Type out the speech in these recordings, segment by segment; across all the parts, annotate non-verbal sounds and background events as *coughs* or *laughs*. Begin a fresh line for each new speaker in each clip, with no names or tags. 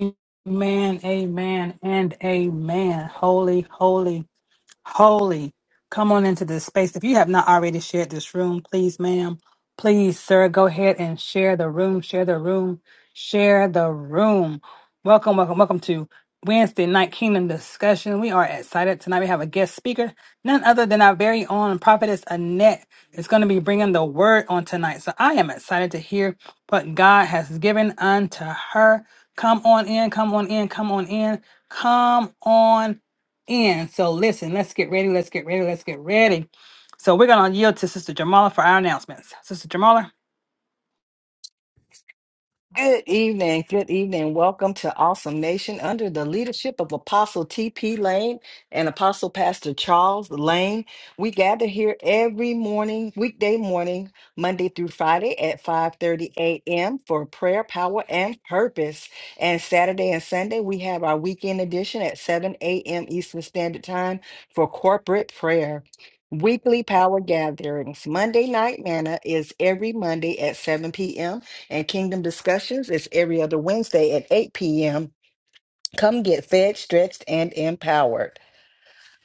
Amen, amen, and amen. Holy, holy, holy. Come on into this space. If you have not already shared this room, please, ma'am, please, sir, go ahead and share the room, share the room, share the room. Welcome, welcome, welcome to Wednesday Night Kingdom Discussion. We are excited tonight. We have a guest speaker, none other than our very own prophetess Annette is going to be bringing the word on tonight. So I am excited to hear what God has given unto her. Come on in, come on in, come on in, come on in. So listen, let's get ready. Let's get ready. Let's get ready. So we're gonna yield to Sister Jamala for our announcements. Sister Jamala.
Good evening. Good evening. Welcome to Awesome Nation under the leadership of Apostle T.P. Lane and Apostle Pastor Charles Lane. We gather here every morning, weekday morning, Monday through Friday at 5:30 a.m. for prayer, power, and purpose. And Saturday and Sunday, we have our weekend edition at 7 a.m. Eastern Standard Time for corporate prayer. Weekly power gatherings. Monday night manna is every Monday at 7 p.m. And Kingdom Discussions is every other Wednesday at 8 p.m. Come get fed, stretched, and empowered.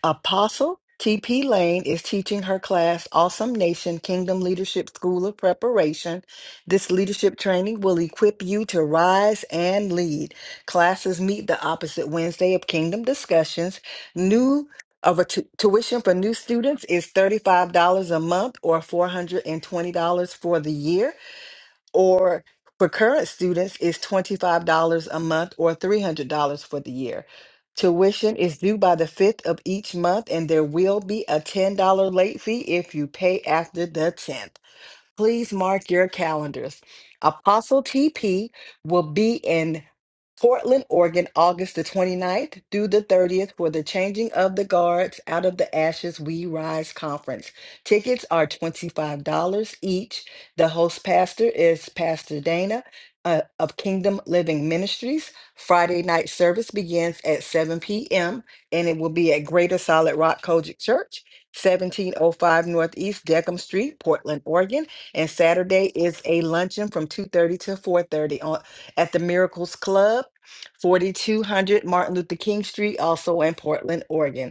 Apostle TP Lane is teaching her class, Awesome Nation Kingdom Leadership School of Preparation. This leadership training will equip you to rise and lead. Classes meet the opposite Wednesday of Kingdom Discussions. New of a tu- tuition for new students is $35 a month or $420 for the year or for current students is $25 a month or $300 for the year. Tuition is due by the 5th of each month and there will be a $10 late fee if you pay after the 10th. Please mark your calendars. Apostle TP will be in Portland, Oregon, August the 29th through the 30th for the Changing of the Guards Out of the Ashes We Rise conference. Tickets are $25 each. The host pastor is Pastor Dana uh, of Kingdom Living Ministries. Friday night service begins at 7 p.m. and it will be at Greater Solid Rock Kojic Church, 1705 Northeast Deckham Street, Portland, Oregon. And Saturday is a luncheon from 2:30 to 4:30 on at the Miracles Club, 4200 Martin Luther King Street, also in Portland, Oregon.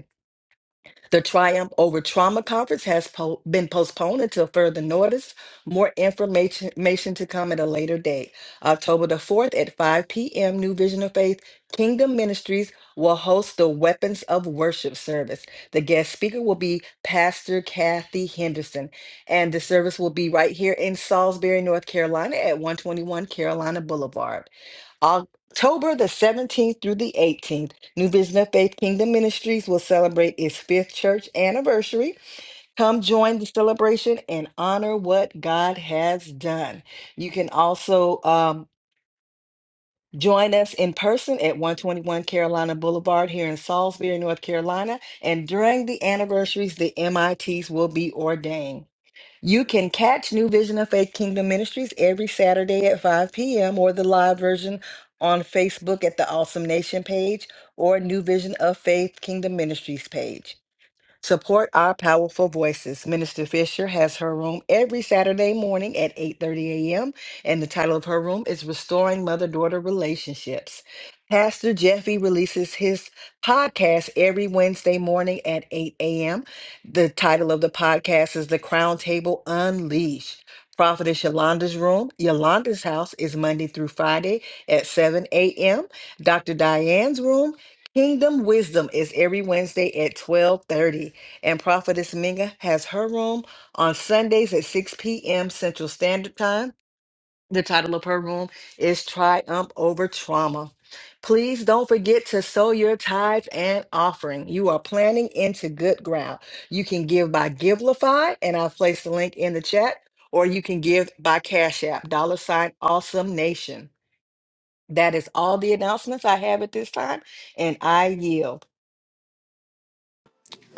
The Triumph Over Trauma Conference has po- been postponed until further notice. More information information to come at a later date. October the 4th at 5 p.m., New Vision of Faith Kingdom Ministries will host the Weapons of Worship service. The guest speaker will be Pastor Kathy Henderson, and the service will be right here in Salisbury, North Carolina at 121 Carolina Boulevard. October the 17th through the 18th. New Vision of Faith Kingdom Ministries will celebrate its fifth church anniversary. Come join the celebration and honor what God has done. You can also um, join us in person at 121 Carolina Boulevard here in Salisbury, North Carolina. And during the anniversaries, the MITs will be ordained. You can catch New Vision of Faith Kingdom Ministries every Saturday at 5 p.m. or the live version on Facebook at the Awesome Nation page or New Vision of Faith Kingdom Ministries page. Support our powerful voices. Minister Fisher has her room every Saturday morning at 8:30 a.m. and the title of her room is Restoring Mother-Daughter Relationships. Pastor Jeffy releases his podcast every Wednesday morning at 8 a.m. The title of the podcast is The Crown Table Unleashed. Prophetess Yolanda's room, Yolanda's house is Monday through Friday at 7 a.m. Dr. Diane's room Kingdom Wisdom is every Wednesday at 12:30 and Prophetess Minga has her room on Sundays at 6 p.m. Central Standard Time. The title of her room is Triumph Over Trauma. Please don't forget to sow your tithes and offering. You are planting into good ground. You can give by Givelify, and I've placed the link in the chat, or you can give by Cash App, dollar sign Awesome Nation. That is all the announcements I have at this time, and I yield.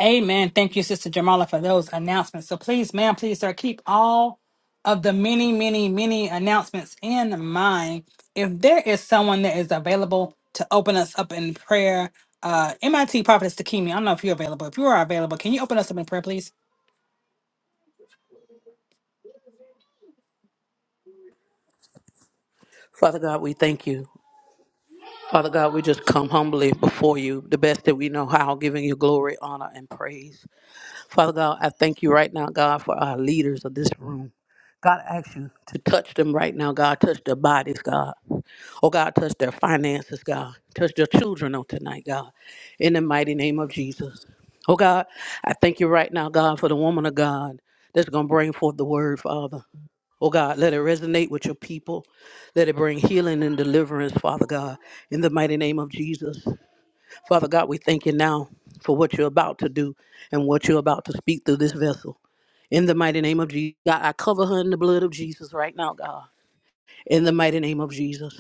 Amen. Thank you, Sister Jamala, for those announcements. So please, ma'am, please, sir, keep all of the many, many, many announcements in mind. If there is someone that is available to open us up in prayer, uh, MIT Prophetess Takimi, I don't know if you're available. If you are available, can you open us up in prayer, please?
Father God, we thank you. Father God, we just come humbly before you, the best that we know how, giving you glory, honor, and praise. Father God, I thank you right now, God, for our leaders of this room. God, I ask you to touch them right now, God. Touch their bodies, God. Oh, God, touch their finances, God. Touch their children on tonight, God. In the mighty name of Jesus. Oh, God, I thank you right now, God, for the woman of God that's going to bring forth the word, Father. Oh God, let it resonate with your people. Let it bring healing and deliverance, Father God, in the mighty name of Jesus. Father God, we thank you now for what you're about to do and what you're about to speak through this vessel. In the mighty name of Jesus, God, I cover her in the blood of Jesus right now, God. In the mighty name of Jesus.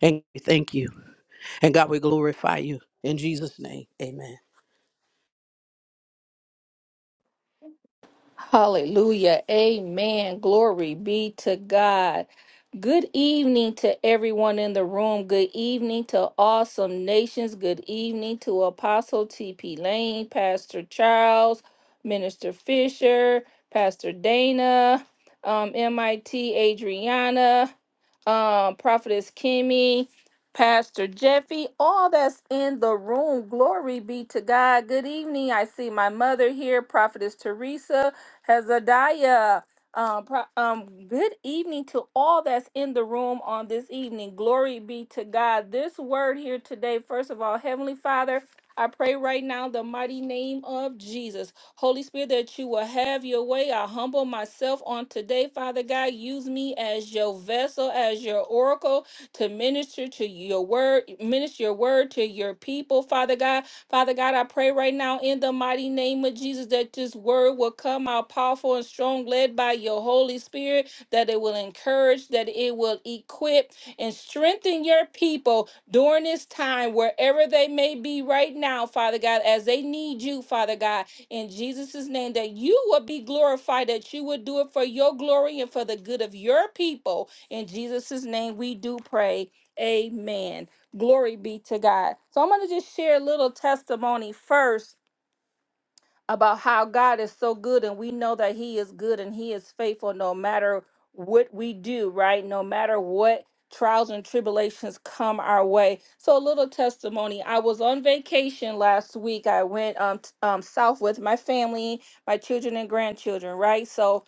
And we thank you. And God, we glorify you. In Jesus' name, amen.
Hallelujah. Amen. Glory be to God. Good evening to everyone in the room. Good evening to Awesome Nations. Good evening to Apostle T.P. Lane, Pastor Charles, Minister Fisher, Pastor Dana, um, MIT Adriana, um, Prophetess Kimmy, Pastor Jeffy, all that's in the room. Glory be to God. Good evening. I see my mother here, Prophetess Teresa. Hezekiah. Um, pro- um, good evening to all that's in the room on this evening. Glory be to God. This word here today, first of all, Heavenly Father, I pray right now in the mighty name of Jesus. Holy Spirit, that you will have your way. I humble myself on today, Father God. Use me as your vessel, as your oracle to minister to your word, minister your word to your people, Father God. Father God, I pray right now in the mighty name of Jesus that this word will come out powerful and strong, led by your Holy Spirit, that it will encourage, that it will equip and strengthen your people during this time, wherever they may be right now, Father God, as they need you, Father God, in Jesus' name, that you will be glorified, that you will do it for your glory and for the good of your people. In Jesus' name, we do pray. Amen. Glory be to God. So I'm going to just share a little testimony first about how God is so good and we know that he is good and he is faithful no matter what we do, right? No matter what trials and tribulations come our way. So a little testimony. I was on vacation last week. I went um, t- um south with my family, my children and grandchildren, right? So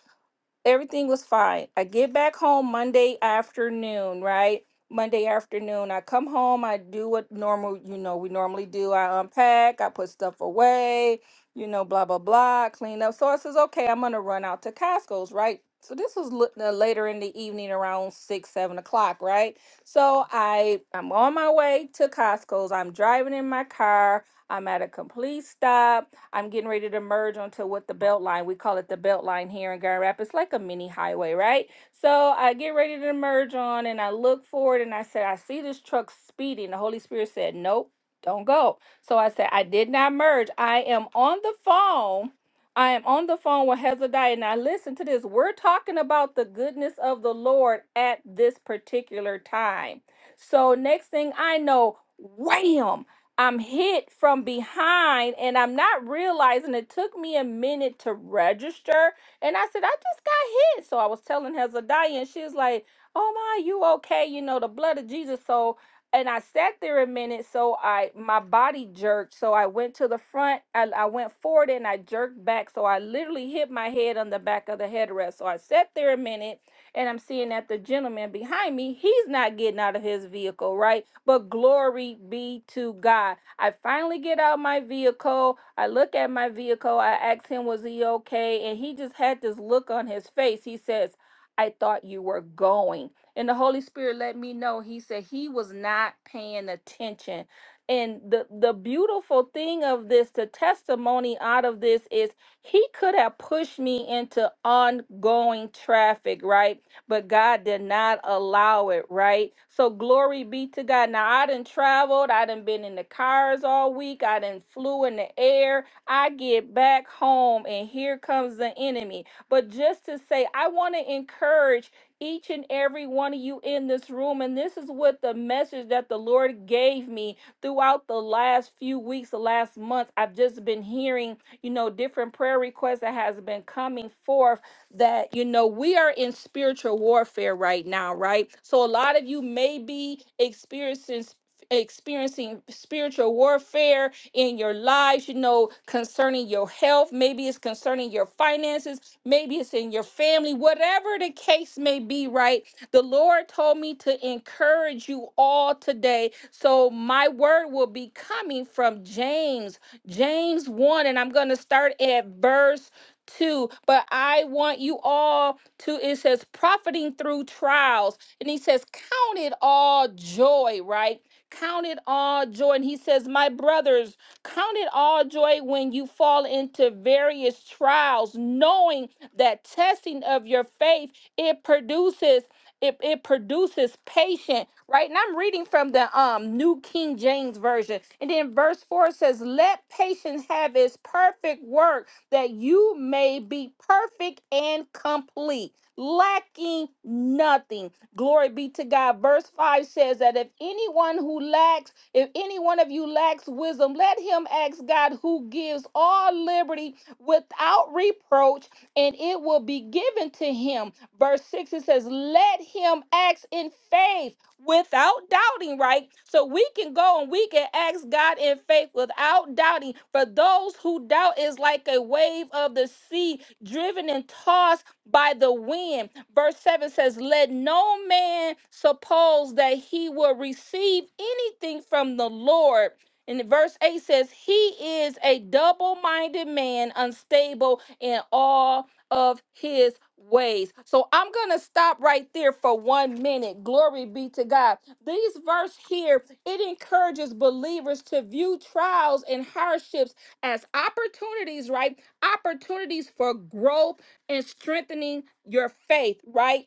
everything was fine. I get back home Monday afternoon, right? Monday afternoon, I come home, I do what normal, you know, we normally do. I unpack, I put stuff away, you know, blah, blah, blah, clean up. So I says, okay, I'm going to run out to Costco's, right? So this was lit- uh, later in the evening around six, seven o'clock, right? So I, I'm on my way to Costco's. I'm driving in my car. I'm at a complete stop. I'm getting ready to merge onto what the belt line. We call it the belt line here in Grand Rapids, like a mini highway, right? So I get ready to merge on and I look forward and I said, I see this truck speeding. The Holy Spirit said, Nope, don't go. So I said, I did not merge. I am on the phone. I am on the phone with Hezadiah. Now listen to this. We're talking about the goodness of the Lord at this particular time. So next thing I know, wham! I'm hit from behind and I'm not realizing it took me a minute to register. And I said, I just got hit. So I was telling Hezadiah, and she was like, Oh my, you okay? You know, the blood of Jesus. So and I sat there a minute, so I my body jerked. So I went to the front, I, I went forward and I jerked back. So I literally hit my head on the back of the headrest. So I sat there a minute and I'm seeing that the gentleman behind me, he's not getting out of his vehicle, right? But glory be to God. I finally get out my vehicle. I look at my vehicle. I asked him, was he okay? And he just had this look on his face. He says, I thought you were going. And the Holy Spirit let me know. He said he was not paying attention. And the, the beautiful thing of this, the testimony out of this is he could have pushed me into ongoing traffic, right? but God did not allow it, right? So glory be to God. Now I done traveled, I done been in the cars all week, I done flew in the air. I get back home and here comes the enemy. But just to say, I want to encourage each and every one of you in this room, and this is what the message that the Lord gave me throughout the last few weeks, the last month. I've just been hearing, you know, different prayer requests that has been coming forth that you know we are in spiritual warfare right now right so a lot of you may be experiencing experiencing spiritual warfare in your lives you know concerning your health maybe it's concerning your finances maybe it's in your family whatever the case may be right the lord told me to encourage you all today so my word will be coming from james james 1 and i'm going to start at verse 2. But I want you all to, it says, profiting through trials. And he says, count it all joy, right? Count it all joy. And he says, My brothers, count it all joy when you fall into various trials, knowing that testing of your faith, it produces. It, it produces patient, right? And I'm reading from the um New King James Version. And then verse 4 says, Let patience have its perfect work that you may be perfect and complete, lacking nothing. Glory be to God. Verse 5 says that if anyone who lacks, if any one of you lacks wisdom, let him ask God who gives all liberty without reproach, and it will be given to him. Verse 6 it says, Let him ask in faith without doubting, right? So we can go and we can ask God in faith without doubting. For those who doubt is like a wave of the sea driven and tossed by the wind. Verse 7 says, Let no man suppose that he will receive anything from the Lord. And verse 8 says, He is a double minded man, unstable in all of his ways. So I'm going to stop right there for one minute. Glory be to God. These verse here, it encourages believers to view trials and hardships as opportunities, right? Opportunities for growth and strengthening your faith, right?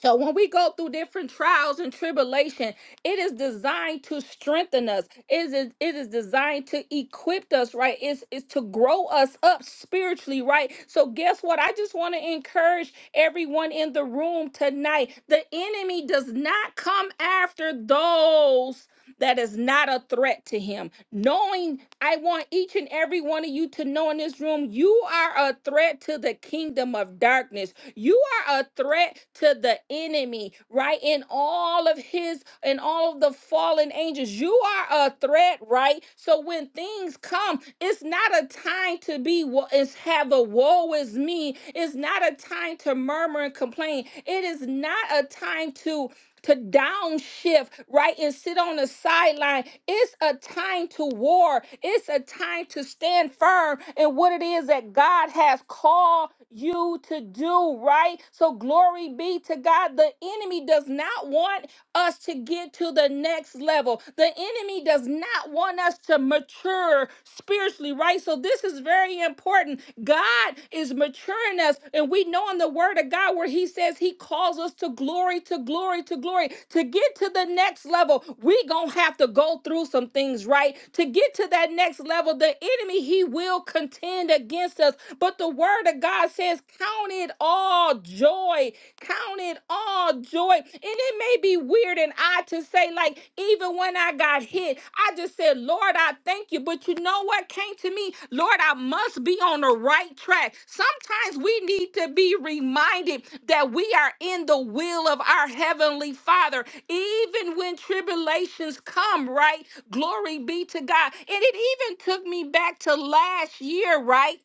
So when we go through different trials and tribulation, it is designed to strengthen us. It is it is designed to equip us, right? It's it's to grow us up spiritually, right? So guess what? I just want to encourage everyone in the room tonight. The enemy does not come after those that is not a threat to him. Knowing I want each and every one of you to know in this room, you are a threat to the kingdom of darkness. You are a threat to the enemy, right? In all of his and all of the fallen angels, you are a threat, right? So when things come, it's not a time to be wo- is have a woe is me. It's not a time to murmur and complain. It is not a time to to downshift, right? And sit on the sideline. It's a time to war. It's a time to stand firm in what it is that God has called you to do, right? So glory be to God. The enemy does not want us to get to the next level. The enemy does not want us to mature spiritually, right? So this is very very important. God is maturing us, and we know in the Word of God where He says He calls us to glory, to glory, to glory. To get to the next level, we gonna have to go through some things, right? To get to that next level, the enemy he will contend against us. But the Word of God says, "Count it all joy, count it all joy," and it may be weird and odd to say, like, even when I got hit, I just said, Lord, I thank you. But you know what came to me? Lord, I must be on the right track. Sometimes we need to be reminded that we are in the will of our Heavenly Father, even when tribulations come, right? Glory be to God. And it even took me back to last year, right?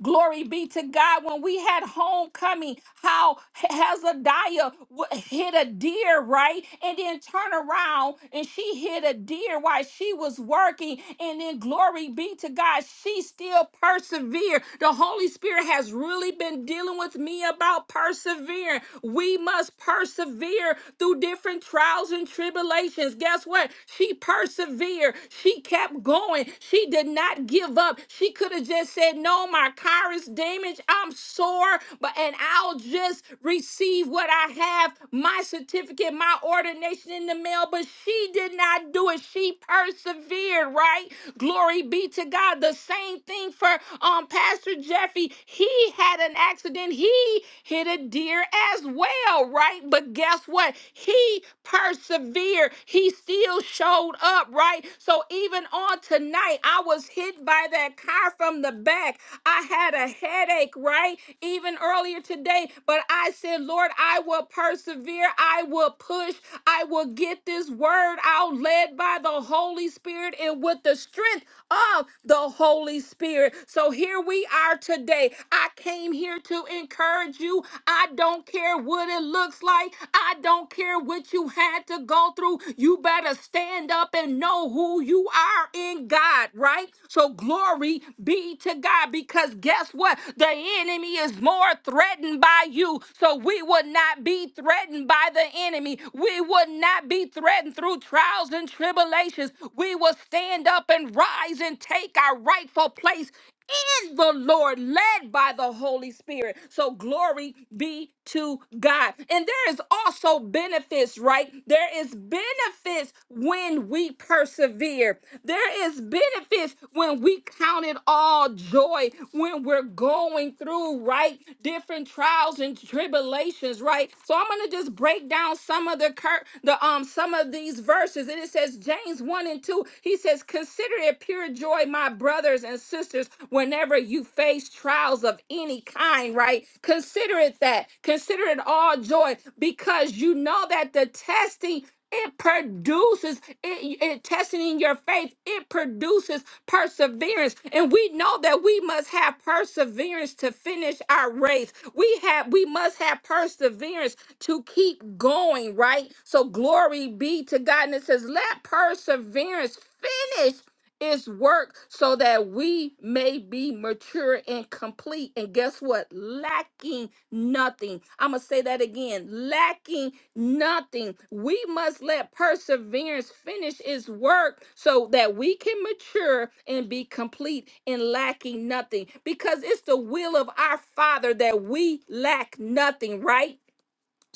Glory be to God. When we had homecoming, how Hezekiah w- hit a deer, right? And then turn around and she hit a deer while she was working. And then glory be to God, she still persevered. The Holy Spirit has really been dealing with me about persevering. We must persevere through different trials and tribulations. Guess what? She persevered. She kept going. She did not give up. She could have just said, No, my car is damaged. I'm sore, but and I'll just receive what I have, my certificate, my ordination in the mail. But she did not do it. She persevered, right? Glory be to God. The same thing for um Pastor Jeffy. He had an accident. He hit a deer as well, right? But guess what? He persevered. He still still showed up, right? So even on tonight, I was hit by that car from the back. I had a headache, right? Even earlier today, but I said, Lord, I will persevere. I will push. I will get this word out led by the Holy Spirit and with the strength of the Holy Spirit. So here we are today. I came here to encourage you. I don't care what it looks like. I. I don't care what you had to go through. You better stand up and know who you are in God, right? So glory be to God because guess what? The enemy is more threatened by you. So we would not be threatened by the enemy. We would not be threatened through trials and tribulations. We will stand up and rise and take our rightful place in the Lord, led by the Holy Spirit. So glory be to God. And there is also benefits, right? There is benefits when we persevere. There is benefits when we count it all joy when we're going through, right? Different trials and tribulations, right? So I'm gonna just break down some of the cur- the um some of these verses. And it says James 1 and 2, he says, Consider it pure joy, my my brothers and sisters, whenever you face trials of any kind, right? Consider it that. Consider it all joy because you know that the testing it produces it, it testing in your faith it produces perseverance and we know that we must have perseverance to finish our race we have we must have perseverance to keep going right so glory be to god and it says let perseverance finish it's work so that we may be mature and complete. And guess what? Lacking nothing. I'm going to say that again lacking nothing. We must let perseverance finish its work so that we can mature and be complete and lacking nothing. Because it's the will of our Father that we lack nothing, right?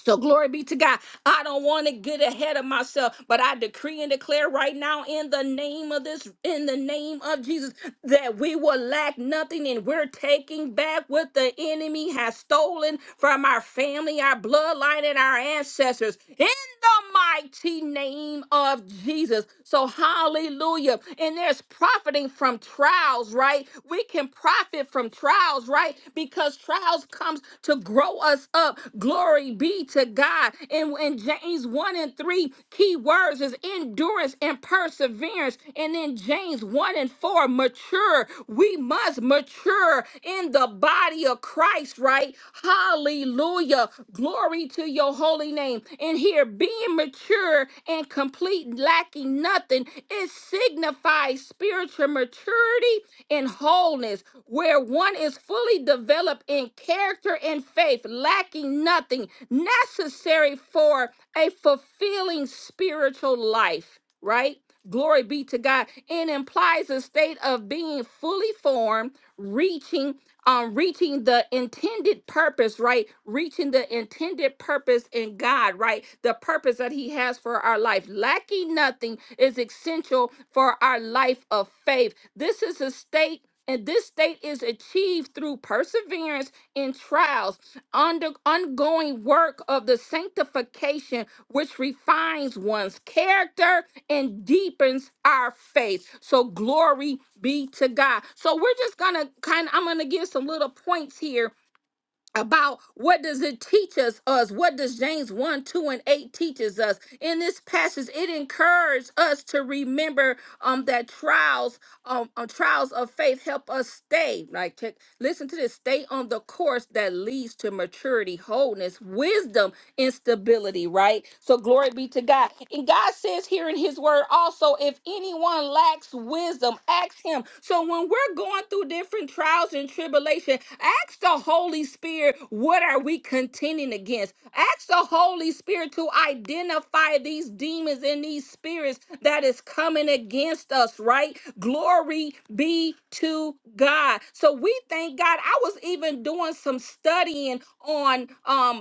So glory be to God. I don't want to get ahead of myself, but I decree and declare right now in the name of this, in the name of Jesus, that we will lack nothing and we're taking back what the enemy has stolen from our family, our bloodline, and our ancestors. In the mighty name of Jesus. So hallelujah. And there's profiting from trials, right? We can profit from trials trials, right? Because trials comes to grow us up. Glory be to God. And in James 1 and 3, key words is endurance and perseverance. And in James 1 and 4, mature. We must mature in the body of Christ, right? Hallelujah. Glory to your holy name. And here, being mature and complete, lacking nothing, is signifies spiritual maturity and wholeness, where one is fully developed in character and faith, lacking nothing necessary for a fulfilling spiritual life, right? Glory be to God. It implies a state of being fully formed, reaching um reaching the intended purpose, right? Reaching the intended purpose in God, right? the purpose that He has for our life. Lacking nothing is essential for our life of faith. This is a state. And this state is achieved through perseverance in trials, under ongoing work of the sanctification, which refines one's character and deepens our faith. So glory be to God. So we're just gonna kind of I'm gonna give some little points here about what does it teach us us what does james 1 2 and 8 teaches us in this passage it encourages us to remember um that trials um, um, trials of faith help us stay like check listen to this stay on the course that leads to maturity wholeness wisdom instability, right? So glory be to God. And God says here in his word also, if anyone lacks wisdom, ask him. So when we're going through different trials and tribulation, ask the Holy Spirit, what are we contending against? Ask the Holy Spirit to identify these demons and these spirits that is coming against us, right? Glory be to God. So we thank God. I was even doing some studying on um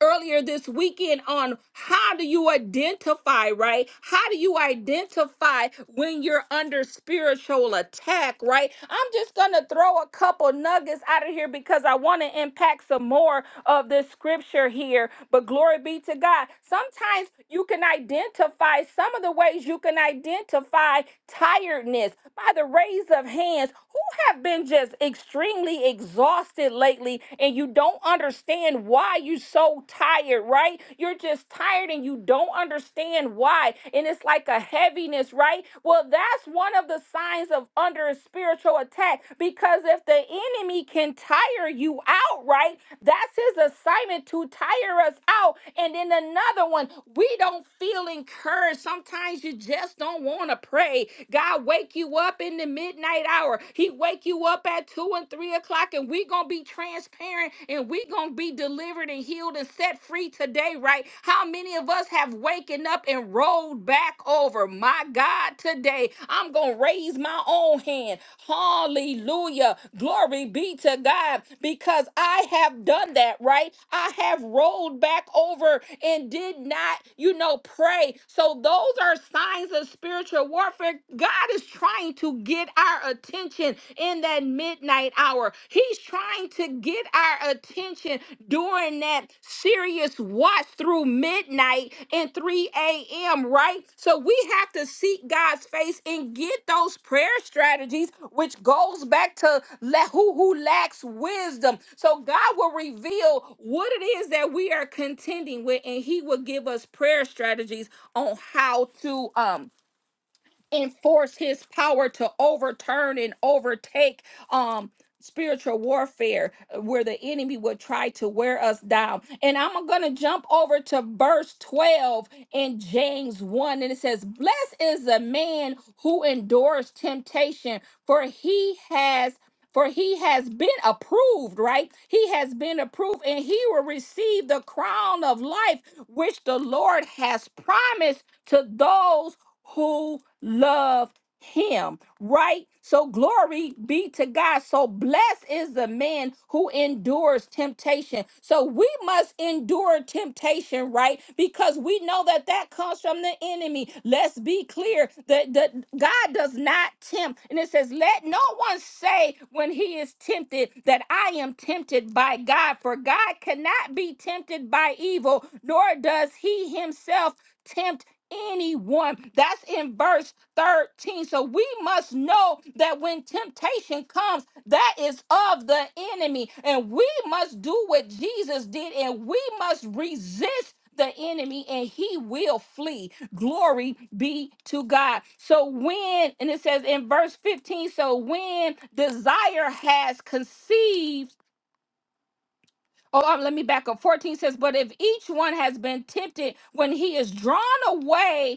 earlier this weekend on how do you identify, right? How do you identify when you're under spiritual attack, right? I'm just going to throw a couple nuggets out of here because I want to impact some more of this scripture here. But glory be to God. Sometimes you can identify some of the ways you can identify tiredness by the raise of hands have been just extremely exhausted lately and you don't understand why you're so tired, right? You're just tired and you don't understand why. And it's like a heaviness, right? Well, that's one of the signs of under a spiritual attack because if the enemy can tire you out, right? That's his assignment to tire us out. And then another one, we don't feel encouraged. Sometimes you just don't want to pray. God wake you up in the midnight hour. He wake you up at two and three o'clock, and we gonna be transparent and we gonna be delivered and healed and set free today, right? How many of us have waken up and rolled back over? over my God today. I'm going to raise my own hand. Hallelujah. Glory be to God because I have done that, right? I have rolled back over and did not, you know, pray. So those are signs of spiritual warfare. God is trying to get our attention in that midnight hour. He's trying trying to get our attention during that serious watch through midnight and 3 a.m., right? So we have to seek God's face and get those prayer strategies, which goes back to la- who, who lacks wisdom. So God will reveal what it is that we are contending with, and He will give us prayer strategies on how to um enforce his power to overturn and overtake um spiritual warfare uh, where the enemy would try to wear us down and i'm gonna jump over to verse 12 in james 1 and it says blessed is the man who endures temptation for he has for he has been approved, right? He has been approved, and he will receive the crown of life which the Lord has promised to those who love him, right? So glory be to God. So blessed is the man who endures temptation. So we must endure temptation, right? Because we know that that comes from the enemy. Let's be clear that, that God does not tempt. And it says, let no one say when he is tempted that I am tempted by God, for God cannot be tempted by evil, nor does he himself tempt anyone. That's in verse 13. So we must know that when temptation comes, that is of the enemy. And we must do what Jesus did and we must resist the enemy and he will flee. Glory be to God. So when, and it says in verse 15, so when desire has conceived, Oh, um, let me back up. 14 says, But if each one has been tempted when he is drawn away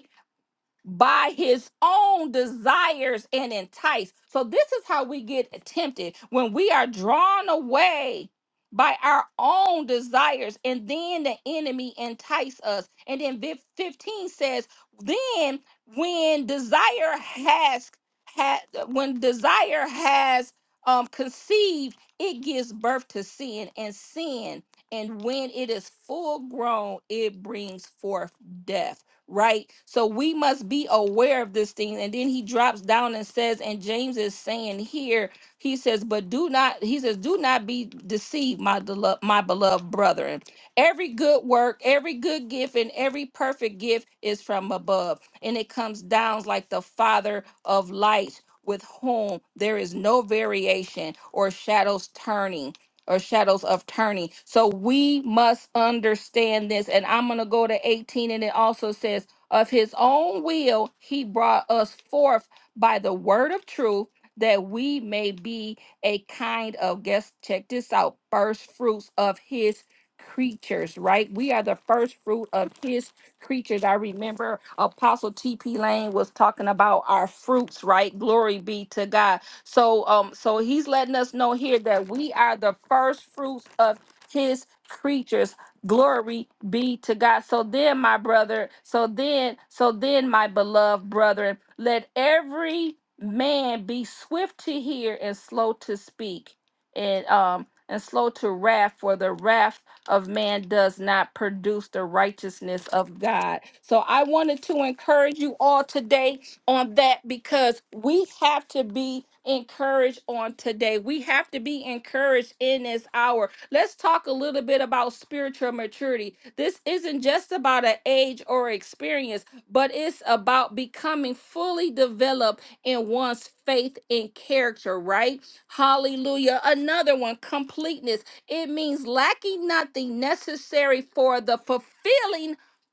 by his own desires and enticed. So this is how we get tempted when we are drawn away by our own desires and then the enemy entice us. And then vi- 15 says, then when desire has had when desire has um conceived, it gives birth to sin and sin and when it is full grown, it brings forth death right? So we must be aware of this thing. And then he drops down and says, and James is saying here, he says, but do not, he says, do not be deceived, my, delo- my beloved brethren. Every good work, every good gift, and every perfect gift is from above. And it comes down like the Father of lights, with whom there is no variation or shadows turning or shadows of turning. So we must understand this. And I'm going to go to 18, and it also says, Of his own will, he brought us forth by the word of truth that we may be a kind of, guess, check this out, first fruits of his creatures, right? We are the first fruit of his creatures. I remember Apostle T.P. Lane was talking about our fruits, right? Glory be to God so um so he's letting us know here that we are the first fruits of his creatures. Glory be to God. So then my brother, so then so then my beloved brethren, let every man be swift to hear and slow to speak and um and slow to wrath for the wrath of man does not produce the righteousness of God. So I wanted to encourage you all today on that because we have to be encouraged on today. We have to be encouraged in this hour. Let's talk a little bit about spiritual maturity. This isn't just about an age or experience, but it's about becoming fully developed in one's faith and character, right? Hallelujah. Another one, completeness. It means lacking nothing necessary for the fulfilling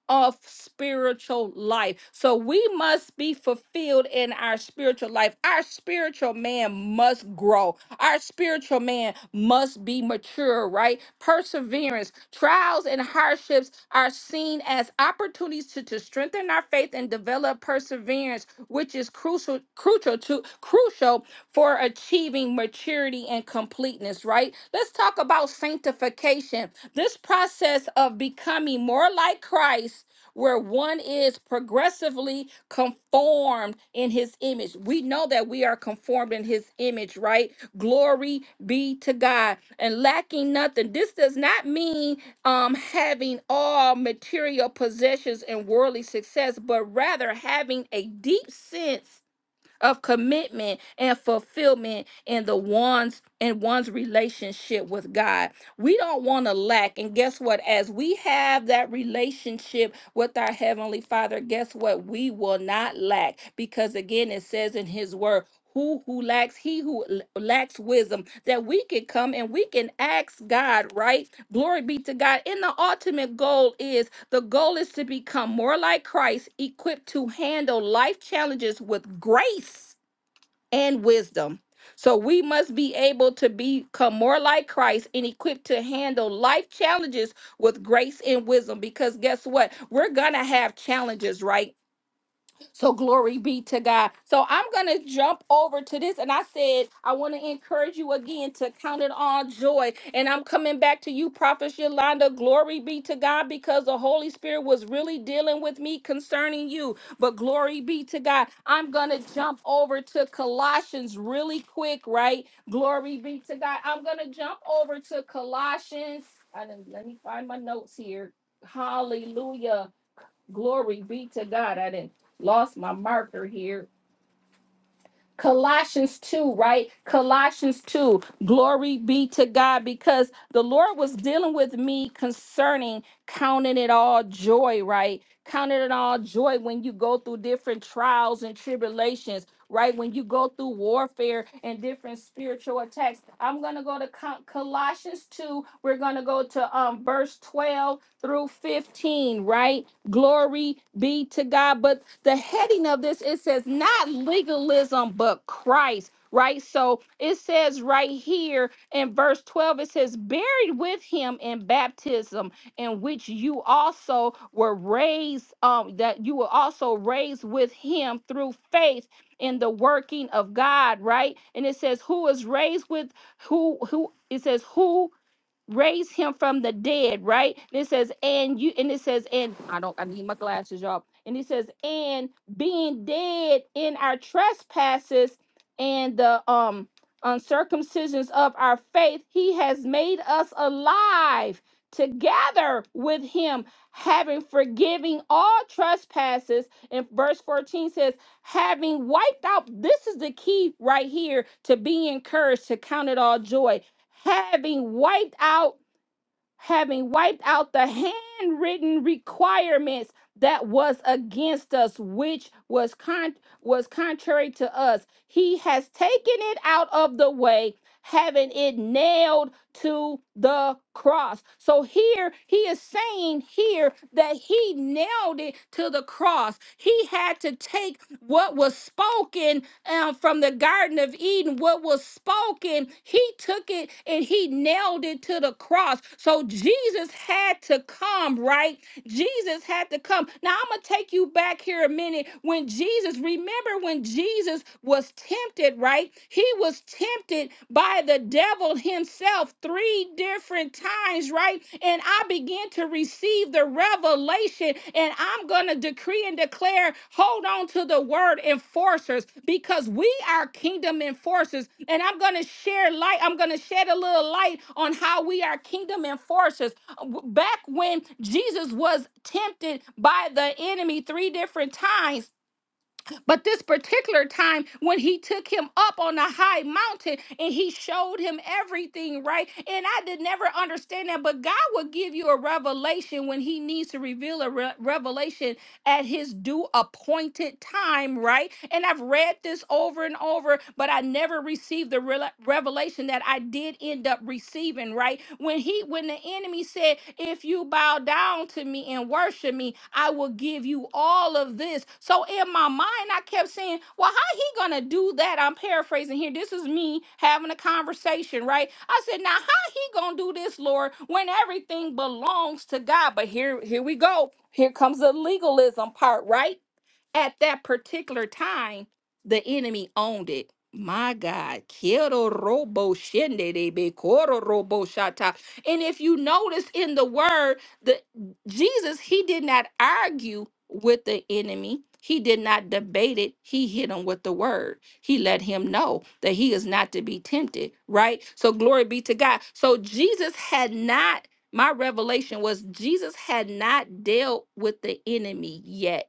of spiritual life. So we must be fulfilled in our spiritual life. Our spiritual man must grow. Our spiritual man must be mature, right? Perseverance, trials, and hardships are seen as opportunities to, to strengthen our faith and develop perseverance, which is crucial, crucial to crucial for achieving maturity and completeness, right? Let's talk about sanctification this process of becoming more like Christ, where one is progressively conformed in his image. We know that we are conformed in his image, right? Glory be to God and lacking nothing. This does not mean um, having all material possessions and worldly success, but rather having a deep sense of commitment and fulfillment in the one's in one's relationship with God. We don't want to lack. And guess what? As we have that relationship with our Heavenly Father, guess what? We will not lack because, again, it says in His Word, who who lacks he who l- lacks wisdom that we can come and we can ask God right glory be to God and the ultimate goal is the goal is to become more like Christ equipped to handle life challenges with grace and wisdom. So we must be able to become more like Christ and equipped to handle life challenges with grace and wisdom because guess what? We're going to have challenges, right? So glory be to God. So I'm going to jump over to this. And I said, I want to encourage you again to count it all joy. And I'm coming back to you, Prophet Yolanda. Glory be to God because the Holy Spirit was really dealing with me concerning you. But glory be to God. I'm going to jump over to Colossians really quick, right? Glory be to God. I'm going to jump over to Colossians. I didn't, let me find my notes here. Hallelujah. Glory be to God. I didn't lost my marker here. Colossians 2, right? Colossians 2. Glory be to God because the Lord was dealing with me concerning counting it all joy, right? Counting it all joy when you go through different trials and tribulations, right? When you go through warfare and different spiritual attacks. I'm going to go to Co- Colossians 2. We're going to go to um verse 12 through 15, right? Glory be to God. But the heading of this, it says not legalism, but Christ, right? So it says right here in verse 12, it says, buried with him in baptism, in which you also were raised, um, that you were also raised with him through faith in the working of God, right? And it says, who is raised with who, who, it says, who raised him from the dead, right? And it says, and you, and it says, and I don't, I need my glasses, y'all. And he says, and being dead in our trespasses and the um uncircumcisions of our faith, he has made us alive together with him, having forgiving all trespasses. And verse 14 says, having wiped out, this is the key right here to be encouraged to count it all joy having wiped out having wiped out the handwritten requirements that was against us which was con- was contrary to us he has taken it out of the way having it nailed to the cross so here he is saying here that he nailed it to the cross he had to take what was spoken um, from the Garden of Eden, what was spoken, he took it and he nailed it to the cross. So Jesus had to come, right? Jesus had to come. Now I'm gonna take you back here a minute. When Jesus, remember when Jesus was tempted, right? He was tempted by the devil himself three different times, right? And I began to receive the revelation, and I'm gonna going to decree and declare hold on to the word enforcers because we are kingdom enforcers. And I'm going to share light, I'm going to shed a little light on how we are kingdom enforcers. Back when Jesus was tempted by the enemy three different times, but this particular time when he took him up on a high mountain and he showed him everything, right? And I did never understand that, but God will give you a revelation when he needs to reveal a re- revelation at his due appointed time, right? And I've read this over and over, but I never received the rela- revelation that I did end up receiving, right? When he when the enemy said, "If you bow down to me and worship me, I will give you all." all of this. So in my mind, I kept saying, well, how he gonna do that? I'm paraphrasing here. This is me having a conversation, right? I said, now how he gonna do this, Lord, when everything belongs to God? But here, here we go. Here comes the legalism part, right? at that particular time, the enemy owned it. My God, Quiero robo shende de be coro robo shata. And if you notice in the word, the Jesus, he did not argue with the enemy. He did not debate it. He hit him with the word. He let him know that he is not to be tempted, right? So glory be to God. So Jesus had not, my revelation was Jesus had not dealt with the enemy yet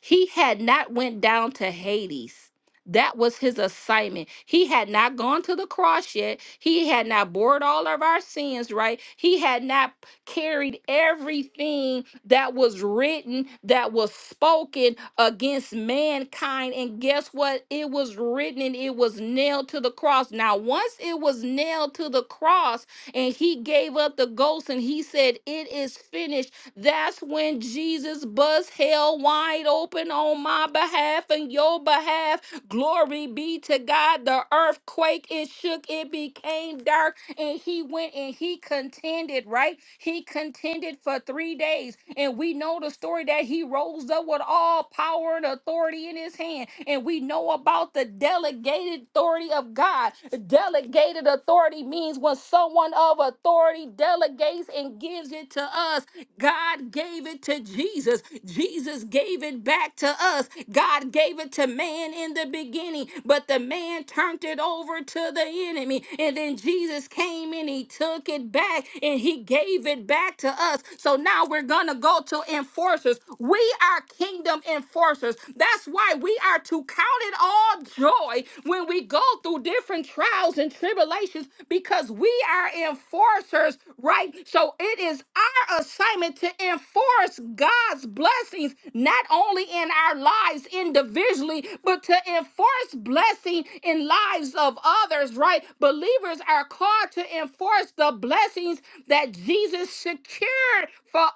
he had not went down to Hades. That was his assignment. He had not gone to the cross yet. He had not bored all of our sins, right? He had not carried everything that was written, that was spoken against mankind. And guess what? It was written and it was nailed to the cross. Now, once it was nailed to the cross, and he gave up the ghost and he said, It is finished that's when Jesus bust hell wide open on my behalf and your behalf. Glory be to God. The earthquake, it shook, it became dark, and he went and he contended, right? He contended for three days. And we know the story that he rose up with all power and authority in his hand. And we know about the delegated authority of God. Delegated authority means when someone of authority delegates and gives it to us God gave it to Jesus. Jesus gave it back to us. God gave it to man in the beginning, but the man turned it over to the enemy. And then Jesus came and he took it back and he gave it back to us. So now we're going to go to enforcers. We are kingdom enforcers. That's why we are to count it all joy when we go go through different trials and tribulations because we are enforcers, right? So it is our assignment to enforce God's blessings, not only in our lives individually, but to enforce blessing in lives of others, right? Believers are called to enforce the blessings that Jesus secured for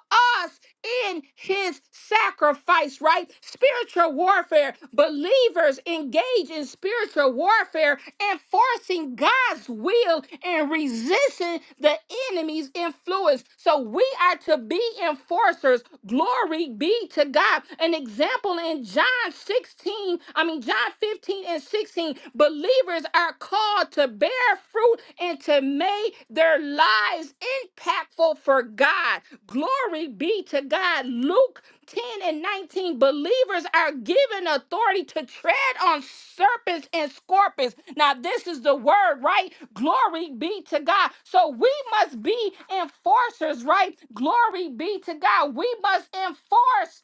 us in his sacrifice, right? Spiritual warfare. Believers engage in spiritual warfare, enforcing God's will and resisting the enemy's influence. So we are to be enforcers. Glory be to God. An example in John 16, I mean, John 15 and 16, believers are called to to bear fruit and to make their lives impactful for God. Glory be to God. Luke 10 and 19 believers are given authority to tread on serpents and scorpions. Now, this is the word, right? Glory be to God. So we must be enforcers, right? Glory be to God. We must enforce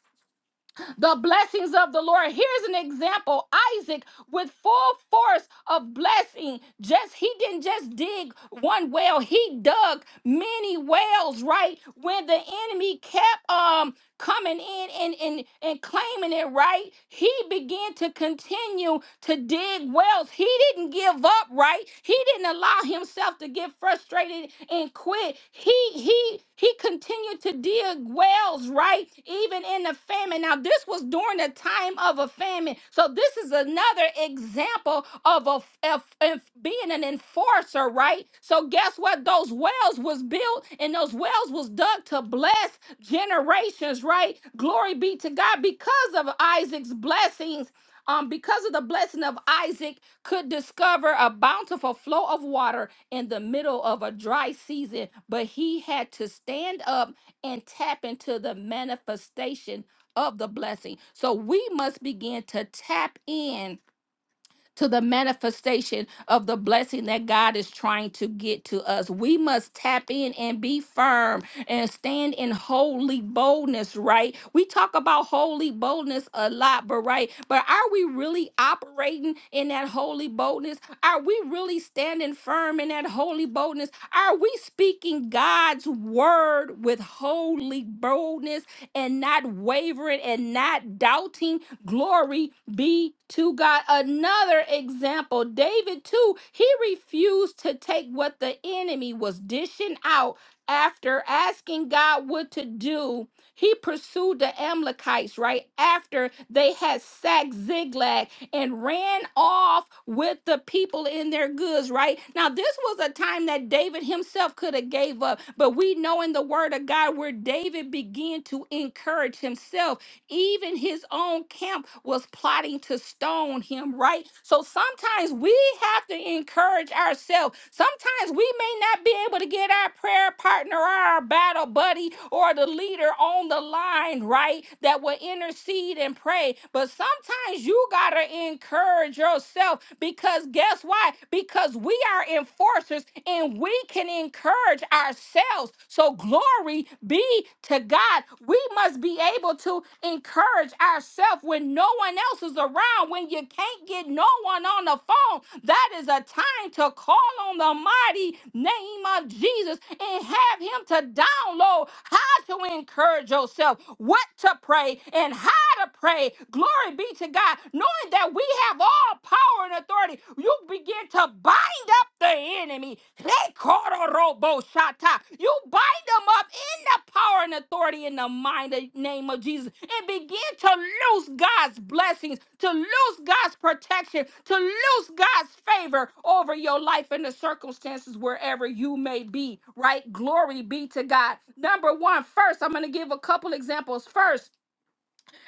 the blessings of the Lord. Here's an example Isaac with full force of blessing. Just he didn't just dig one well, he dug many wells, right? When the enemy kept um coming in and, and, and claiming it right, he began to continue to dig wells. He didn't give up, right? He didn't allow himself to get frustrated and quit. He he he continued to dig wells, right? Even in the famine. Now, this was during the time of a famine. So, this is another example of a, of- of being an enforcer, right? So, guess what? Those wells was built and those wells was dug to bless generations, right? Glory be to God because of Isaac's blessings. Um, because of the blessing of Isaac, could discover a bountiful flow of water in the middle of a dry season, but he had to stand up and tap into the manifestation of the blessing. So we must begin to tap in to the manifestation of the blessing that God is trying to get to us. We must tap in and be firm and stand in holy boldness, right? We talk about holy boldness a lot, but right, but are we really operating in that holy boldness? Are we really standing firm in that holy boldness? Are we speaking God's word with holy boldness and not wavering and not doubting? Glory be to God. Another example, David, too, he refused to take what the enemy was dishing out after asking God what to do. He pursued the Amalekites right after they had sacked Ziglag and ran off with the people in their goods, right? Now, this was a time that David himself could have gave up, but we know in the word of God where David began to encourage himself even his own camp was plotting to stone him, right? So sometimes we have to encourage ourselves. Sometimes we may not be able to get our prayer partner or our battle buddy or the leader on the line, right? That will intercede and pray. But sometimes you got to encourage yourself because guess why? Because we are enforcers and we can encourage ourselves. So glory be to God. We must be able to encourage ourselves when no one else is around, when you can't get no one on the phone. That is a time to call on the mighty name of Jesus and have him to download how to encourage yourself, what to pray, and how to pray. Glory be to God, knowing that we have all power and and authority, you begin to bind up the enemy. Hekororoboshata. You bind them up in the power and authority in the mighty name of Jesus and begin to lose God's blessings, to lose God's protection, to lose God's favor over your life and the circumstances wherever you may be, right? Glory be to God. Number one, first, I'm going to give a couple examples. First,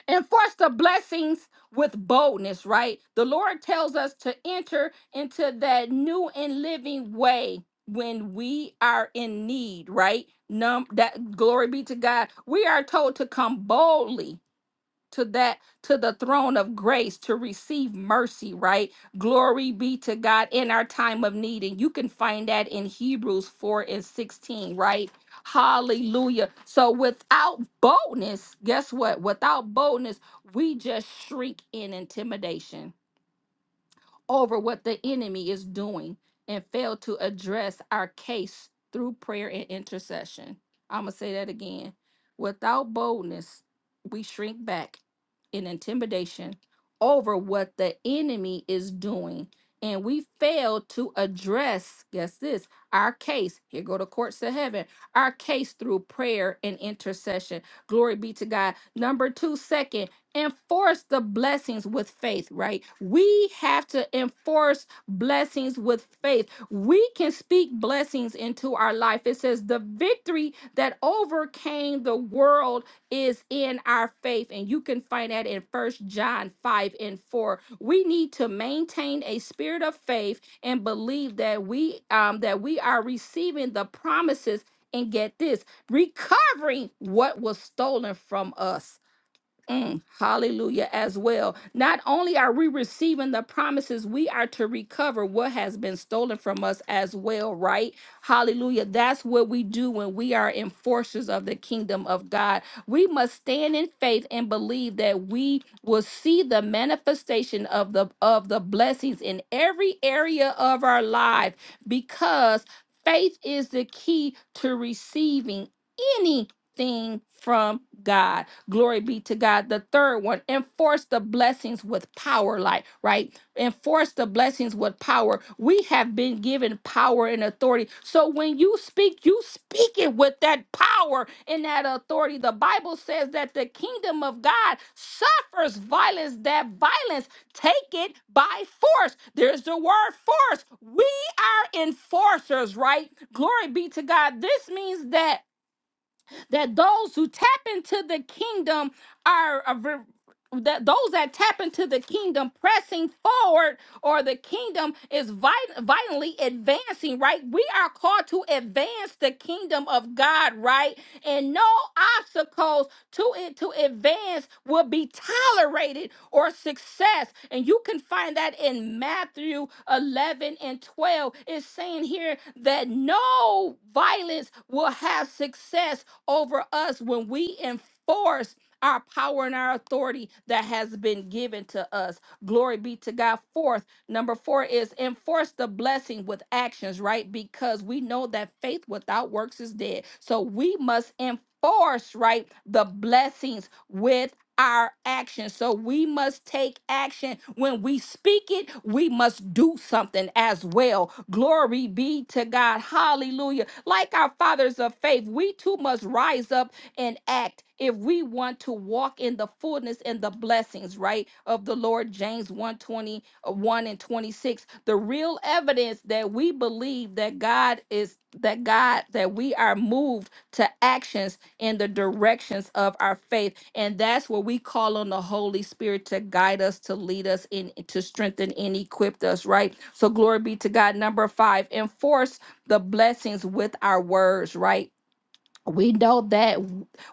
enforce the blessings with boldness, right? The Lord tells us to enter into that new and living way when we are in need, right? Num that glory be to God. We are told to come boldly to that to the throne of grace to receive mercy right glory be to god in our time of need and you can find that in hebrews 4 and 16 right hallelujah so without boldness guess what without boldness we just shrink in intimidation over what the enemy is doing and fail to address our case through prayer and intercession. I'm going to say that again. Without boldness, we shrink back in intimidation over what the enemy is doing and we fail to address guess this our case here go to courts of heaven our case through prayer and intercession glory be to god number two second enforce the blessings with faith, right? We have to enforce blessings with faith. We can speak blessings into our life. It says, The victory that overcame the world is in our faith. And you can find that in First John 5 and 4. We need to maintain a spirit of faith and believe that we um that we are receiving the promises and get this recovering what was stolen from us Mm, hallelujah as well. Not only are we receiving the promises, we are to recover what has been stolen from us as well, right? Hallelujah. That's what we do when we are enforcers of the kingdom of God. We must stand in faith and believe that we will see the manifestation of the of the blessings in every area of our life because faith is the key to receiving any thing from God. Glory be to God. The third one, enforce the blessings with power, like, right? Enforce the blessings with power. We have been given power and authority. So when you speak, you speak it with that power and that authority. The Bible says that the kingdom of God suffers violence, that violence take it by force. There's the word force. We are enforcers, right? Glory be to God. This means that that those who tap into the kingdom are a re- that those that tap into the kingdom pressing forward or the kingdom is vit- vitally advancing, right? We are called to advance the kingdom of God, right? And no obstacles to it to advance will be tolerated or success. And you can find that in Matthew 11 and 12. It's saying here that no violence will have success over us when we enforce our power and our authority that has been given to us. Glory be to God. Fourth, Number four is enforce the blessing with actions, right? Because we know that faith without works is dead. So we must enforce, right, the blessings with our actions. So we must take action. When we speak it, we must do something as well. Glory be be to God. Hallelujah. Like our fathers of faith, we too must rise up and act if we want to walk in the fullness and the blessings, right, of the Lord. James one twenty uh, one and 26. The real evidence that we believe that God is that God, that we are moved to actions in the directions of our faith. And that's where we call on the Holy Spirit to guide us, to lead us, and to strengthen and equip us, right? So glory be to God. Number five, enforce the blessings with our words, right? we know that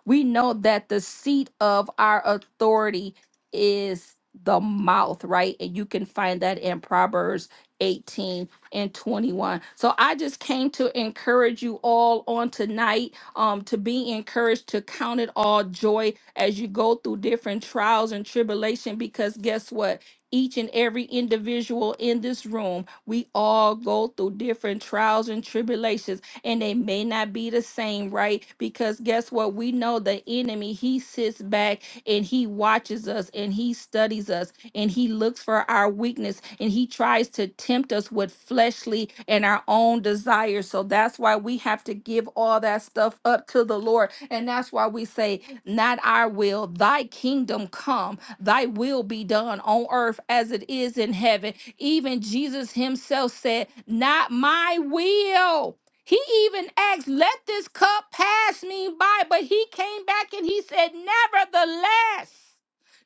we know that the seat of our authority is the mouth right and you can find that in proverbs 18 and 21 so i just came to encourage you all on tonight um to be encouraged to count it all joy as you go through different trials and tribulation because guess what each and every individual in this room we all go through different trials and tribulations and they may not be the same, right? Because guess what? We know the enemy, he sits back and he watches us and he studies us and he looks for our weakness and he tries to tempt us with fleshly and our own desires. So that's why we have to give all that stuff up to the Lord. And that's why we say, Not our will, thy kingdom come, thy will be done on earth as it is in heaven. Even Jesus himself said, Not my will. He even asked, Let this cup pass me by. But he came back and he said, Nevertheless.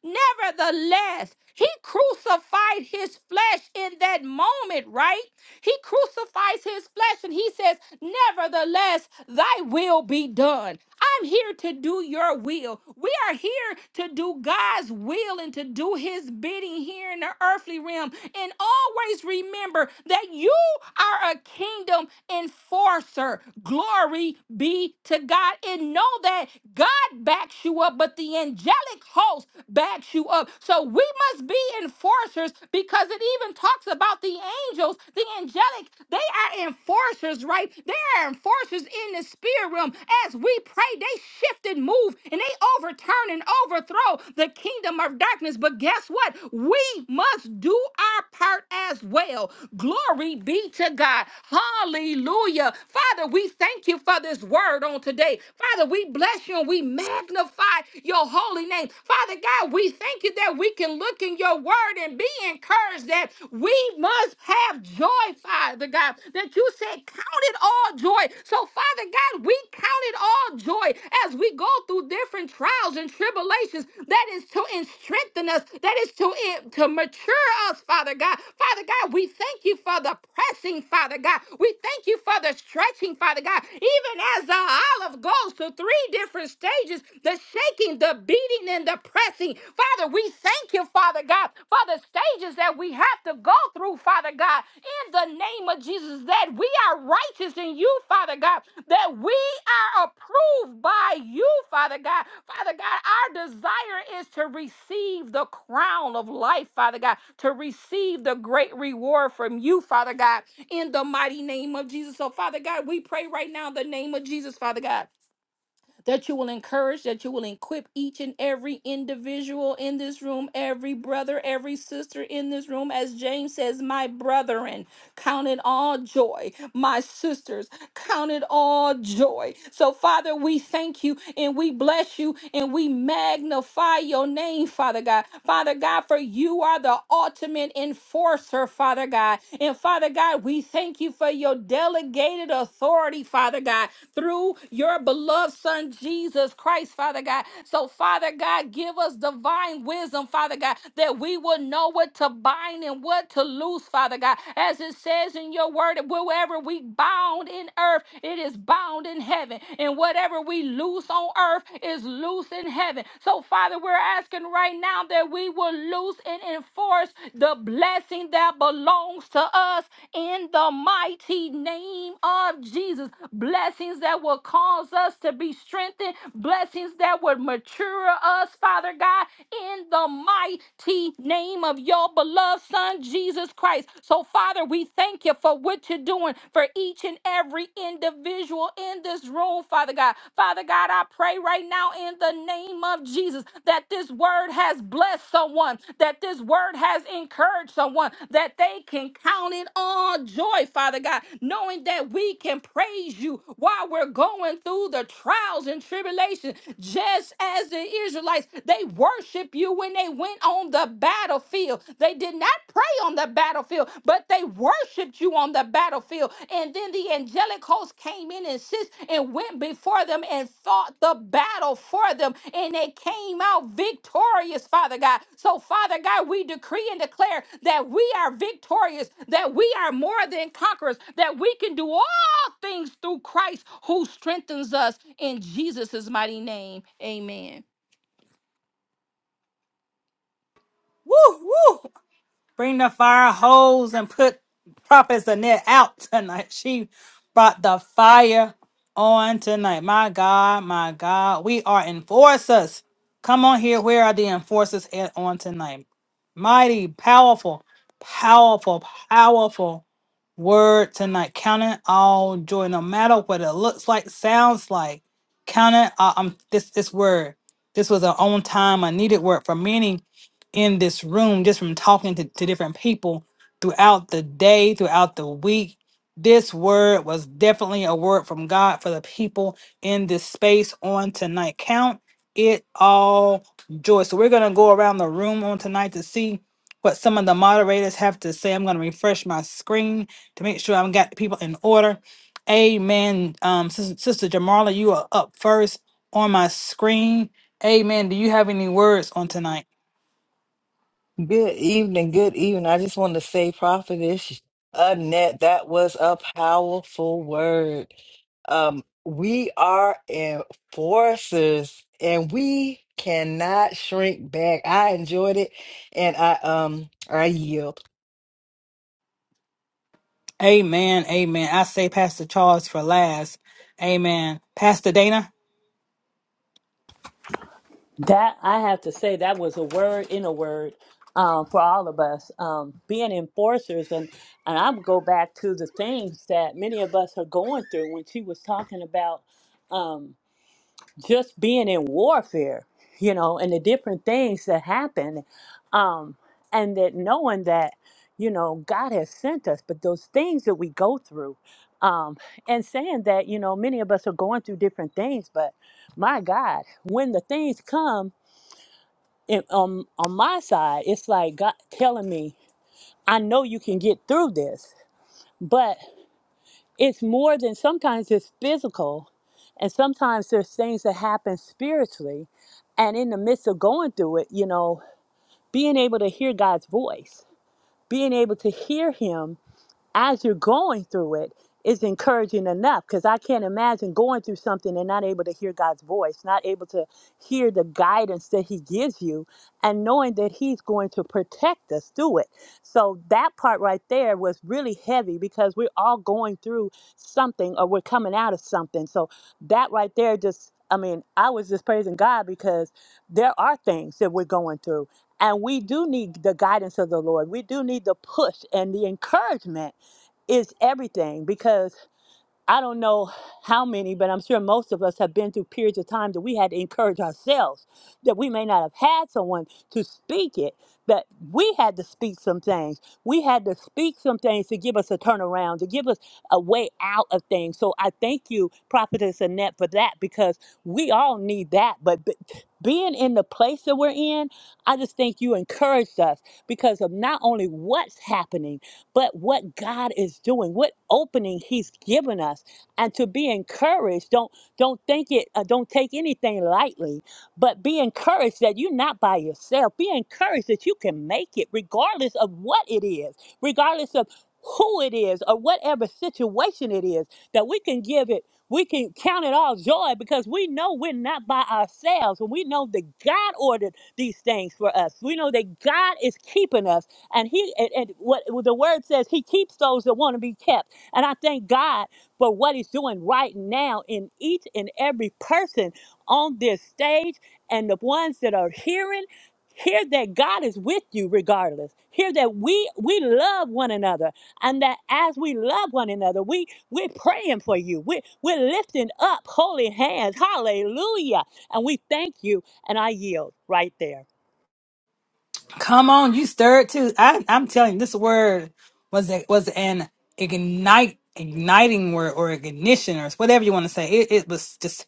Nevertheless, he crucified his flesh in that moment, right? He crucifies his flesh and he says, Nevertheless, thy will be done. I'm here to do your will. We are here to do God's will and to do his bidding here in the earthly realm. And always remember that you are a kingdom enforcer. Glory be to God. And know that God backs you up, but the angelic angelic host backs you up. So we must be enforcers because it even talks about the angels, the angelic, they are enforcers, right? They are enforcers in the spirit realm. As we pray, they shift and move and they overturn and overthrow the kingdom of darkness. But guess what? We must do our part as well. Glory be to God. Hallelujah. Father, we thank you for this word on today. Father, we bless you and we magnify magnify your holy name. Father God, we thank you that we can look in your word and be encouraged that we must have joy, Father God, that you said, count it all joy. So, Father God, we count it all joy as we go through different trials and tribulations. That is to en- strengthen us, that is to, en- to mature us, Father God. Father God, we thank you for the pressing, Father God. We thank you for the stretching, Father God. Even as the olive goes to three different different stages the shaking, the beating, and the pressing. Father, we thank you, Father God, for the stages that we have to go through, Father God, in the name of Jesus, that we are righteous in you, Father God, that we are approved by you, Father God. Father God, our desire is to receive the crown of life, Father God, to receive the great reward from you, Father God, in the mighty name of Jesus. So, Father God, we pray right now in the name of Jesus, Father God that you will encourage, that you will equip each and every individual in this room, every brother, every sister in this room. As James says, my brethren. Count it all joy, my sisters. Count it all joy. So, Father, we thank you and we bless you and we magnify your name, Father God. Father God, for you are the ultimate enforcer, Father God. And Father God, we thank you for your delegated authority, Father God, through your beloved Son, Jesus Christ, Father God. So, Father God, give us divine wisdom, Father God, that we will know know what to bind and what to loose, Father God. As it says in your word, wherever we bound in earth, it is bound in heaven. And whatever we loose on earth is loose in heaven. So, Father, we're asking right now that we will loose and enforce the blessing that belongs to us in the mighty name of Jesus. Blessings that will cause us to be strengthened, blessings that would mature us, Father. Father God, in the mighty name of your beloved Son, Jesus Christ. So, Father, we thank you for what you're doing for each and every individual in this room, Father God. Father God, I pray right now in the name of Jesus that this word has blessed someone, that this word has encouraged someone, that they can count it all joy, Father God, knowing that we can praise you while we're going through the trials trials and tribulations, just as the Israelites, they worship you when they went on the battlefield. They did not pray on the battlefield, but they worshiped you on the battlefield. And then the angelic host came in and sis and went before them and fought the battle for them, and they came out victorious, Father God. So, Father God, we decree and declare that we are victorious, that we are more than conquerors, that we can do all all things through Christ who strengthens us in Jesus' mighty name. Amen.
Woo, woo. Bring the fire hose and put Prophet Zanette out tonight. *laughs* She brought the fire on tonight. My God, my God. We are enforcers. Come on here. Where are the enforcers at on tonight? Mighty, powerful, powerful, powerful word tonight. Count it all joy, no matter what it looks like, sounds like. Count it. all- um, this this word. This was an on time, a needed word for many in this room, just from talking to, to different people throughout the day, throughout the week. This word was definitely a word from God for the people in this space on tonight. Count it all joy. So we're gonna go around the room on tonight to see what some of the moderators have to say. I'm gonna refresh my screen to make sure i have got the people in order. Amen. Um, Sister, Sister Jamarla, you are up first on my screen. Amen. Do you have any words on tonight?
Good evening, good evening. I just want to say, Prophetess Annette, that was a powerful word. Um, we are enforcers and we cannot shrink back. I enjoyed it and I um I yield.
Amen. Amen. I say Pastor Charles for last. Amen. Pastor Dana,
That I have to say, that was a word in a word um, for all of us. Um, being enforcers, and and I would go back to the things that many of us are going through. When she was talking about um, just being in warfare, you know, and the different things that happen, um, and that knowing that you know God has sent us, but those things that we go through, um, and saying that you know many of us are going through different things, but my God, when the things come and um on my side it's like god telling me i know you can get through this but it's more than sometimes it's physical and sometimes there's things that happen spiritually and in the midst of going through it you know being able to hear god's voice being able to hear him as you're going through it is encouraging enough because I can't imagine going through something and not able to hear God's voice, not able to hear the guidance that He gives you, and knowing that He's going to protect us through it. So that part right there was really heavy because we're all going through something or we're coming out of something. So that right there just I mean, I was just praising God because there are things that we're going through. And we do need the guidance of the Lord. We do need the push and the encouragement is everything because I don't know how many, but I'm sure most of us have been through periods of time that we had to encourage ourselves that we may not have had someone to speak it, but we had to speak some things. We had to speak some things to give us a turnaround, to give us a way out of things. So I thank you, Prophetess Annette, for that because we all need that. But b- being in the place that we're in, I just think you encouraged us because of not only what's happening but what God is doing, what opening He's given us, and to be encouraged. Don't don't think it. Uh, don't take anything lightly, but be encouraged that you're not by yourself. Be encouraged that you can make it, regardless of what it is, regardless of who it is or whatever situation it is. That we can give it. We can count it all joy because we know we're not by ourselves, and we know that God ordered these things for us. We know that God is keeping us. And he and, and what the word says, he keeps those that want to be kept. And I thank God for what he's doing right now in each and every person on this stage and the ones that are hearing. Hear that God is with you regardless. Hear that we we love one another and that as we love one another, we we're praying for you. we we're lifting up holy hands. Hallelujah. And we thank you. And I yield right there.
come on, you stirred too. I, I'm telling you, this word was a, was an ignite igniting word or ignition or whatever you want to say. It, it was just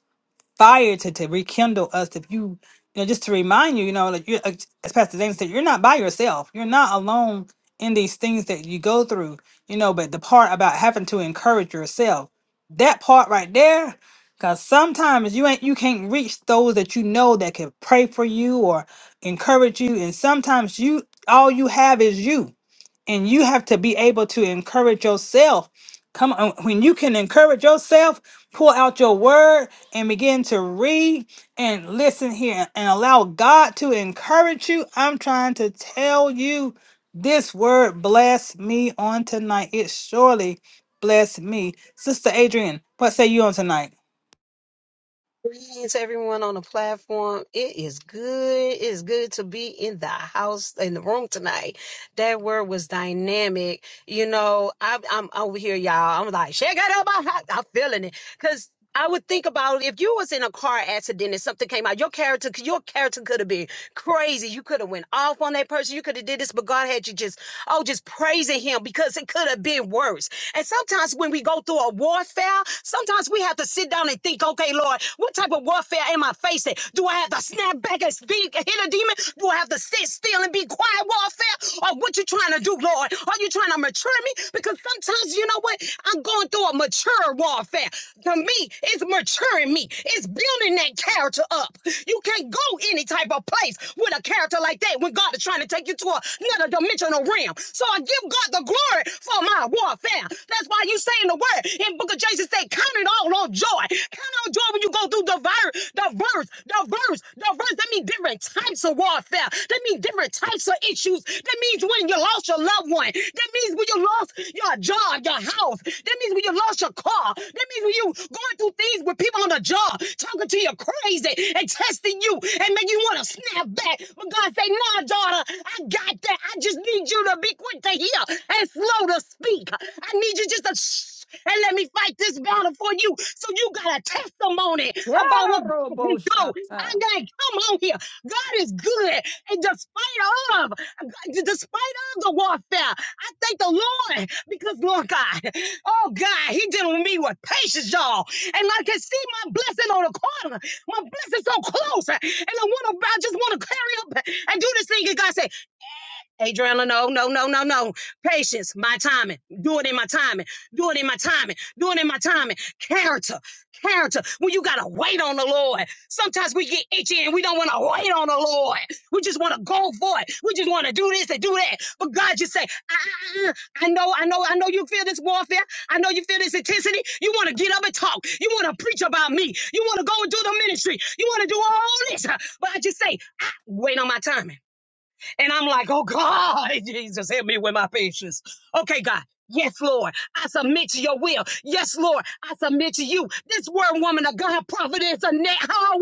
fire to, to rekindle us if you you know just to remind you you know like you uh, as pastor james said you're not by yourself you're not alone in these things that you go through you know but the part about having to encourage yourself that part right there because sometimes you ain't you can't reach those that you know that can pray for you or encourage you and sometimes you all you have is you and you have to be able to encourage yourself. Come on, when you can encourage yourself, pull out your word and begin to read and listen here and allow God to encourage you. I'm trying to tell you this word bless me on tonight. It surely bless me. Sister Adrian, what say you on tonight?
Greetings, everyone on the platform. It is good. It is good to be in the house, in the room tonight. That word was dynamic. You know, I, I'm over here, y'all. I'm like, shake it up. I'm feeling it. Because I would think about if you was in a car accident and something came out, your character, your character could have been crazy. You could have went off on that person. You could have did this, but God had you just, oh, just praising Him because it could have been worse. And sometimes when we go through a warfare, sometimes we have to sit down and think, okay, Lord, what type of warfare am I facing? Do I have to snap back and speak, hit a demon? Do I have to sit still and be quiet warfare? Or what you trying to do, Lord? Are you trying to mature me? Because sometimes, you know what? I'm going through a mature warfare. To me, it's maturing me. It's building that character up. You can't go any type of place with a character like that when God is trying to take you to another dimensional realm. So I give God the glory for my warfare. That's why you saying the word in Book of Jason said, count it all on joy. Count on joy when you go through the verse, the verse, the verse, the verse. That means different types of warfare. That means different types of issues. That means when you lost your loved one. That means when you lost your job, your house. That means when you lost your car. That means when you going through things with people on the job talking to you crazy and testing you and make you want to snap back. But God say, nah, daughter, I got that. I just need you to be quick to hear and slow to speak. I need you just to shh and let me fight this battle for you. So you got a testimony
Yeah,
about what God can
robo
do. I
shata.
gotta come on here. God is good, and despite of, despite of the warfare, I thank the Lord because, Lord God, oh God, He dealing with me with patience, y'all. And like I can see my blessing on the corner. My blessing so close. And I want to, I just want to carry up and do this thing. And God said, Adriana, no, no, no, no, no. Patience, my timing. Do it in my timing. Do it in my timing. Do it in my timing. Character, character. When you gotta wait on the Lord, sometimes we get itchy and we don't want to wait on the Lord. We just want to go for it. We just want to do this and do that. But God just say, "Uh, uh, uh, I know, I know, I know. You feel this warfare. I know you feel this intensity. You want to get up and talk. You want to preach about me. You want to go and do the ministry. You want to do all this. But I just say, I wait on my timing. And I'm like, oh God, *laughs* Jesus, help me with my patience. Okay, God. Yes, Lord. I submit to your will. Yes, Lord. I submit to you. This word, woman of God, providence, Annette Howell,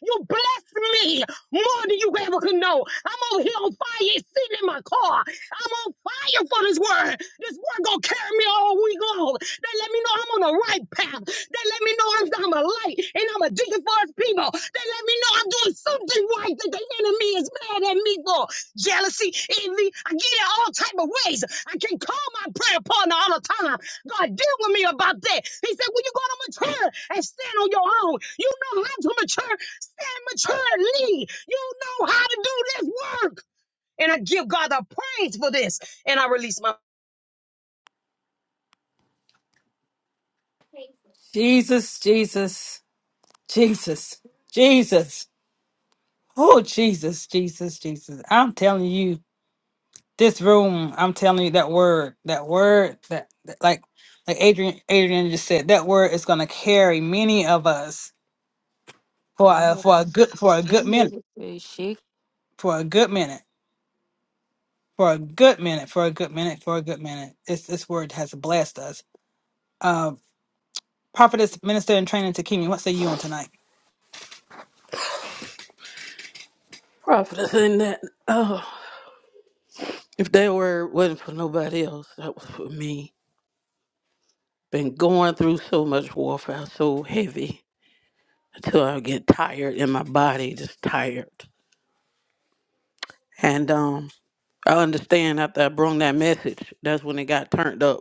you blessed me more than you ever could know. I'm over here on fire, it's sitting in my car. I'm on fire for this word. This word gonna carry me all week long. They let me know I'm on the right path. They let me know I'm, I'm a light and I'm a digging for his people. They let me know I'm doing something right that the enemy is mad at me for. Jealousy, envy, I get it all type of ways. I can call my prayer partner all the time. God deal with me about that. He said, when you go to mature and stand on your own, you know how to mature and maturely. You know how to do this work. And I give God the praise for this. And I release my
Jesus, Jesus, Jesus, Jesus. Oh, Jesus, Jesus, Jesus. I'm telling you. this room, I'm telling you that word, that word, that, that- like, like Adrian, Adrian just said, that word is gonna carry many of us for a, for a good for a good minute, for a good minute, for a good minute, for a good minute, for a good minute. This this word has blessed us. Uh, prophetess, minister, and training to what say you on tonight?
Prophetess, in that, oh, if that word wasn't for nobody else, that was for me. Been going through so much warfare, so heavy. Until I get tired in my body, just tired. And um, I understand after I brung that message, that's when it got turned up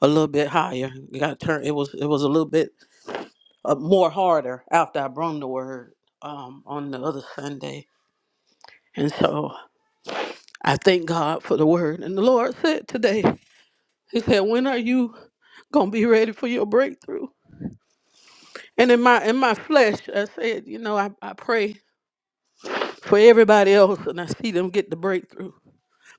a little bit higher. It got turned. It was it was a little bit uh, more harder after I brung the word um, on the other Sunday. And so I thank God for the word. And the Lord said today, He said, "When are you gonna be ready for your breakthrough?" And in my in my flesh, I said, you know, I, I pray for everybody else, and I see them get the breakthrough.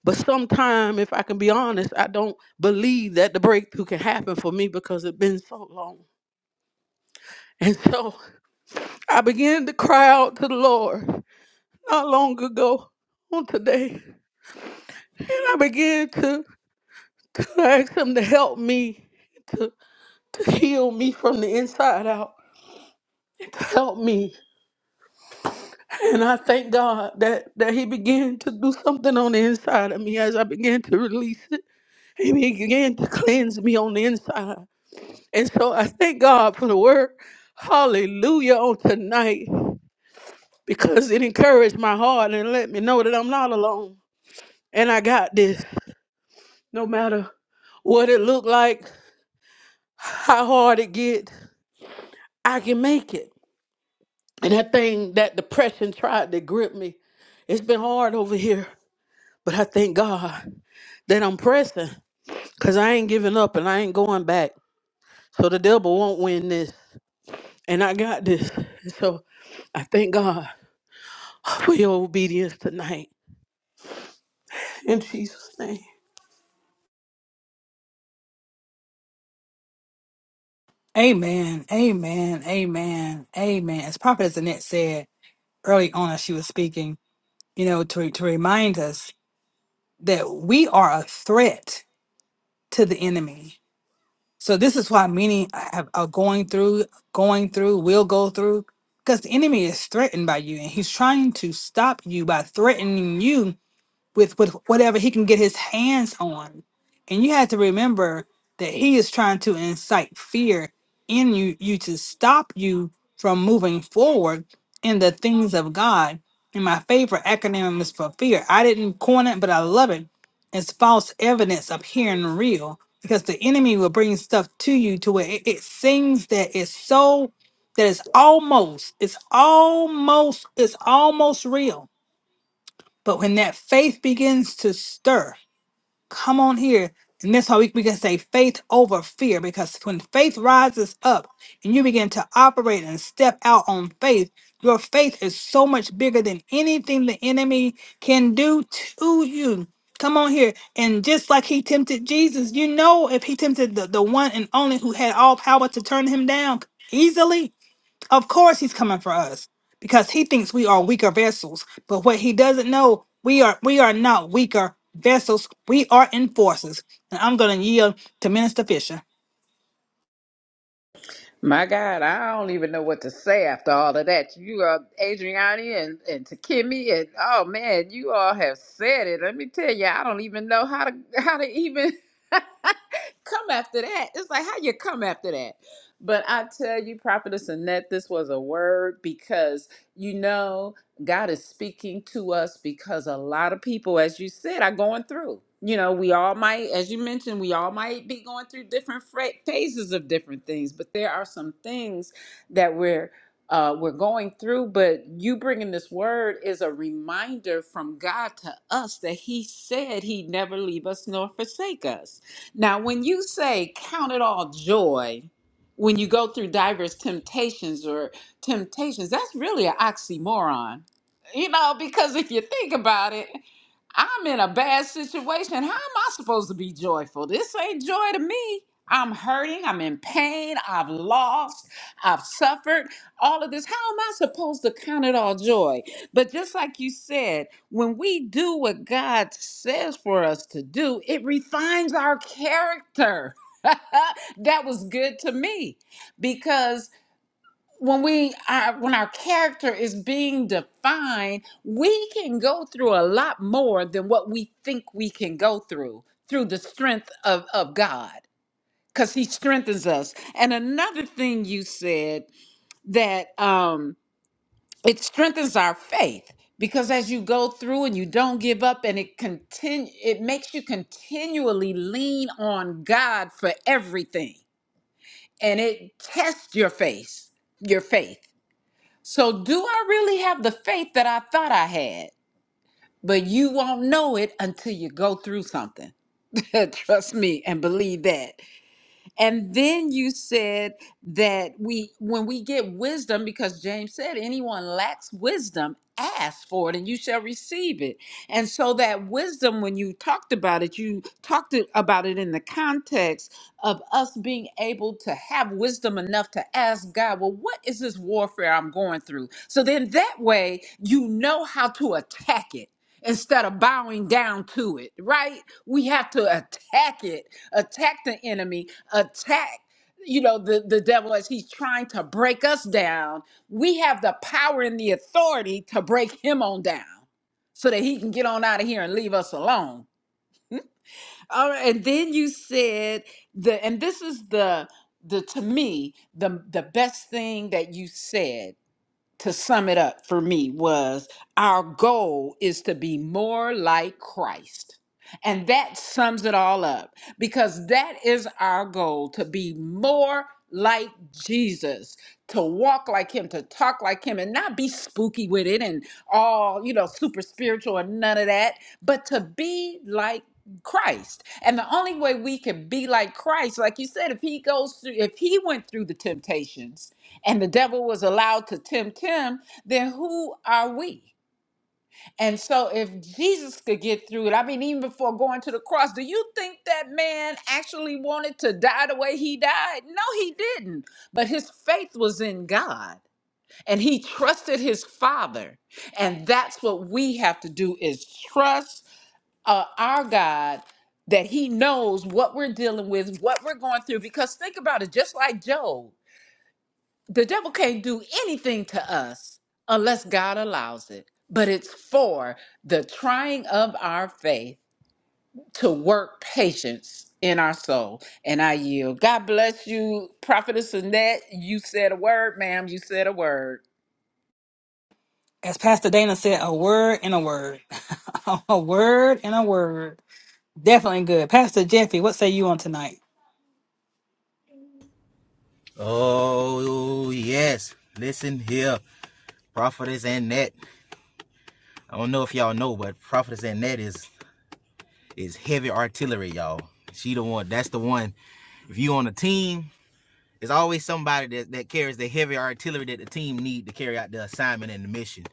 But sometime, if I can be honest, I don't believe that the breakthrough can happen for me because it's been so long. *laughs* And so I began to cry out to the Lord not long ago on today. And I began to, to ask Him to help me, to, to heal me from the inside out, to help me. And I thank God that, that He began to do something on the inside of me as I began to release it. He began to cleanse me on the inside. And so I thank God for the word. Hallelujah on tonight because it encouraged my heart and let me know that I'm not alone. And I got this. No matter what it looked like, how hard it get, I can make it. And that thing, that depression tried to grip me. It's been hard over here, but I thank God that I'm pressing because I ain't giving up and I ain't going back. So the devil won't win this. And I got this. And So I thank God. for your obedience tonight. In Jesus' name.
Amen, amen, amen, amen. As prophetess Annette said early on as she was speaking, you know, to to remind us that we are a threat to the enemy. So this is why many have, are going through, going through, will go through, because the enemy is threatened by you, and he's trying to stop you by threatening you with with whatever he can get his hands on. And you have to remember that he is trying to incite fear in you you to stop you from moving forward in the things of God. And my favorite acronym is for fear. I didn't coin it, but I love it. It's false evidence appearing real because the enemy will bring stuff to you to where it, it seems that it's so that it's almost, it's almost, it's almost real but when that faith begins to stir, come on here. And that's how we, we can say faith over fear, because when faith rises up and you begin to operate and step out on faith, your faith is so much bigger than anything the enemy can do to you. Come on here. And just like he tempted Jesus, you know, if he tempted the, the one and only who had all power to turn him down easily, of course, he's coming for us because he thinks we are weaker vessels. But what he doesn't know, we are we are not weaker vessels. We are enforcers. And I'm going to yield to Minister Fisher,
My God, I don't even know what to say after all of that. You are Adriani and, and Takimi and oh man, you all have said it. Let me tell you, I don't even know how to how to even *laughs* come after that. It's like how you come after that. But I tell you, Prophetess Annette, this was a word because you know. God is speaking to us because a lot of people, as you said, are going through. You know, we all might, as you mentioned, we all might be going through different fra- phases of different things, but there are some things that we're uh, we're going through. But you bringing this word is a reminder from God to us that He said He'd never leave us nor forsake us. Now, when you say count it all joy, when you go through diverse temptations or temptations, that's really an oxymoron you know, because if you think about it, I'm in a bad situation. How am I supposed to be joyful? This ain't joy to me. I'm hurting. I'm in pain. I've lost. I've suffered. All of this. How am I supposed to count it all joy? But just like you said, when we do what God says for us to do, it refines our character. *laughs* that was good to me because when we are when our character is being defined we can go through a lot more than what we think we can go through through the strength of of god because he strengthens us and another thing you said that um it strengthens our faith because as you go through and you don't give up and it continue it makes you continually lean on god for everything and it tests your faith your faith so, do I really have the faith that I thought I had? But you won't know it until you go through something. *laughs* Trust me and believe that. And then you said that we, when we get wisdom, because James said, anyone lacks wisdom, ask for it and you shall receive it. And so that wisdom, when you talked about it, you talked it- about it in the context of us being able to have wisdom enough to ask God, well, what is this warfare I'm going through? So then that way you know how to attack it instead of bowing down to it, right? We have to attack it, attack the enemy, attack you know the the devil as he's trying to break us down. We have the power and the authority to break him on down so that he can get on out of here and leave us alone. All right, and then you said the and this is the the to me the the best thing that you said to sum it up for me was our goal is to be more like Christ. And that sums it all up because that is our goal to be more like Jesus, to walk like him, to talk like him, and not be spooky with it and all, you know, super spiritual and none of that, but to be like Christ. And the only way we can be like Christ, like you said, if he goes through, if he went through the temptations, and the devil was allowed to tempt him, then who are we? And so, if Jesus could get through it, I mean, even before going to the cross, do you think that man actually wanted to die the way he died? No, he didn't. But his faith was in God and he trusted his Father. And that's what we have to do is trust uh, our God that he knows what we're dealing with, what we're going through. Because think about it, just like Job the devil can't do anything to us unless God allows it. But it's for the trying of our faith to work patience in our soul. And I yield. God bless you, Prophetess Annette. You said a word, ma'am. You said a word.
as Pastor Dana said, a word and a word, *laughs* a word and a word. Definitely good, Pastor Jeffy. What say you on tonight,
Oh, yes. Listen here, Prophetess Annette. I don't know if y'all know, but Prophetess Annette is is heavy artillery, y'all. She the one. That's the one. If you on a team, there's always somebody that, that carries the heavy artillery that the team need to carry out the assignment and the mission.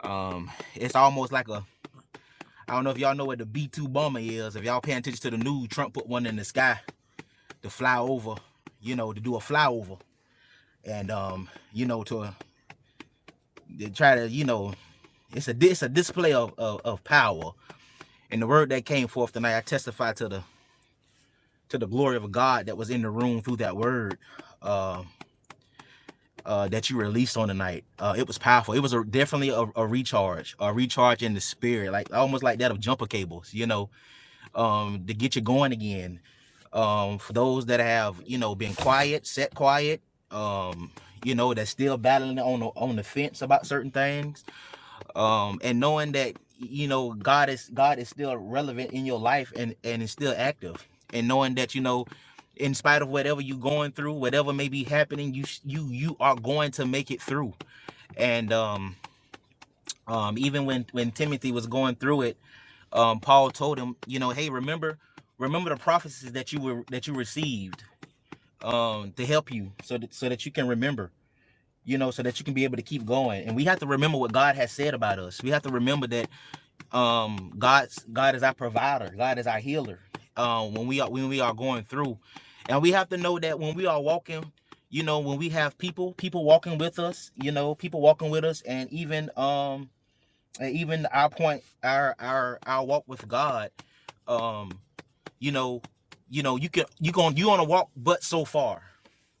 Um, it's almost like a I don't know if y'all know what the B2 bomber is. If y'all paying attention to the news, Trump put one in the sky to fly over, you know, to do a flyover and um, you know, to, to try to, you know, It's a it's a display of, of of power. And the word that came forth tonight, I testify to the to the glory of God that was in the room through that word uh, uh, that you released on tonight. Uh, it was powerful. It was a, definitely a, a recharge, a recharge in the spirit, like almost like that of jumper cables, you know, um, to get you going again. Um, for those that have you know been quiet, set quiet, um, you know, that's still battling on the on the fence about certain things um and knowing that you know god is god is still relevant in your life and and is still active and knowing that you know in spite of whatever you're going through whatever may be happening you you you are going to make it through and um um even when when timothy was going through it um paul told him you know hey remember remember the prophecies that you were that you received um to help you so that so that you can remember you know so that you can be able to keep going and we have to remember what god has said about us we have to remember that um god's god is our provider god is our healer um when we are when we are going through and we have to know that when we are walking you know when we have people people walking with us you know people walking with us and even um and even our point our our our walk with god um you know you know you can you going you on a walk but so far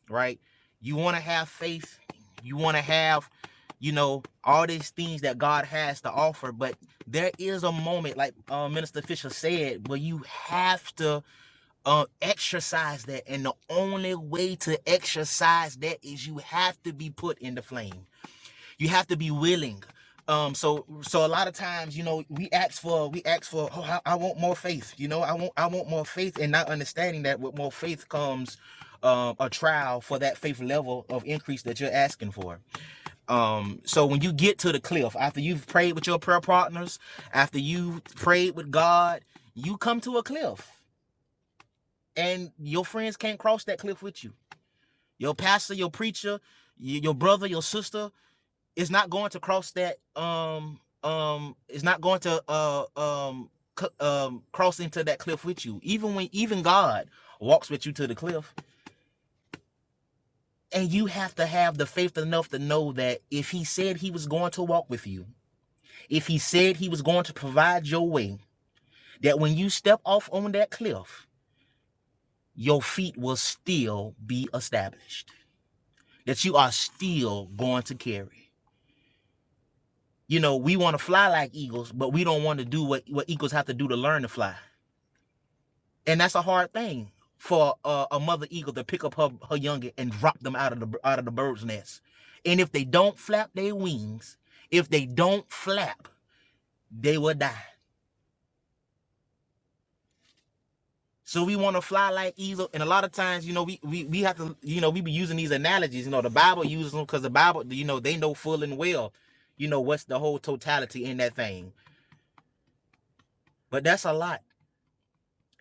right? You want to have faith. You want to have, you know, all these things that God has to offer. But there is a moment, like uh, Minister Fisher said, where you have to uh, exercise that. And the only way to exercise that is you have to be put in the flame you have to be willing um so so a lot of times you know we ask for we ask for oh I, I want more faith you know i want i want more faith and not understanding that with more faith comes um a trial for that faith level of increase that you're asking for um so when you get to the cliff after you've prayed with your prayer partners after you've prayed with god you come to a cliff and your friends can't cross that cliff with you your pastor your preacher your brother your sister is not going to cross that um um it's not going to uh um um cross into that cliff with you even when even god walks with you to the cliff and you have to have the faith enough to know that if he said he was going to walk with you if he said he was going to provide your way that when you step off on that cliff your feet will still be established that you are still going to carry you know we want to fly like eagles but we don't want to do what what eagles have to do to learn to fly and that's a hard thing for a, a mother eagle to pick up her, her youngin and drop them out of the out of the bird's nest and if they don't flap their wings if they don't flap they will die so we want to fly like eagle and a lot of times you know we, we we have to you know we be using these analogies you know the bible uses them because the bible you know they know full and well you know what's the whole totality in that thing but that's a lot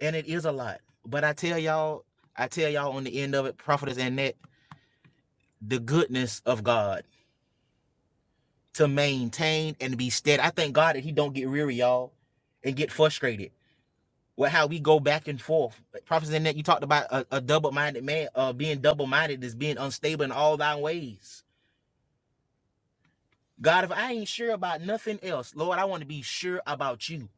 and it is a lot but i tell y'all i tell y'all on the end of it prophetess and that the goodness of god to maintain and be steady. I thank God that he don't get weary, y'all, and get frustrated with how we go back and forth. Prophets in that you talked about a, a double-minded man, uh, being double-minded is being unstable in all thy ways. God, if I ain't sure about nothing else, Lord, I want to be sure about you.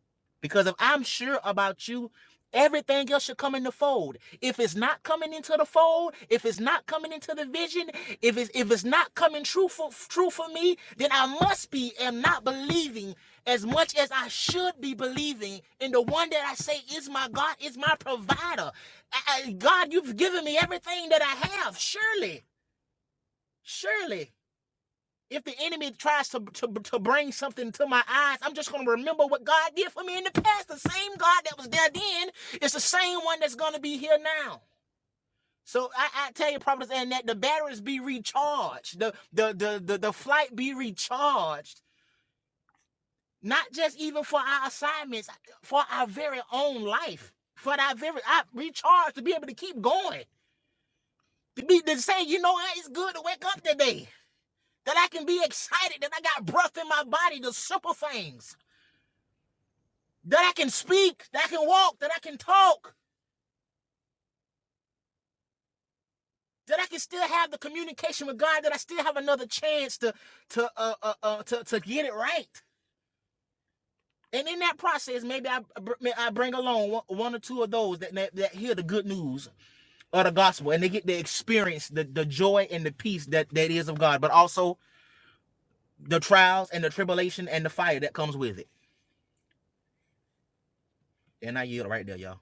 Because if I'm sure about you, everything else should come in the fold. If it's not coming into the fold, if it's not coming into the vision, if it's if it's not coming true for true for me, then I must be am not believing as much as I should be believing in the one that I say is my God, is my provider. I- I- God, you've given me everything that I have. Surely, surely. If the enemy tries to, to, to bring something to my eyes, I'm just going to remember what God did for me in the past. The same God that was there then is the same one that's going to be here now. So I, I tell you, Providence, and that the batteries be recharged, the, the the the the flight be recharged, not just even for our assignments, for our very own life, for our very I recharge to be able to keep going, to be to say, you know what, it's good to wake up today, that I can be excited, that I got breath in my body, the simple things that I can speak, that I can walk, that I can talk, that I can still have the communication with God, that I still have another chance to to uh, uh, uh to to get it right. And in that process, maybe I I bring along one, one or two of those that, that that hear the good news of the gospel, and they get to experience the the joy and the peace that that is of God, but also the trials and the tribulation and the fire that comes with it. And I yield right there, y'all.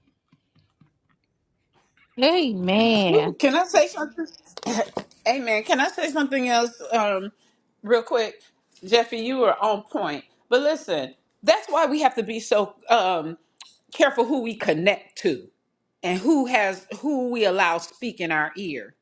You go.
Amen.
Woo, can I say something? *clears throat* *coughs* Amen. Can I say something else um, real quick? Jeffy, you were on point. But listen, that's why we have to be so um, careful who we connect to and who has who we allow speak in our ear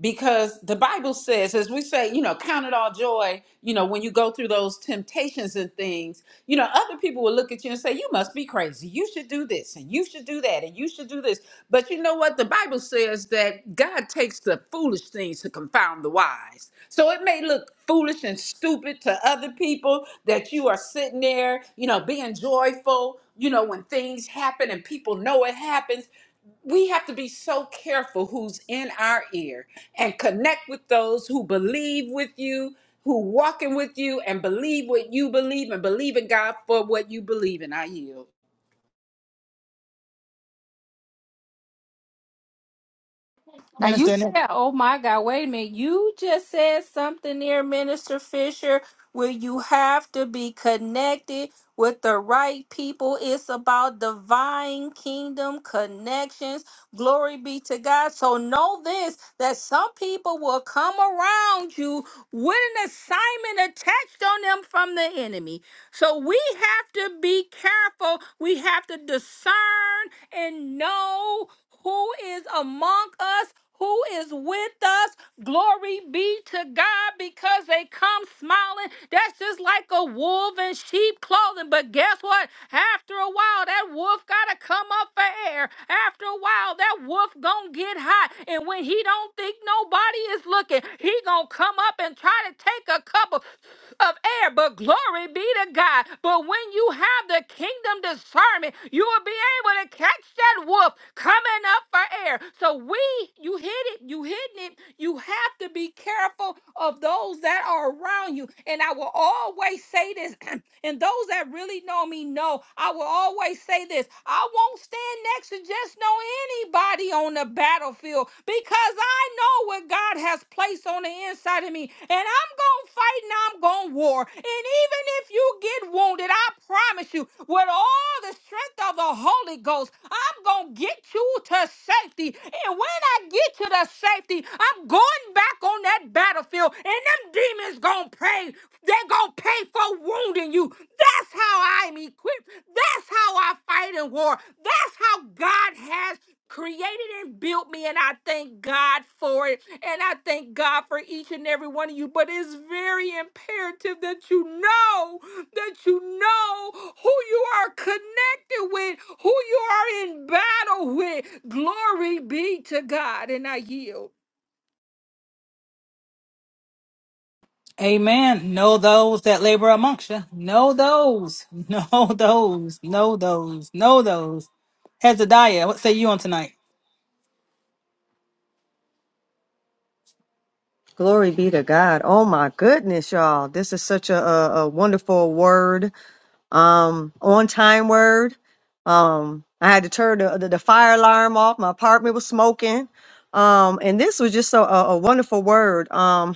because the bible says as we say you know count it all joy you know when you go through those temptations and things you know other people will look at you and say you must be crazy you should do this and you should do that and you should do this but you know what the bible says that god takes the foolish things to confound the wise so it may look foolish and stupid to other people that you are sitting there you know being joyful you know when things happen and people know it happens we have to be so careful who's in our ear and connect with those who believe with you who walking with you and believe what you believe and believe in god for what you believe in i yield
Now you
Minister? Nick?
said, "Oh my God, wait a minute! You just said something there, Minister Fisher, where you have to be connected with the right people. It's about divine kingdom connections. Glory be to God. So know this: that some people will come around you with an assignment attached on them from the enemy. So we have to be careful. We have to discern and know who is among us, who is with us. Glory be to God because they come smiling. That's just like a wolf in sheep clothing. But guess what? After a while, that wolf gotta come up for air. After a while, that wolf gonna get hot. And when he don't think nobody nobody is looking, he gonna come up and try to take a couple of air. But glory be to God. But when you have the kingdom discernment, you will be able to catch that wolf coming up for air. So we, you hit it, you hitting it. You have to be careful of those that are around you. And I will always say this, *clears throat* and those that really know me know, I will always say this. I won't stand next to just no anybody on the battlefield because I know what God has placed on the inside of me. And I'm going to fight and I'm going to war. And even if you get wounded, I promise you, with all the strength of the Holy Ghost, I'm going to get you to safety. And when I get you to safety, I'm going back on that battlefield and them demons going to pay. They're going to pay for wounding you. That's how I'm equipped. That's how I fight in war. That's how God has created and built me. And I thank God for it. And I thank God for each and every one of you. But it's very imperative that you know, that you know who you are connected with, who you are in battle with. Glory be to God. And I yield.
Amen. Know those that labor amongst you. Know those. *laughs* Know those. Know those. Know those. Hezekiah, what say you on tonight?
Glory be to God. Oh my goodness, y'all. This is such a, a, a wonderful word. Um, on time word. Um, I had to turn the, the, the fire alarm off. My apartment was smoking. Um, and this was just a, a, a wonderful word. Um,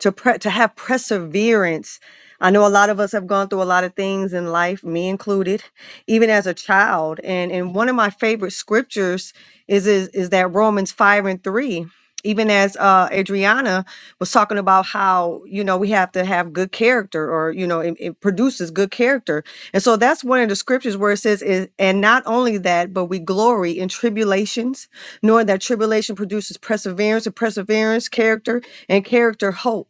to pre- to have perseverance. I know a lot of us have gone through a lot of things in life, me included, even as a child. And and one of my favorite scriptures is is, is that Romans five and three. Even as uh, Adriana was talking about how you know we have to have good character, or you know it, it produces good character, and so that's one of the scriptures where it says, is, "And not only that, but we glory in tribulations, knowing that tribulation produces perseverance, and perseverance character, and character hope."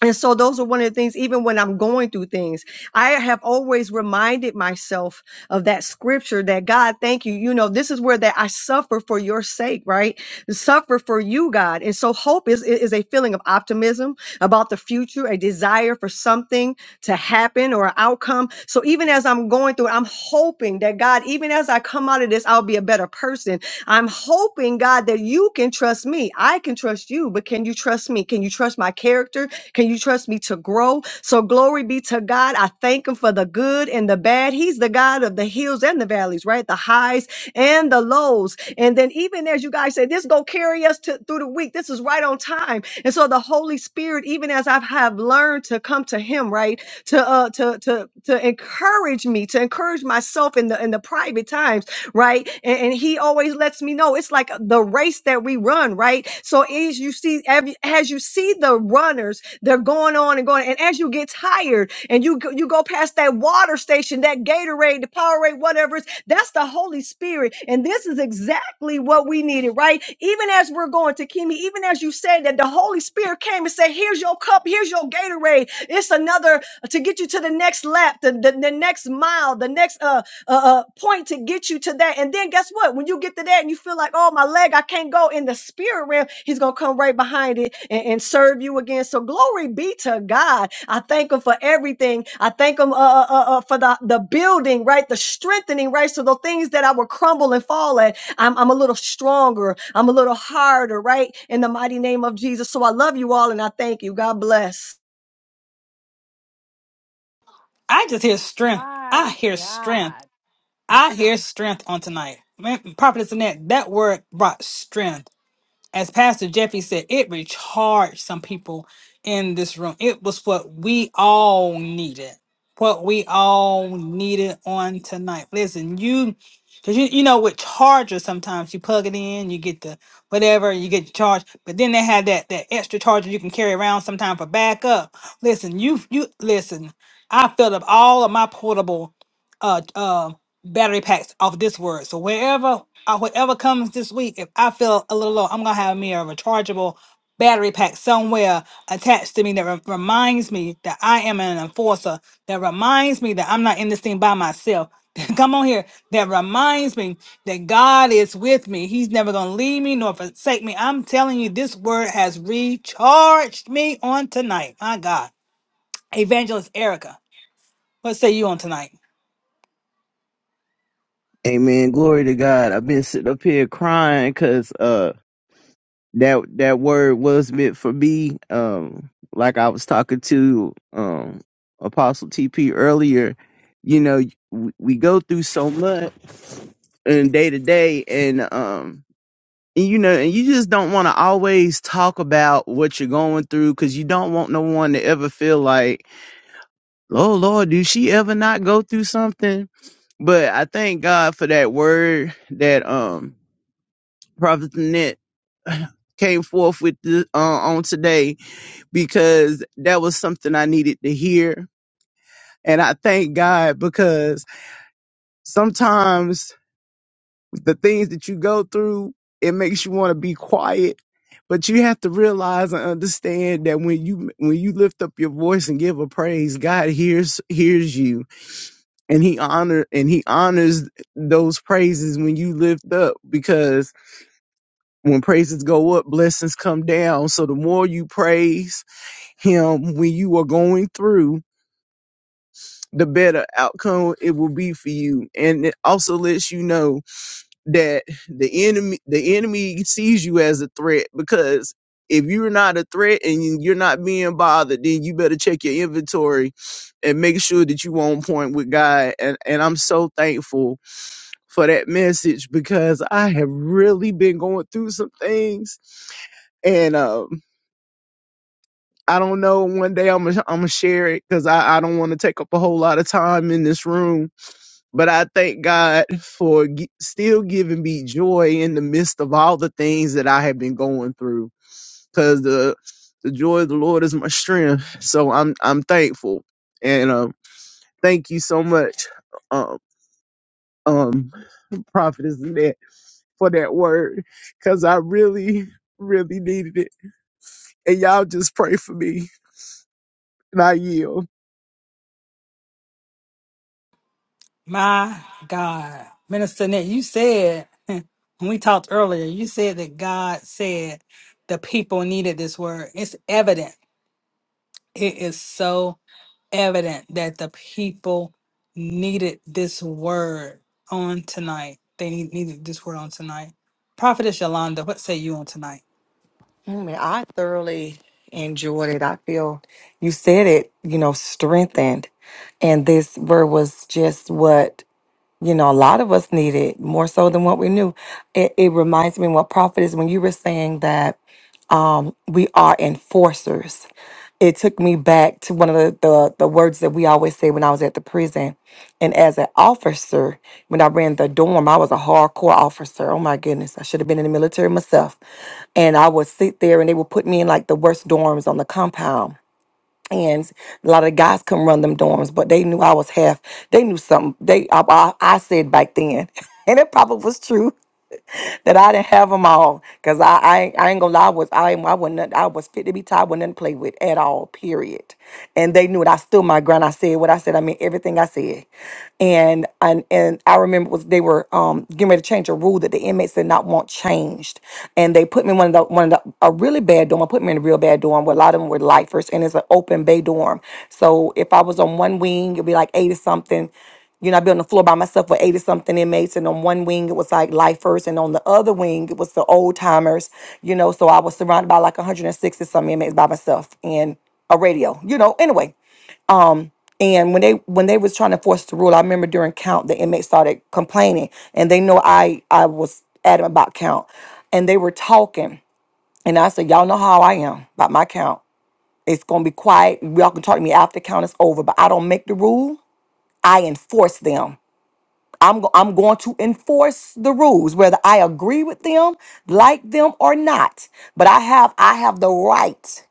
And so those are one of the things, even when I'm going through things, I have always reminded myself of that scripture that God, thank you. You know, this is where that I suffer for your sake, right? Suffer for you, God. And so hope is, is a feeling of optimism about the future, a desire for something to happen or an outcome. So even as I'm going through, it, I'm hoping that God, even as I come out of this, I'll be a better person. I'm hoping, God, that you can trust me. I can trust you, but can you trust me? Can you trust my character? Can you trust me to grow? So, glory be to God. I thank Him for the good and the bad. He's the God of the hills and the valleys, right? The highs and the lows. And then, even as you guys say, this go carry us to, through the week. This is right on time. And so, the Holy Spirit, even as I have learned to come to Him, right, to uh, to to to encourage me, to encourage myself in the in the private times, right? And, and he always lets me know it's like the race that we run, right? So as you see, every, as you see the runners they're going on and going. And as you get tired and you go, you go past that water station, that Gatorade, the Powerade, whatever it's, that's the Holy Spirit. And this is exactly what we needed, right? Even as we're going to Kimi, even as you said that the Holy Spirit came and said, here's your cup, here's your Gatorade. It's another to get you to the next lap, the, the, the next mile, the next, uh, uh, uh, point to get you to that. And then guess what? When you get to that and you feel like, oh, my leg, I can't go in the spirit realm, he's going to come right behind it and, and serve you again. So glory be to God. I thank him for everything. I thank him uh, uh, uh, uh, for the, the building, right? The strengthening, right? So the things that I would crumble and fall at, I'm, I'm a little stronger. I'm a little harder, right? In the mighty name of Jesus. So I love you all and I thank you. God bless.
I just hear strength.
My
I hear strength.
God.
I hear strength on tonight. Man, Prophetess Annette, that word brought strength as Pastor Jeffy said, it recharged some people in this room. It was what we all needed. What we all needed on tonight. Listen, you because you, you know with chargers sometimes you plug it in, you get the whatever, you get charged, but then they had that that extra charger you can carry around sometime for backup. Listen, you you listen, I filled up all of my portable uh uh battery packs off this word. So wherever uh, whatever comes this week, if I feel a little low, I'm gonna have me a rechargeable battery pack somewhere attached to me that re- reminds me that I am an enforcer. That reminds me that I'm not in this thing by myself. *laughs* Come on here. That reminds me that God is with me. He's never gonna leave me nor forsake me. I'm telling you, this word has recharged me on tonight. My God, Evangelist Erica, what say you on tonight?
Amen. Glory to God. I've been sitting up here crying because uh that that word was meant for me. Um, like I was talking to um Apostle TP earlier. You know, we, we go through so much in day to day, and um, and, you know, and you just don't want to always talk about what you're going through because you don't want no one to ever feel like, oh Lord, do she ever not go through something? But I thank God for that word that um Prophet Annette came forth with this, uh, on today because that was something I needed to hear. And I thank God because sometimes the things that you go through, it makes you want to be quiet. But you have to realize and understand that when you when you lift up your voice and give a praise, God hears hears you and he honor and he honors those praises when you lift up because when praises go up, blessings come down. So the more you praise, him when you are going through, the better outcome it will be for you. And it also lets you know that the enemy the enemy sees you as a threat because if you're not a threat and you- you're not being bothered, then you better check your inventory and make sure that you on point with God. And and I'm so thankful for that message because I have really been going through some things. And um. I don't know. One day I'm gonna I'm gonna share it because I, I don't want to take up a whole lot of time in this room. But I thank God for gi- still giving me joy in the midst of all the things that I have been going through. Because the the joy of the Lord is my strength. So I'm I'm thankful and um thank you so much, um um prophetess Annette, for that word because I really really needed it. And y'all just pray for me and I yield.
My God. Minister Nick, you said, *laughs* when we talked earlier, you said that God said the people needed this word. It's evident. It is so evident that the people needed this word on tonight. They need- needed this word on tonight. Prophetess Yolanda, what say you on tonight?
I mean, I thoroughly enjoyed it. I feel you said it, you know, strengthened. And this word was just what, you know, a lot of us needed more so than what we knew. It, it reminds me what prophet is when you were saying that um, we are enforcers. It took me back to one of the, the, the words that we always say when I was at the prison. And as an officer, when I ran the dorm, I was a hardcore officer. Oh my goodness, I should have been in the military myself. And I would sit there and they would put me in like the worst dorms on the compound. And a lot of the guys couldn't run them dorms, but they knew I was half. They knew something. They I, I, I said back then, *laughs* and it probably was true that I didn't have them all. Cause I, I, ain't- I ain't gonna lie, I was I, I wasn't I was fit to be tied, wasn't nothing to play with at all. Period. And they knew it. I stood my ground. I said what I said. I mean everything I said. And and and I remember was they were um getting ready to change a rule that the inmates did not want changed. And they put me in one of the one of the a really bad dorm. I put me in a real bad dorm where a lot of them were lifers, and it's an open bay dorm. So if I was on one wing, it'd be like eight or something. You know, I've been on the floor by myself with 80 something inmates, and on one wing it was like lifers, and on the other wing it was the old timers, you know. So I was surrounded by like 160 some inmates by myself and a radio, you know, anyway. And when they when they was trying to force the rule, I remember during count the inmates started complaining and they know I I was adamant about count. And they were talking. And I said, Y'all know how I am about my count. It's gonna be quiet. Y'all can talk to me after count is over, but I don't make the rule. I enforce them. I'm, go- I'm going to enforce the rules, whether I agree with them, like them or not. But I have I have the right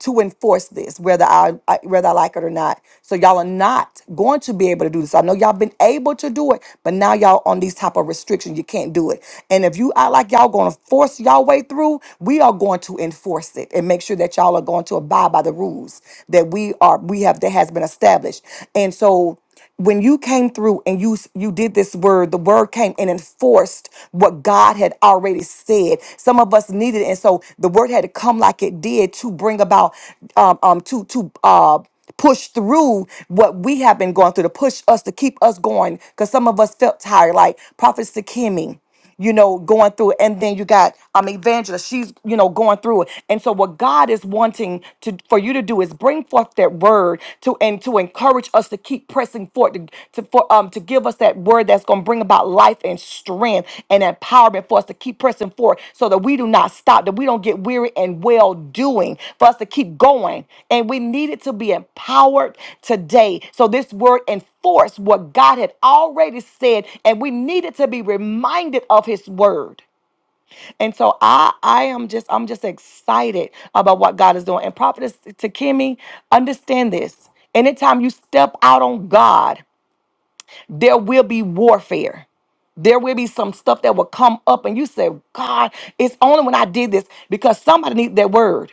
to enforce this, whether I, I whether I like it or not. So y'all are not going to be able to do this. I know y'all been able to do it, but now y'all on these type of restrictions. You can't do it. And if you act like y'all going to force y'all way through, we are going to enforce it and make sure that y'all are going to abide by the rules that we are we have that has been established. And so when you came through and you you did this word the word came and enforced what god had already said some of us needed it and so the word had to come like it did to bring about um, um to to uh push through what we have been going through to push us to keep us going because some of us felt tired like prophet Kimmy you know, going through it. And then you got um evangelist, she's, you know, going through it. And so what God is wanting to for you to do is bring forth that word to and to encourage us to keep pressing forward to, to for um to give us that word that's gonna bring about life and strength and empowerment for us to keep pressing forward so that we do not stop, that we don't get weary and well doing, for us to keep going. And we needed to be empowered today. So this word enforced what God had already said, and we needed to be reminded of his word. And so I I am just I'm just excited about what God is doing. And prophetess to Kimmy, understand this. Anytime you step out on God there will be warfare. There will be some stuff that will come up, and you say, God, it's only when I did this because somebody needs that word.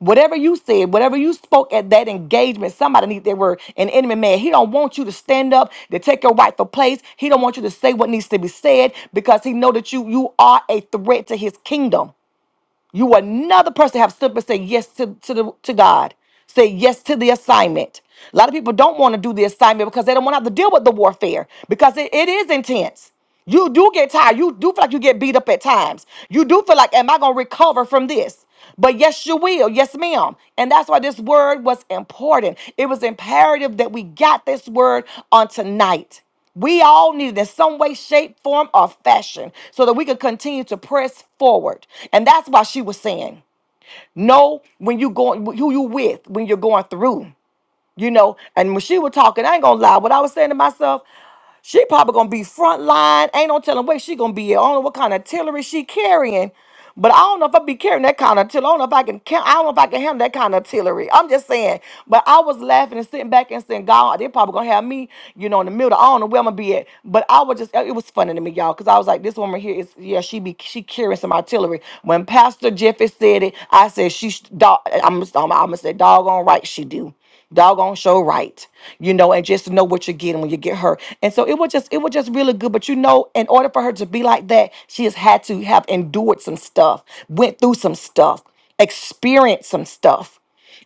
Whatever you said, whatever you spoke at that engagement, somebody needs their word. An enemy man, he don't want you to stand up to take your rightful place. He don't want you to say what needs to be said because he know that you you are a threat to his kingdom. You were another person to have stood up and say yes to, to, the, to God. Say yes to the assignment. A lot of people don't want to do the assignment because they don't want to have to deal with the warfare because it, it is intense. You do get tired. You do feel like you get beat up at times. You do feel like, am I going to recover from this? But yes, you will. Yes, ma'am. And that's why this word was important. It was imperative that we got this word on tonight. We all needed in some way, shape, form, or fashion so that we could continue to press forward. And that's why she was saying, know when you going who you with when you're going through. You know, and when she was talking, I ain't gonna lie. What I was saying to myself, she probably gonna be front line. Ain't no telling where she gonna be. at. I don't know what kind of artillery she carrying, but I don't know if I be carrying that kind of artillery. I don't know if I can. ca- I don't know if I can handle that kind of artillery. I'm just saying. But I was laughing and sitting back and saying, God, they probably gonna have me, you know, in the middle. I don't know where I'm gonna be at. But I was just, it was funny to me, y'all, because I was like, this woman here is, yeah, she be she carrying some artillery. When Pastor Jeffy said it, I said she, sh- dog, I'm, I'm, I'm gonna say, doggone right, she do doggone show right you know and just to know what you're getting when you get her and so it was just it was just really good but you know in order for her to be like that she has had to have endured some stuff went through some stuff experienced some stuff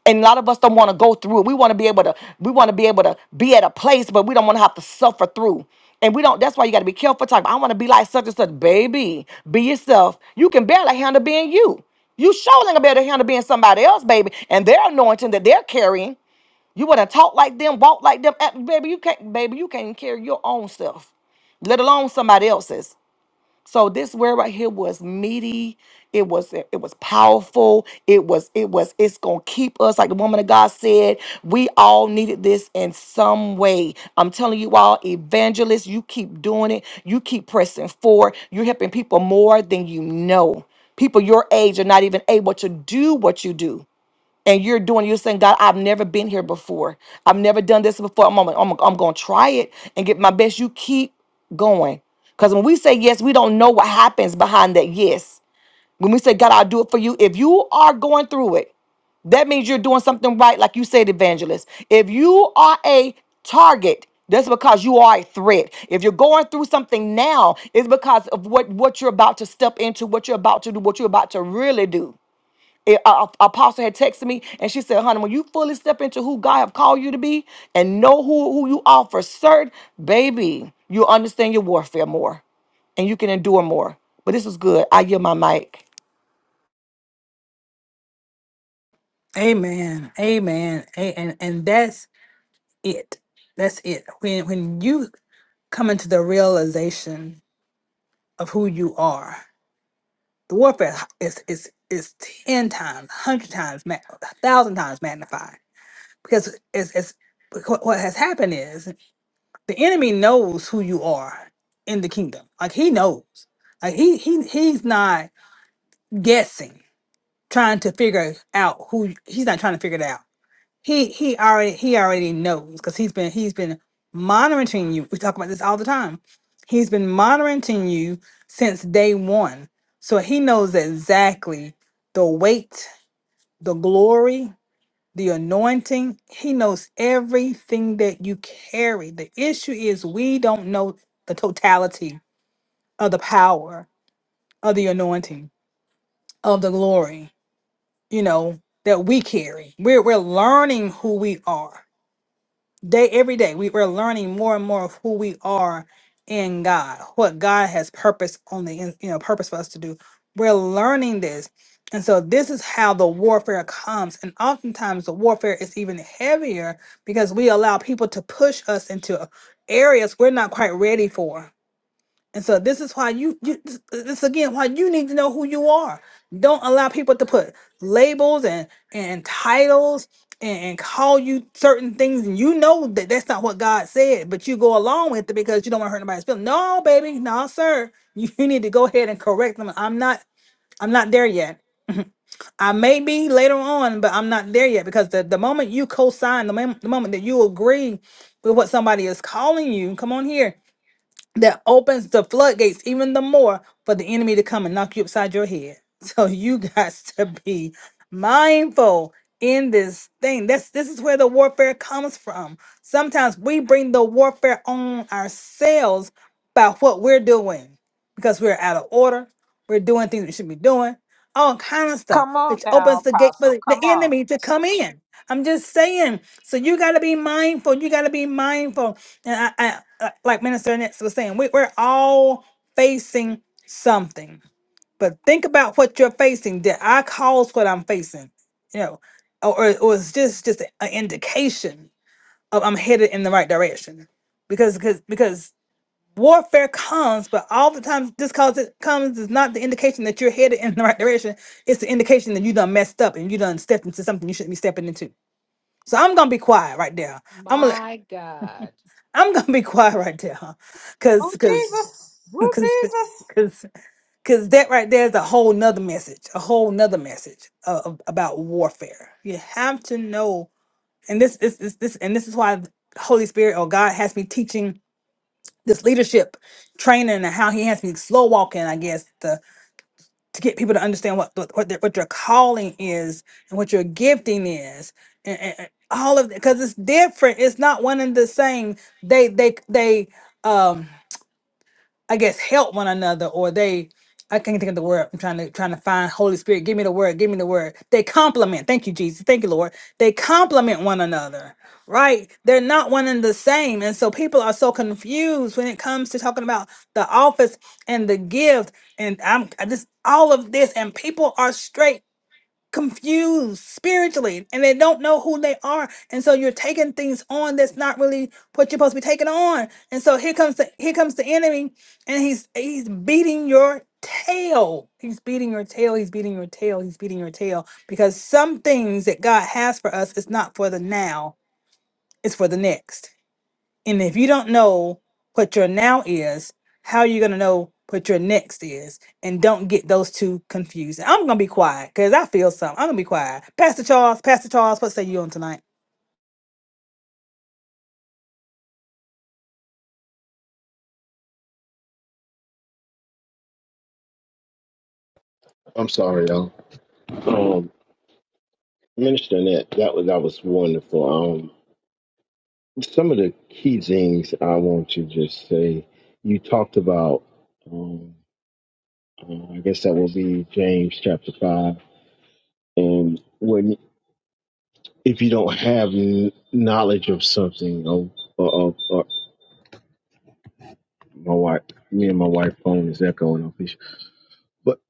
and a lot of us don't want to go through it we want to be able to we want to be able to be at a place but we don't want to have to suffer through and we don't that's why you got to be careful talking about, i want to be like such and such baby be yourself you can barely handle being you you sure ain't gonna be able to handle being somebody else, baby, and their anointing that they're carrying. You would have talked like them, walked like them. Uh, Baby, you can't, baby, you can't carry your own self, let alone somebody else's. So this word right here was meaty. It was it was powerful. It was it was it's gonna keep us like the woman of God said. We all needed this in some way. I'm telling you all, evangelists, you keep doing it. You keep pressing forward. You're helping people more than you know. People your age are not even able to do what you do and you're doing you're saying god i've never been here before i've never done this before i'm, I'm, I'm going to try it and get my best you keep going because when we say yes we don't know what happens behind that yes when we say god i'll do it for you if you are going through it that means you're doing something right like you said evangelist if you are a target that's because you are a threat. If you're going through something now, it's because of what, what you're about to step into, what you're about to do, what you're about to really do it- a- a- apostle had texted me and she said, honey, when you fully step into who God have called you to be and know who, who you are for certain, baby, you'll understand your warfare more and you can endure more. But this is good. I yield my mic.
Amen. Amen. A- and, and that's it. That's it. When, when you come into the realization of who you are, The warfare is is is ten times, hundred times, ma- a thousand times magnified because it's, it's what what has happened is the enemy knows who you are in the kingdom. Like he knows. Like he he he's not guessing, trying to figure out who he's not trying to figure it out he he already he already knows because he's been he's been monitoring you. We talk about this all the time. He's been monitoring you since day one. So he knows exactly the weight, the glory, the anointing. He knows everything that you carry. The issue is we don't know the totality of the power of the anointing, of the glory, you know, that we carry. We're we're learning who we are day every day we, we're learning more and more of who we are in god what god has purpose on the in- you know purpose for us to do we're learning this and so this is how the warfare comes and oftentimes the warfare is even heavier because we allow people to push us into areas we're not quite ready for and so this is why you, you this this again why you need to know who you are. Don't allow people to put labels and and titles and, and call you certain things, and you know that that's not what God said, but you go along with it because you don't want to hurt anybody's feelings. No, baby, no, sir. You, you need to go ahead and correct them. I'm not I'm not there yet. I may be later on, but I'm not there yet because the, the moment you co-sign, the, mom- the moment that you agree with what somebody is calling you, come on here that opens the floodgates even the more for the enemy to come and knock you upside your head. *laughs* So you got to be mindful in this thing. This this is where the warfare comes from. Sometimes we bring the warfare on ourselves by what we're doing because we're out of order. We're doing things we should be doing, all kind of stuff,
Come on
which opens
now,
the gate for
Apostle.
the
Come on.
enemy to come in. I'm just saying. So you got to be mindful. You got to be mindful. And I, I, I- like Minister Annette was saying, we, we're all facing something. But think about what you're facing. Did I cause what I'm facing? You know, or, or, or it's just just an indication of I'm headed in the right direction. Because because because warfare comes, but all the times this cause it comes is not the indication that you're headed in the right direction. It's the indication that you done messed up and you done stepped into something you shouldn't be stepping into. So I'm gonna be quiet right there. I'm gonna let-
My God.
I'm gonna be *laughs* quiet right there, huh?
Ooh,
Cause cause
Jesus. Ooh,
cause
Jesus.
cause cause that right there is a whole nother message, a whole nother message of, of- about warfare. You have to know, and this is this, this and this is why the Holy Spirit or God has me teaching this leadership training and how He has me slow walking. I guess to get people to understand what what what their, what their calling is and what your gifting is and, and- and all of because it's different it's not one and the same they they they um I guess help one another or they I can't think of the word. I'm trying to trying to find Holy Spirit. Give me the word. Give me the word. They complement. Thank you, Jesus. Thank you, Lord. They complement one another, right? They're not one and the same. And so people are so confused when it comes to talking about the office and the gift. And I'm I just all of this. And people are straight confused spiritually and they don't know who they are and so you're taking things on that's not really what you're supposed to be taking on and so here comes the here comes the enemy and he's he's beating your tail he's beating your tail he's beating your tail he's beating your tail because some things that god has for us is not for the now it's for the next and if you don't know what your now is, how are you going to know what your next is? And don't get those two confused. And I'm going to be quiet because I feel something. I'm going to be quiet. Pastor Charles, Pastor Charles, what say you on tonight?
I'm sorry, y'all. Um, Minister Annette, that was that was wonderful. Um, some of the key things I want to just say. You talked about, um, uh, I guess that will be James chapter five, and when if you don't have kn- knowledge of something, or, or, or, or my wife, me and my wife phone is echoing off each, but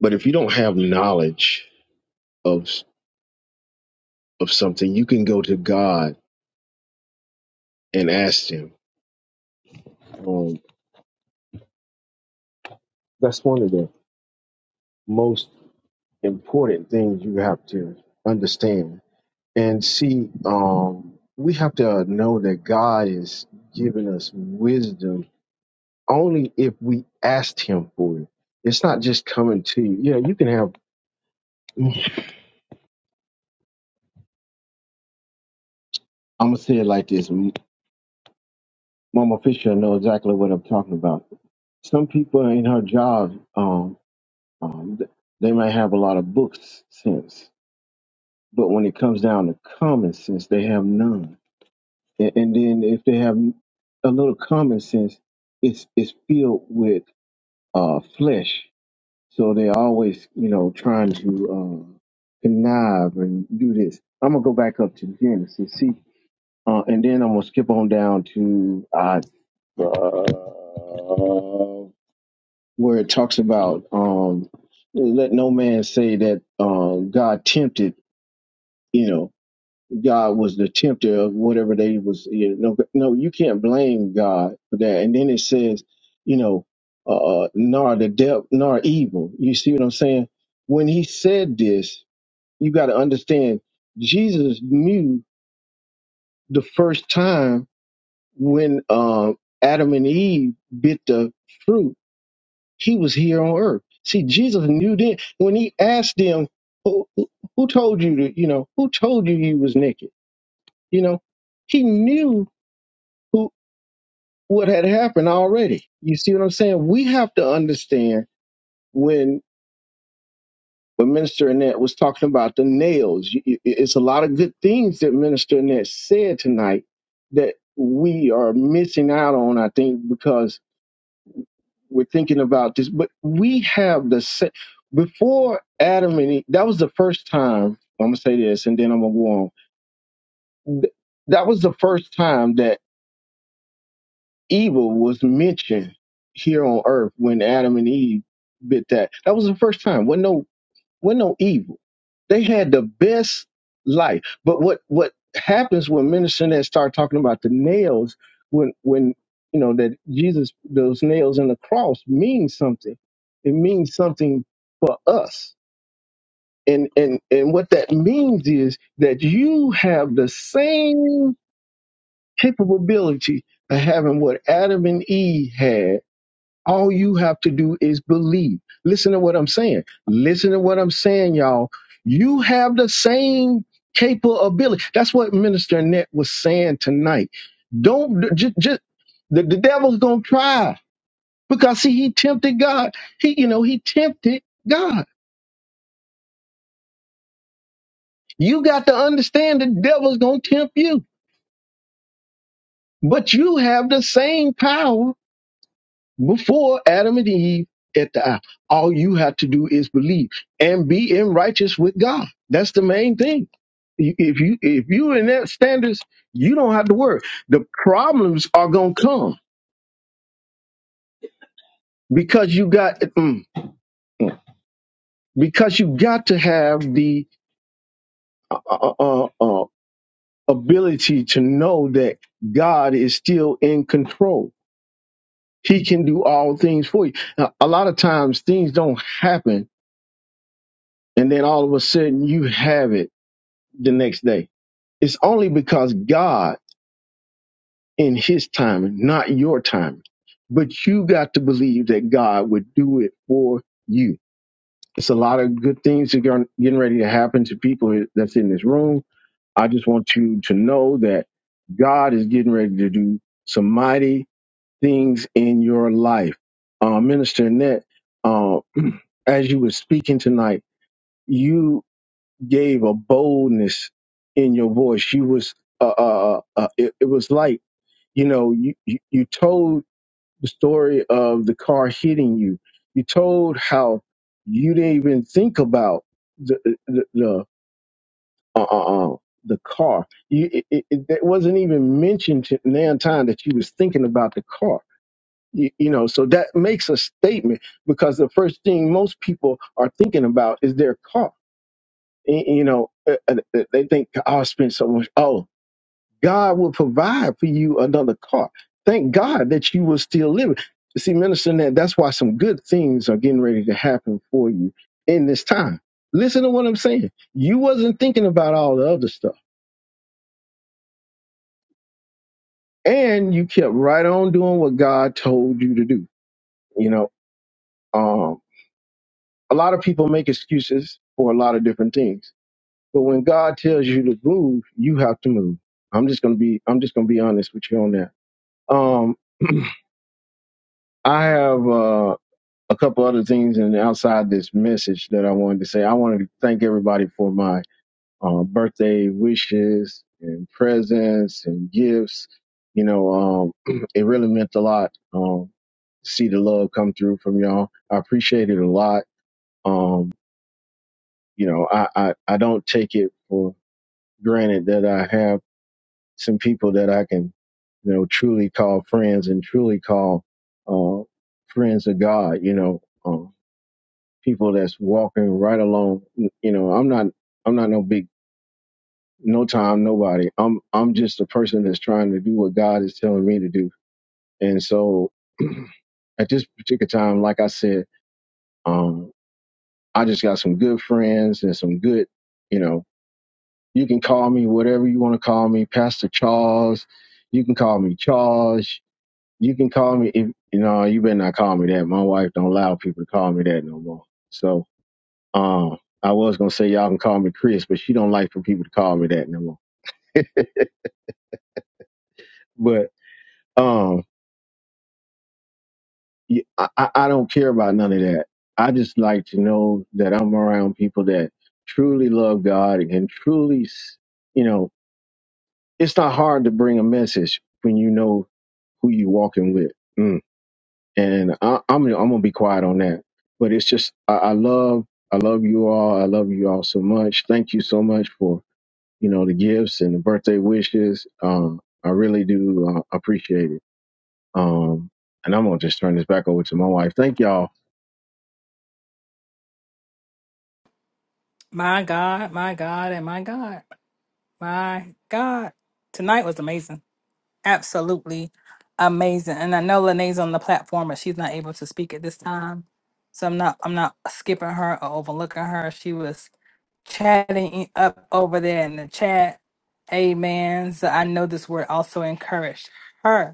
but if you don't have knowledge of of something, you can go to God and ask Him. Um, that's one of the most important things you have to understand and see. Um, we have to know that God is giving us wisdom only if we asked Him for it. It's not just coming to you. Yeah, you can have. *laughs* I'm gonna say it like this. Mama Fisher know exactly what I'm talking about. Some people in her job, um, um, th- they might have a lot of books sense, but when it comes down to common sense, they have none and, and then if they have a little common sense, it's it's filled with uh, flesh. So they're always, you know, trying to uh, connive and do this. I'm gonna go back up to Genesis, see, uh, and then I'm gonna skip on down to uh, uh, where it talks about um, let no man say that um, God tempted, you know. God was the tempter of whatever they was. You know, no, you can't blame God for that. And then it says, you know, uh, nor the devil, nor evil. You see what I'm saying? When he said this, you got to understand, Jesus knew the first time when um, Adam and Eve bit the fruit, he was here on earth. See, Jesus knew then when he asked them, who, who who told you to, you know, who told you you was naked? You know, he knew who what had happened already. You see what I'm saying? We have to understand when when Minister Annette was talking about the nails. you- you- It's a lot of good things that Minister Annette said tonight that we are missing out on. I think because we're thinking about this, but we have the sa- before Adam and Eve. That was the first time. I'm gonna say this, and then I'm gonna go on. Th- That was the first time that evil was mentioned here on earth when Adam and Eve bit that. That was the first time. When no when no evil. They had the best life. But what what happens when minister that start talking about the nails when when you know that Jesus those nails in the cross mean something. It means something for us. And and and what that means is that you have the same capability of having what Adam and Eve had all you have to do is believe. Listen to what I'm saying. Listen to what I'm saying, y'all. You have the same capability. That's what Minister Net was saying tonight. Don't just, just the, the devil's gonna try because see he tempted God. He you know he tempted God. You got to understand the devil's gonna tempt you, but you have the same power before Adam and Eve at the apple. All you have to do is believe and be in righteous with God. That's the main thing. You- If you if you in that standards, you don't have to worry. The problems are gonna come because you got mm, mm. because you got to have the uh, uh, uh, uh, uh, ability to know that God is still in control. He can do all things for you. Now, a lot of times things don't happen, and then all of a sudden you have it the next day. It's only because God in his timing, not your timing. But you got to believe that God would do it for you. It's a lot of good things that are getting ready to happen to people that's in this room. I just want you to know that God is getting ready to do some mighty things in your life. Uh, Minister Annette, uh, *clears throat* as you were speaking tonight, gave a boldness in your voice. You was uh, uh, uh uh, it, it was like you know you, you you told the story of the car hitting you. You told how you didn't even think about the uh, the the, uh, uh, uh, the car. You it, it, it that wasn't even mentioned to nan time that you was thinking about the car. You, you know, so that makes a statement because the first thing most people are thinking about is their car Y- You know, uh, uh, they think oh, I spent so much. Oh, God will provide for you another car. Thank God that you will still live. You See, Minister, Nat, that's why some good things are getting ready to happen for you in this time. Listen to what I'm saying. You wasn't thinking about all the other stuff, and you kept right on doing what God told you to do. You know, um, a lot of people make excuses for a lot of different things But when God tells you to move, you have to move. I'm just gonna be I'm just gonna be honest with you on that. Um, I have uh, a couple other things and outside this message that I wanted to say. I wanted to thank everybody for my uh, birthday wishes and presents and gifts. You know, um, *clears throat* it really meant a lot um, to see the love come through from y'all. I appreciate it a lot. Um, you know, I, I, I don't take it for granted that I have some people that I can, you know, truly call friends and truly call uh, friends of God. You know, um, people that's walking right along. You know, I'm not, I'm not no big, no time, nobody. I'm, I'm just a person that's trying to do what God is telling me to do. And so, *clears throat* at this particular time, like I said, um, I just got some good friends and some good, you know, you can call me whatever you want to call me, Pastor Charles. You can call me Charles you can call me if you know you better not call me that. My wife don't allow people to call me that no more. So um I was gonna say y'all can call me Chris, but she don't like for people to call me that no more. But um y- I, I I don't care about none of that. I just like to know that I'm around people that truly love God and truly s- you know, it's not hard to bring a message when you know who you walking with. Mm. and I, I'm I'm gonna be quiet on that. But it's just I, I love I love you all. I love you all so much. Thank you so much for you know the gifts and the birthday wishes. Um, I really do uh, appreciate it. Um, and I'm gonna just turn this back over to my wife. Thank y'all.
My God, my God, and my God, my God. Tonight was amazing. absolutely amazing. And I know Lenee's on the platform, but she's not able to speak at this time. So I'm not I'm not skipping her or overlooking her. She was chatting i- up over there in the chat. Amen. So I know this word also encouraged her.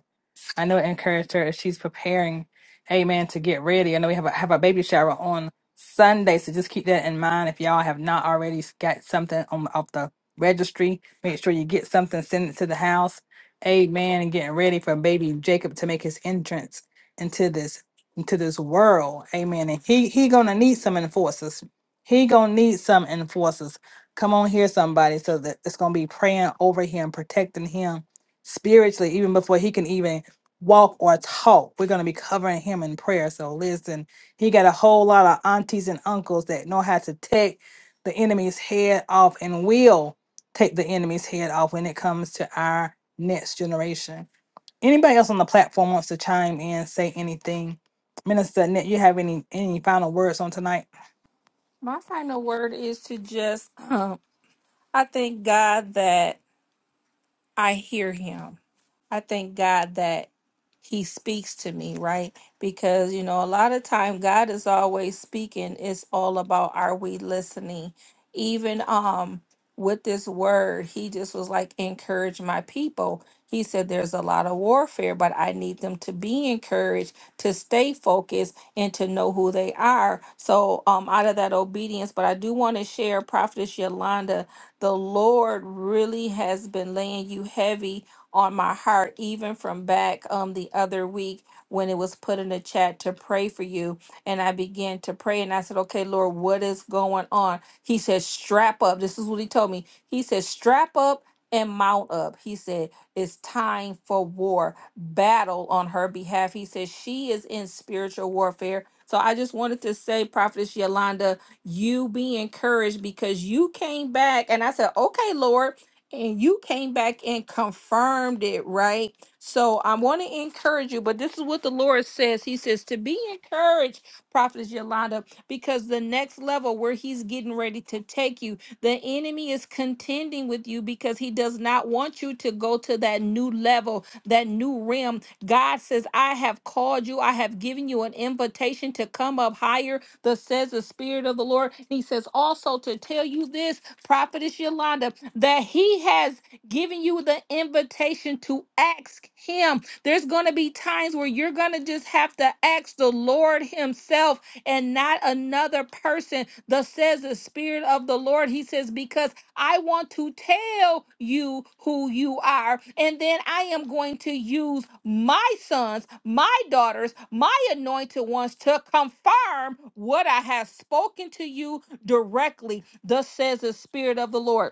I know it encouraged her as she's preparing, amen, to get ready. I know we have a, have a baby shower on Sunday, so just keep that in mind. If y'all have not already got something on off the registry, make sure you get something, send it to the house, amen, and getting ready for baby Jacob to make his entrance into this into this world, amen. And he he gonna need some enforcers. He gonna need some enforcers. Come on here, somebody, so that it's gonna be praying over him, protecting him spiritually, even before he can even walk or talk. We're going to be covering him in prayer. So listen, he got a whole lot of aunties and uncles that know how to take the enemy's head off and will take the enemy's head off when it comes to our next generation. Anybody else on the platform wants to chime in, say anything? Minister Nick, you have any any final words on tonight?
My final word is to just *clears throat* I thank God that I hear him. I thank God that he speaks to me, right? Because you know, a lot of time God is always speaking. It's all about are we listening? Even um with this word, he just was like encourage my people. He said there's a lot of warfare, but I need them to be encouraged, to stay focused and to know who they are. So um out of that obedience, but I do want to share Prophetess Yolanda, the Lord really has been laying you heavy on my heart, even from back um the other week when it was put in the chat to pray for you. And I began to pray and I said, Okay, Lord, what is going on? He said, Strap up. This is what he told me. He said, Strap up and mount up. He said, It's time for war, battle on her behalf. He said, She is in spiritual warfare. So I just wanted to say, Prophetess Yolanda, you be encouraged because you came back and I said, Okay, Lord and you came back and confirmed it, right? So I want to encourage you, but this is what the Lord says. He says to be encouraged, Prophet Yolanda, because the next level where He's getting ready to take you, the enemy is contending with you because he does not want you to go to that new level, that new realm. God says, I have called you, I have given you an invitation to come up higher Thus says the Spirit of the Lord. And he says also to tell you this, Prophetess Yolanda, that he has given you the invitation to ask him. There's going to be times where you're going to just have to ask the Lord himself and not another person. Thus says the Spirit of the Lord. He says, because I want to tell you who you are. And then I am going to use my sons, my daughters, my anointed ones to confirm what I have spoken to you directly. Thus says the Spirit of the Lord.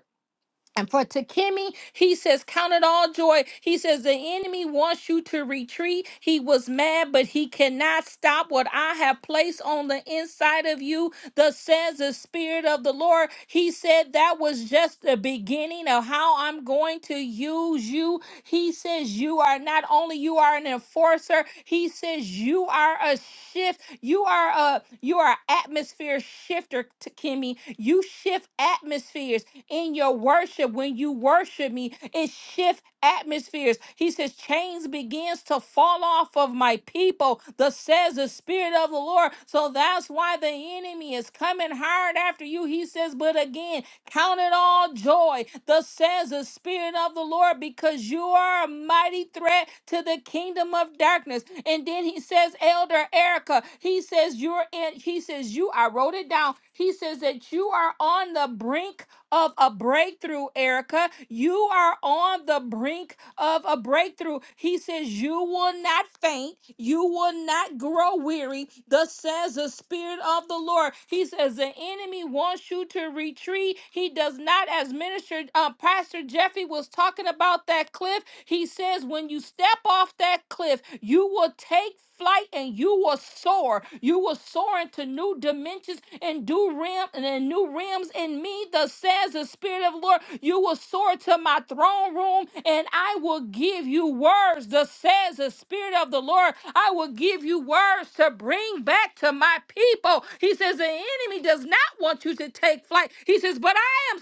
And for Takemi, he says, Count it all joy. He says, The enemy wants you to retreat. He was mad, but he cannot stop what I have placed on the inside of you. Thus says the Spirit of the Lord. He said, That was just the beginning of how I'm going to use you. He says, You are not only you are an enforcer, he says, You are a shift. You are a you are an atmosphere shifter, Takemi. You shift atmospheres in your worship when you worship me it shifts atmospheres he says chains begins to fall off of my people thus says the spirit of the lord so that's why the enemy is coming hard after you he says but again count it all joy thus says the spirit of the lord because you are a mighty threat to the kingdom of darkness and then he says elder erica he says you're in he says you i wrote it down he says that you are on the brink of a breakthrough, Erica. You are on the brink of a breakthrough. He says, You will not faint, you will not grow weary. Thus says the Spirit of the Lord. He says, The enemy wants you to retreat. He does not, as minister uh, Pastor Jeffy was talking about that cliff. He says, When you step off that cliff, you will take flight and you will soar soar. You will soar into new dimensions and do realm and in new realms in me, thus says the Spirit of the Lord. You will soar to my throne room, and I will give you words, thus says the Spirit of the Lord. I will give you words to bring back to my people. He says, The enemy does not want you to take flight. He says, But I am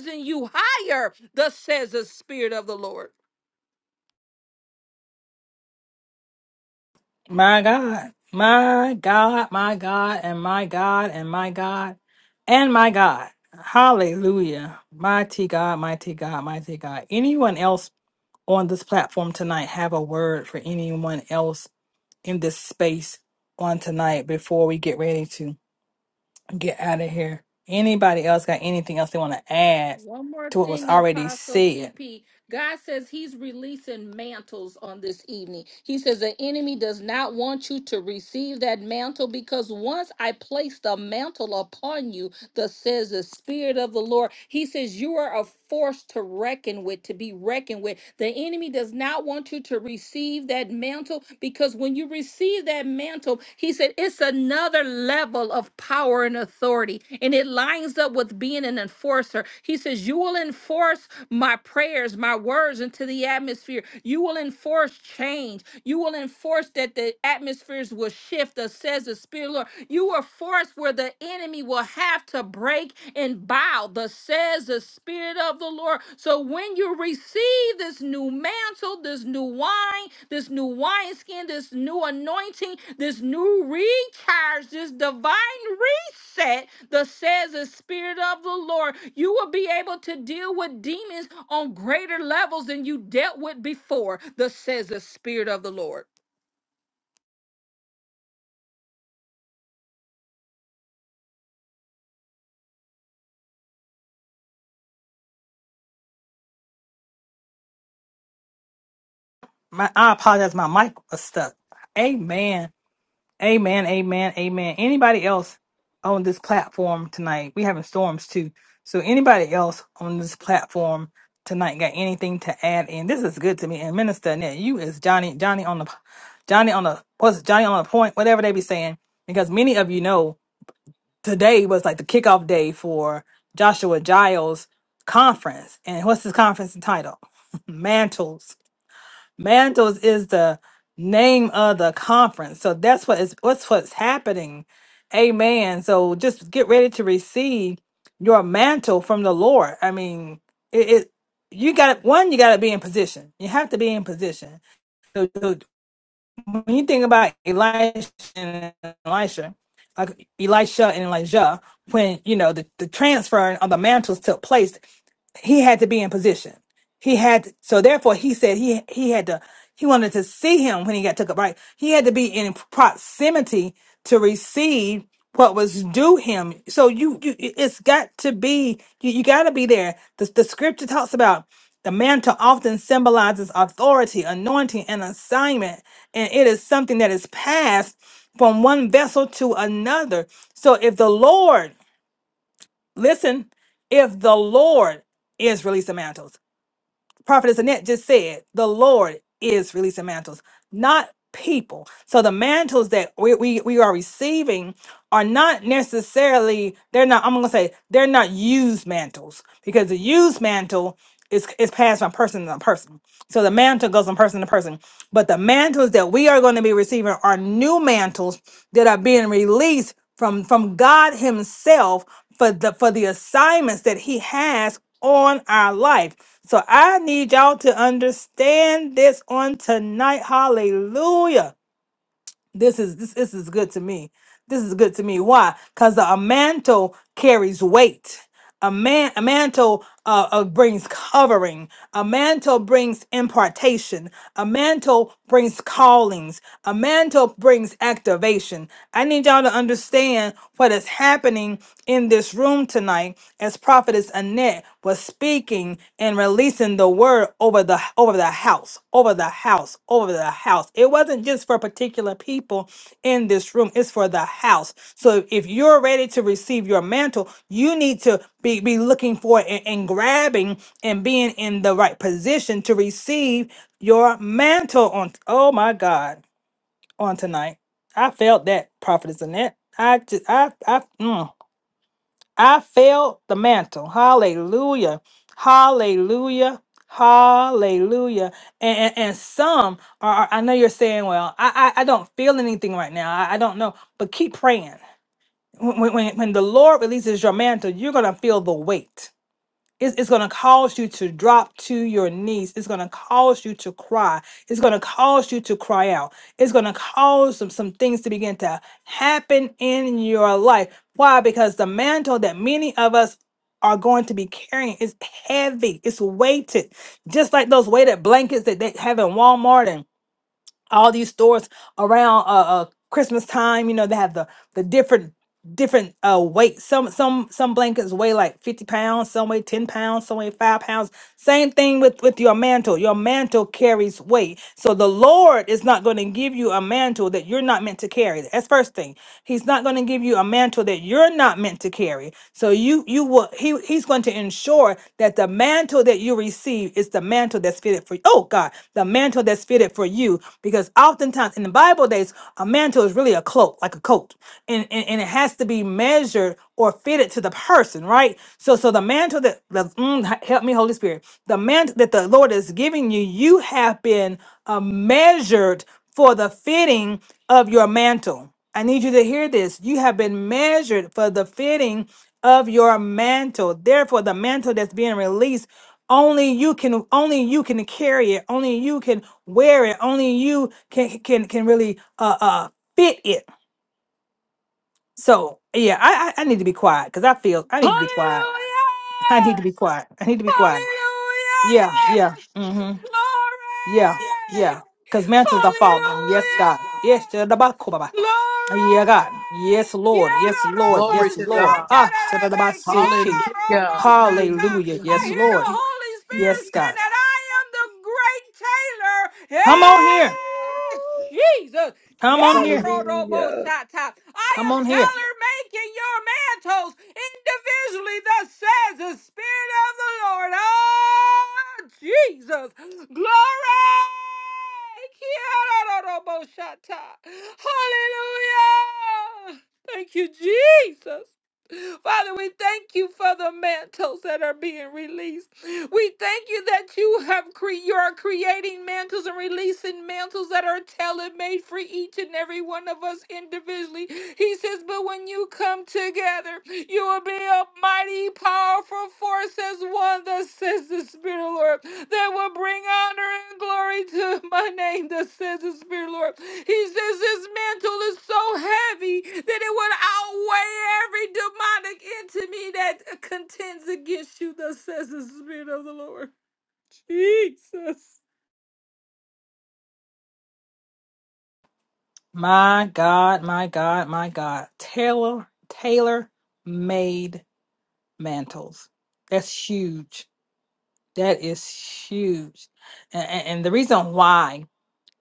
summoning you higher, thus says the Spirit of the Lord.
My God, my God, my God, and my God, and my God, and my God. Hallelujah. Mighty God, mighty God, mighty God. Anyone else on this platform tonight have a word for anyone else in this space on tonight before we get ready to get out of here? Anybody else got anything else they want to add
One more
to what was
thing,
already
Apostle
said?
TP. God says He's releasing mantles on this evening. He says the enemy does not want you to receive that mantle because once I place the mantle upon you, Thus says the Spirit of the Lord. He says, You are a force to reckon with, to be reckoned with. The enemy does not want you to receive that mantle because when you receive that mantle, he said, It's another level of power and authority. And it lines up with being an enforcer. He says, You will enforce my prayers, my words into the atmosphere. You you will enforce change. You will enforce that the atmospheres will shift, thus says the Spirit of the Lord. You will force where the enemy will have to break and bow, thus says the Spirit of the Lord. So when you receive this new mantle, this new wine, this new wineskin, this new anointing, this new recharge, this divine set the says the spirit of the lord you will be able to deal with demons on greater levels than you dealt with before the says the spirit of the lord
My, I apologize. My mic was stuck. Amen. Amen. Amen. Amen. Anybody else on this platform tonight? We having storms too. So anybody else on this platform tonight got anything to add in? This is good to me. And Minister Annette, you is Johnny, Johnny on the, Johnny on the, what's Johnny on the point? Whatever they be saying. Because many of you know today was like the kickoff day for Joshua Giles conference. And what's his conference title? *laughs* Mantles. Mantles is the name of the conference. So that's what is what's what's happening. Amen. So just get ready to receive your mantle from the Lord. I mean, it, it you got one, you got to be in position. You have to be in position So, so when you think about Elisha and Elisha, like Elisha and Elijah, when you know the, the transfer of the mantles took place, he had to be in position. He had so therefore he said he he had to he wanted to see him when he got took up right. He had to be in proximity to receive what was due him. So you you it's got to be you, you got to be there. The the scripture talks about the mantle often symbolizes authority, anointing, and assignment, and it is something that is passed from one vessel to another. So if the Lord Listen, if the Lord is releasing mantles, Prophetess Annette just said, the Lord is releasing mantles, not people. So the mantles that we, we, we are receiving are not necessarily, they're not, I'm gonna say they're not used mantles because the used mantle is is passed from person to person. So the mantle goes from person to person. But the mantles that we are going to be receiving are new mantles that are being released from from God Himself for the for the assignments that he has on our life. So I need y'all to understand this on tonight. Hallelujah this is this, this is good to me. This is good to me. Why? Because a mantle carries weight. A man a mantle uh, uh, brings covering. A mantle brings impartation. A mantle brings callings. A mantle brings activation. I need y'all to understand what is happening in this room tonight as prophetess Annette Net was speaking and releasing the word over the over the house, over the house, over the house. It wasn't just for particular people in this room, it's for the house. So if you're ready to receive your mantle, you need to be, be looking for it and, and grabbing and being in the right position to receive your mantle on oh my God on tonight. I felt that prophetess Annette. I just I I mm. I felt the mantle. Hallelujah. Hallelujah. Hallelujah. And, and, and some are, are- I know you're saying, well, I, I, I don't feel anything right now. I, I don't know. But keep praying. When, when, when the Lord releases your mantle, you're going to feel the weight. It's, it's going to cause you to drop to your knees. It's going to cause you to cry. It's going to cause you to cry out. It's going to cause some, some things to begin to happen in your life. Why? Because the mantle that many of us are going to be carrying is heavy, it's weighted, just like those weighted blankets that they have in Walmart and all these stores around uh, uh Christmas time. You know, they have the the different different uh weight some some some blankets weigh like 50 pounds some weigh 10 pounds some weigh 5 pounds same thing with with your mantle your mantle carries weight so the lord is not going to give you a mantle that you're not meant to carry that's first thing he's not going to give you a mantle that you're not meant to carry so you you will he he's going to ensure that the mantle that you receive is the mantle that's fitted for oh god the mantle that's fitted for you because oftentimes in the bible days a mantle is really a cloak like a coat and, and, and it has to be measured or fitted to the person, right? So so the mantle that the, mm, h- help me, Holy Spirit, the mantle that the Lord is giving you, you have been uh, measured for the fitting of your mantle. I need you to hear this. You have been measured for the fitting of your mantle. Therefore, the mantle that's being released only you can only you can carry it only you can wear it only you can can can really uh uh fit it so yeah, I I, I need to be quiet because I feel I need to be quiet.
hallelujah
*laughs* I need to be quiet. I need to be quiet.
hallelujah
Yeah, yeah. Mm-hmm. Yeah, yeah.
glory
Because mantles are falling. Yes, God. Yes,
hallelujah
shadabakobaba.
Glory!
yeah, God. Yes, Lord. Yes,
Quiero
Lord.
Glory
robo
Yes,
to
Lord.
God.
Ah,
shakarebe, quiero
shadabasiki.
Hallelujah.
robo shata.
Hallelujah.
I
Yes,
hear the
Lord.
Holy Spirit
Yes,
saying
God.
that I am the great tailor.
Come on here.
Yes! Jesus.
Come on here.
Hallelujah.
Kiaroroboshata. I
Come
am
on here.
tailor making your mantles individually, thus says the Spirit of the Lord. Oh, Jesus. Glory. Kiaroroboshata. Hallelujah. Thank you, Jesus. Father, we thank you for the mantles that are being released. We thank you that you have cre- you are creating mantles and releasing mantles that are tailor made for each and every one of us individually. He says, but when you come together, you will be a mighty, powerful. For says one that says the Spirit, Lord, that will bring honor and glory to my name that says the Spirit, Lord. He says his mantle is so heavy that it would outweigh every demonic entity that contends against you, That says the Spirit of the Lord. Jesus.
My God, my God, my God. Taylor, Taylor made mantles. That's huge. That is huge. And, and the reason why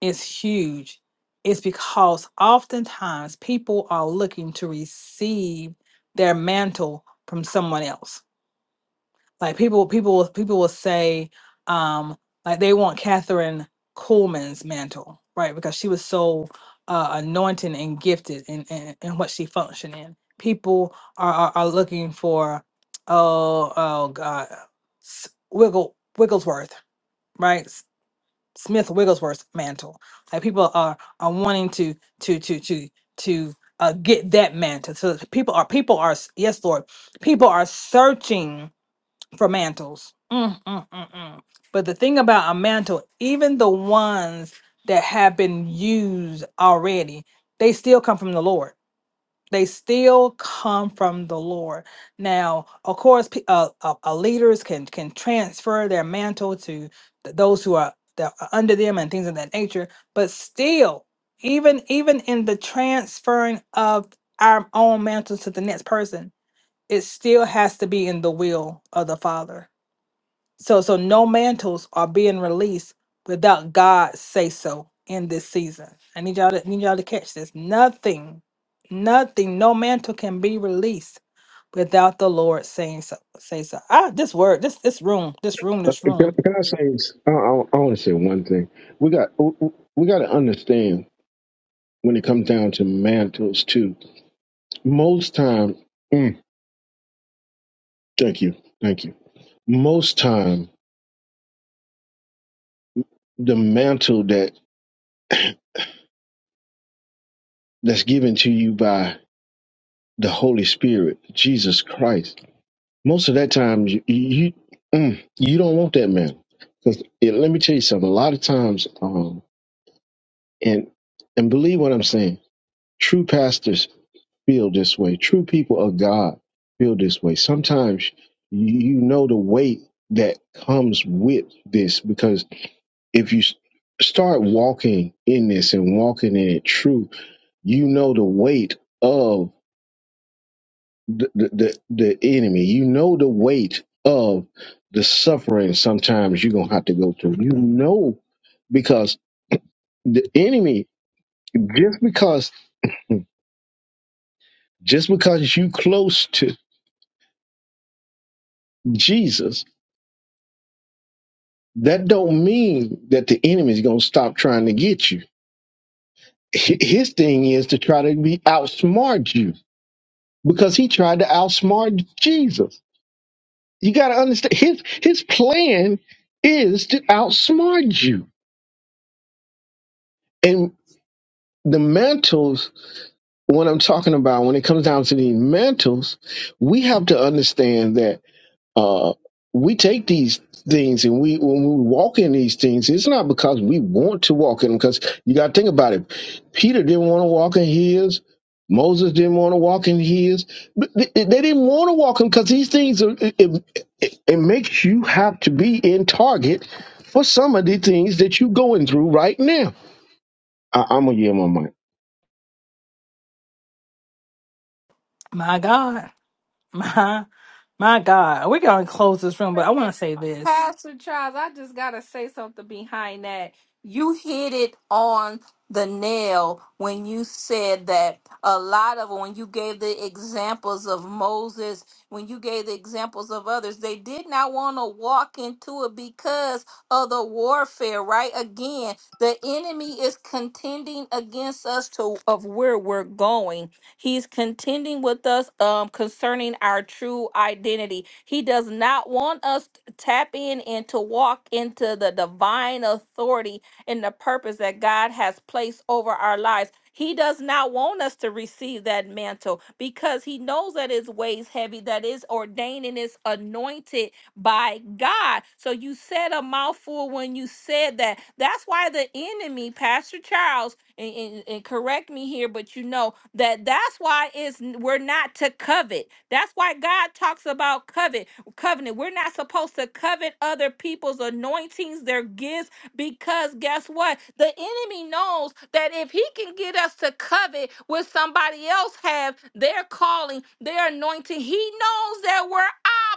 it's huge is because oftentimes people are looking to receive their mantle from someone else like people, people, will- people will say, um, like they want Catherine Coleman's mantle, right? Because she was so uh, anointed and gifted in, in in what she functioned in. People are are, are looking for, oh, oh God, S- Wiggle Wigglesworth, right? S- Smith Wigglesworth's mantle. Like people are are wanting to to to to to uh, get that mantle. So people are people are s- yes, Lord, people are searching for mantles. Mm, mm, mm, mm. But the thing about a mantle, even the ones that have been used already, they still come from the Lord. They still come from the Lord. Now, of course, pe- uh, uh, uh, leaders can can transfer their mantle to th- those who are that are under them and things of that nature. But still, even even in the transferring of our own mantles to the next person, it still has to be in the will of the Father so so no mantles are being released without God say so in this season. I need y'all to need y'all to catch this. Nothing, nothing, no mantle can be released without the Lord saying so say so. Ah, this word, this this room, this room,
Uh,
this
Can,
room.
can I say? this? I, I, I want to say one thing. We got we we got to understand when it comes down to mantles too. Most time, mm, thank you, thank you. Most time, the mantle that that's given to you by the Holy Spirit, Jesus Christ. Most of that time, you you, mm, you don't want that man. Because let me tell you something. A lot of times, um, and and believe what I'm saying. True pastors feel this way. True people of God feel this way. Sometimes you you know the weight that comes with this because if you s- start walking in this and walking in it true, you know the weight the, the, the the enemy. You know the weight of the suffering sometimes you're going to have to go through. You know, because the enemy, just because, just because you close to Jesus, that don't mean that the enemy is going to stop trying to get you. Hi- His thing is to try to be outsmart you because he tried to outsmart Jesus. You got to understand his, his plan is to outsmart you. And the mantles what I'm talking about when it comes down to these mantles, we have to understand that uh, we take these things and we when we walk in these things, it's not because we want to walk in them. Because you got to think about it. Peter didn't want to walk in his. Moses didn't want to walk in his. But they they didn't want to walk in because these things are, it, it, it it makes you have to be in target for some of the things that you're going through right now. I, I'm gonna yield my mic.
My God. *laughs* My my God. We're gonna close this room, but
Wait
I
a
wanna
minute.
say this.
Pastor Charles, I just got to say something behind that. You hit it on the nail when you said that a lot of when you gave the examples of Moses, when you gave the examples of others, they did not want to walk into it because of the warfare, right? Again, the enemy is contending against us to of where we're going. He's contending with us um, concerning our true identity. He does not want us to tap in and to walk into the divine authority and the purpose that God has placed over our lives. He does not want us to receive that mantle because he knows that his weighs heavy, that is ordained and is anointed by God. So you said a mouthful when you said that. That's why the enemy, Pastor Charles, and, and- and correct me here, but you know that that's why it's we're not to covet. That's why God talks about covet, covenant. We're not supposed to covet other people's anointings, their gifts, because guess what? The enemy knows that if he can get us to covet what somebody else have, their calling, their anointing, he knows that we're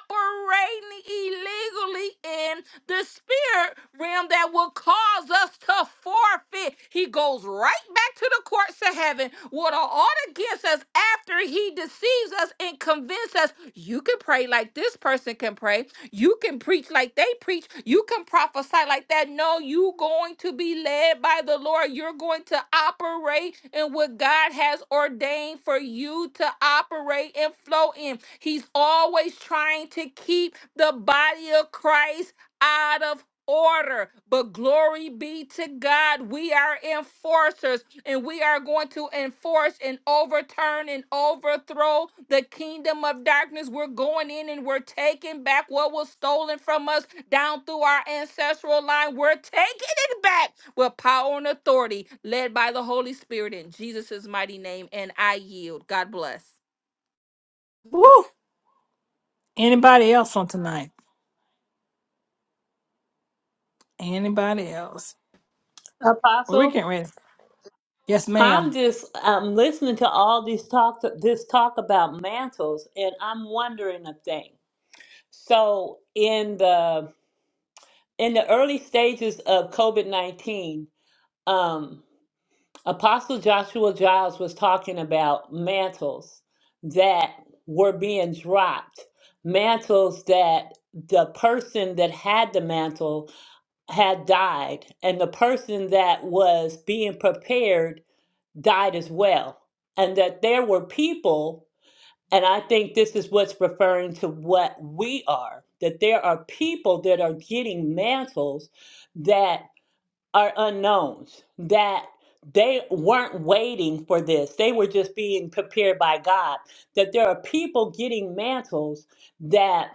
operating illegally in the spirit realm that will cause us to a forfeit. He goes right back to the courts of heaven with an order against us after he deceives us and convinces us you can pray like this person can pray. You can preach like they preach. You can prophesy like that. No, you going to be led by the Lord. You're going to operate in what God has ordained for you to operate and flow in. He's always trying to keep the body of Christ out of order. But glory be to God, we are enforcers and we are going to enforce and overturn and overthrow the kingdom of darkness. We're going in and we're taking back what was stolen from us down through our ancestral line. We're taking it back with power and authority, led by the Holy Spirit in Jesus' mighty name. And I yield. God bless.
Woo! Anybody else on tonight? Anybody else? Well, we
Apostle?
getting ready. Yes,
I'm
ma'am.
just I'm listening to all these talk this talk about mantles and I'm wondering a thing. So in the in the early stages of COVID-19, um Apostle Joshua Giles was talking about mantles that were being dropped, mantles that the person that had the mantle had died and the person that was being prepared died as well. And that there were people, and I think this is what's referring to what we are, that there are people that are getting mantles that are unknowns, that they weren't waiting for this. They were just being prepared by God. That there are people getting mantles that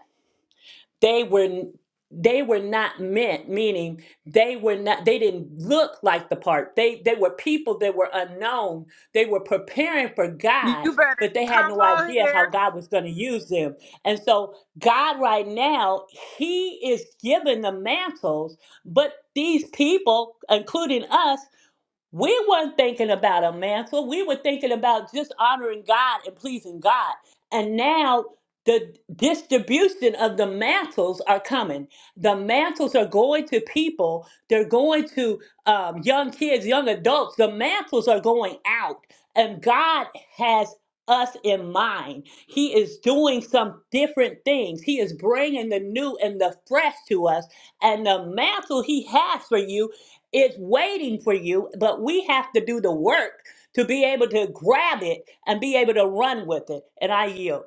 they were they were not meant meaning they were not they didn't look like the part they they were people that were unknown they were preparing for god
You better
but they had
come
no
on
idea how
here.
god was going to use them and so god right now he is giving the mantles but these people including us we weren't thinking about a mantle. We were thinking about just honoring God and pleasing God. And now the distribution of the mantles are coming. The mantles are going to people. They're going to um, young kids, young adults. The mantles are going out. And God has us in mind. He is doing some different things. He is bringing the new and the fresh to us. And the mantle He has for you it's waiting for you, but we have to do the work to be able to grab it and be able to run with it. And I yield.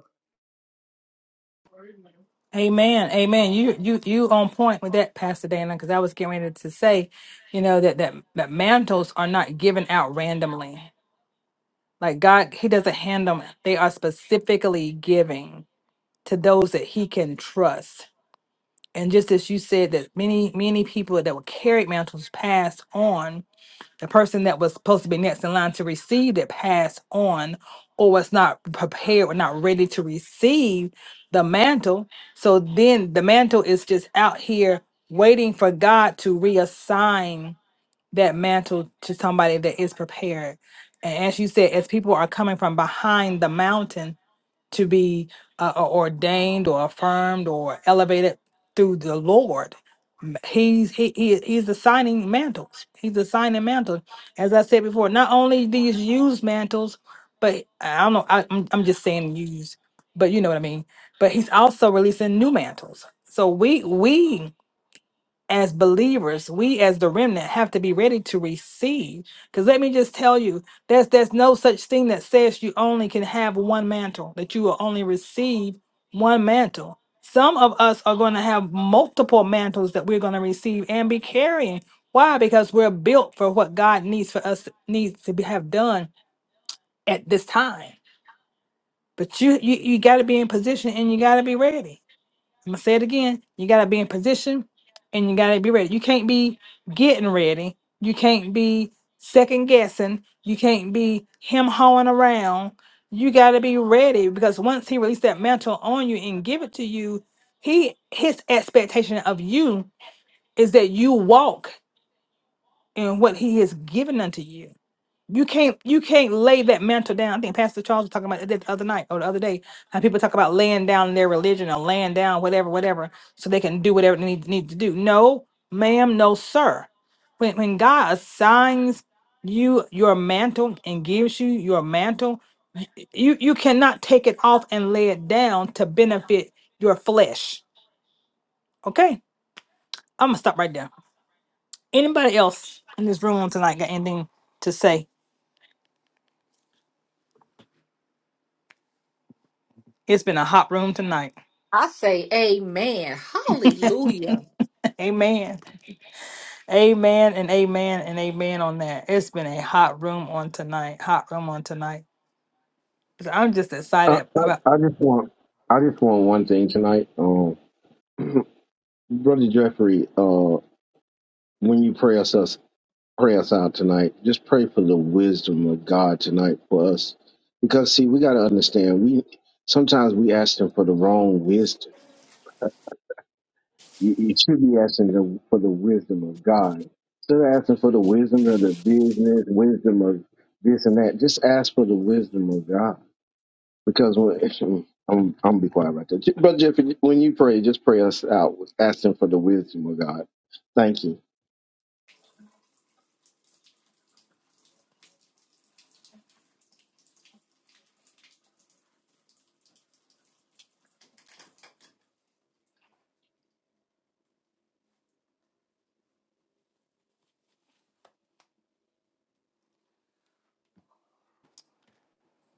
Amen. Amen. You you you on point with that, Pastor Dana, because I was getting ready to say, you know, that that that mantles are not given out randomly. Like God, He doesn't hand them. They are specifically giving to those that He can trust. And just as you said that many, many people that were carried mantles passed on the person that was supposed to be next in line to receive it passed on or was not prepared or not ready to receive the mantle. So then the mantle is just out here waiting for God to reassign that mantle to somebody that is prepared. And as you said, as people are coming from behind the mountain, to be uh, uh, ordained or affirmed or elevated through the Lord. M- He's he, he he's assigning mantles. He's assigning mantles. As I said before, not only these used mantles, but I don't know. I, I'm I'm just saying used, but you know what I mean. But he's also releasing new mantles. So we we as believers, we as the remnant have to be ready to receive. Because let me just tell you, there's there's no such thing that says you only can have one mantle, that you will only receive one mantle. Some of us are going to have multiple mantles that we're going to receive and be carrying. Why? Because we're built for what God needs for us needs to be, have done at this time. But you you, you got to be in position and you got to be ready. I'm gonna say it again. You gotta be in position and you gotta be ready. You can't be getting ready. You can't be second guessing. You can't be him hawing around. You gotta be ready because once he released that mantle on you and give it to you, he his expectation of you is that you walk in what he has given unto you. You can't you can't lay that mantle down. I think Pastor Charles was talking about it the other night or the other day. How people talk about laying down their religion or laying down whatever, whatever, so they can do whatever they need, need to do. No, ma'am, no, sir. When when God assigns you your mantle and gives you your mantle, you you cannot take it off and lay it down to benefit your flesh. Okay, I'm gonna stop right there. Anybody else in this room tonight got anything to say? It's been a hot room tonight.
I say amen.
*laughs*
Hallelujah.
Amen. Amen and amen and amen on that. It's been a hot room on tonight. Hot room on tonight. So I'm just
I,
excited about
I, I just want I just want one thing tonight. Um Brother Jeffrey, uh when you pray us, us pray us out tonight, just pray for the wisdom of God tonight for us. Because see, we gotta understand we sometimes we ask him for the wrong wisdom. You, you should be asking him for the wisdom of God. Instead of asking for the wisdom of the business, wisdom of this and that, just ask for the wisdom of God Because when I'm I'm be quiet right there. Brother Jeffrey, when you pray, just pray us out. Ask him for the wisdom of God. Thank you.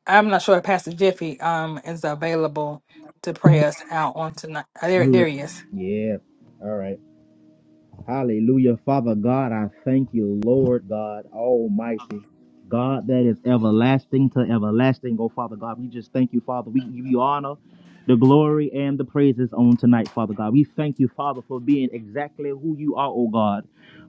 I'm not sure if Pastor Jeffy um is available to pray us out on tonight. Uh, There there he is.
Yeah. All right. Hallelujah. Father God, I thank you, Lord God Almighty. God that is everlasting to everlasting. Oh, Father God, we just thank you, Father. We give you honor, the glory, and the praises on tonight, Father God. We thank you, Father, for being exactly who you are, oh God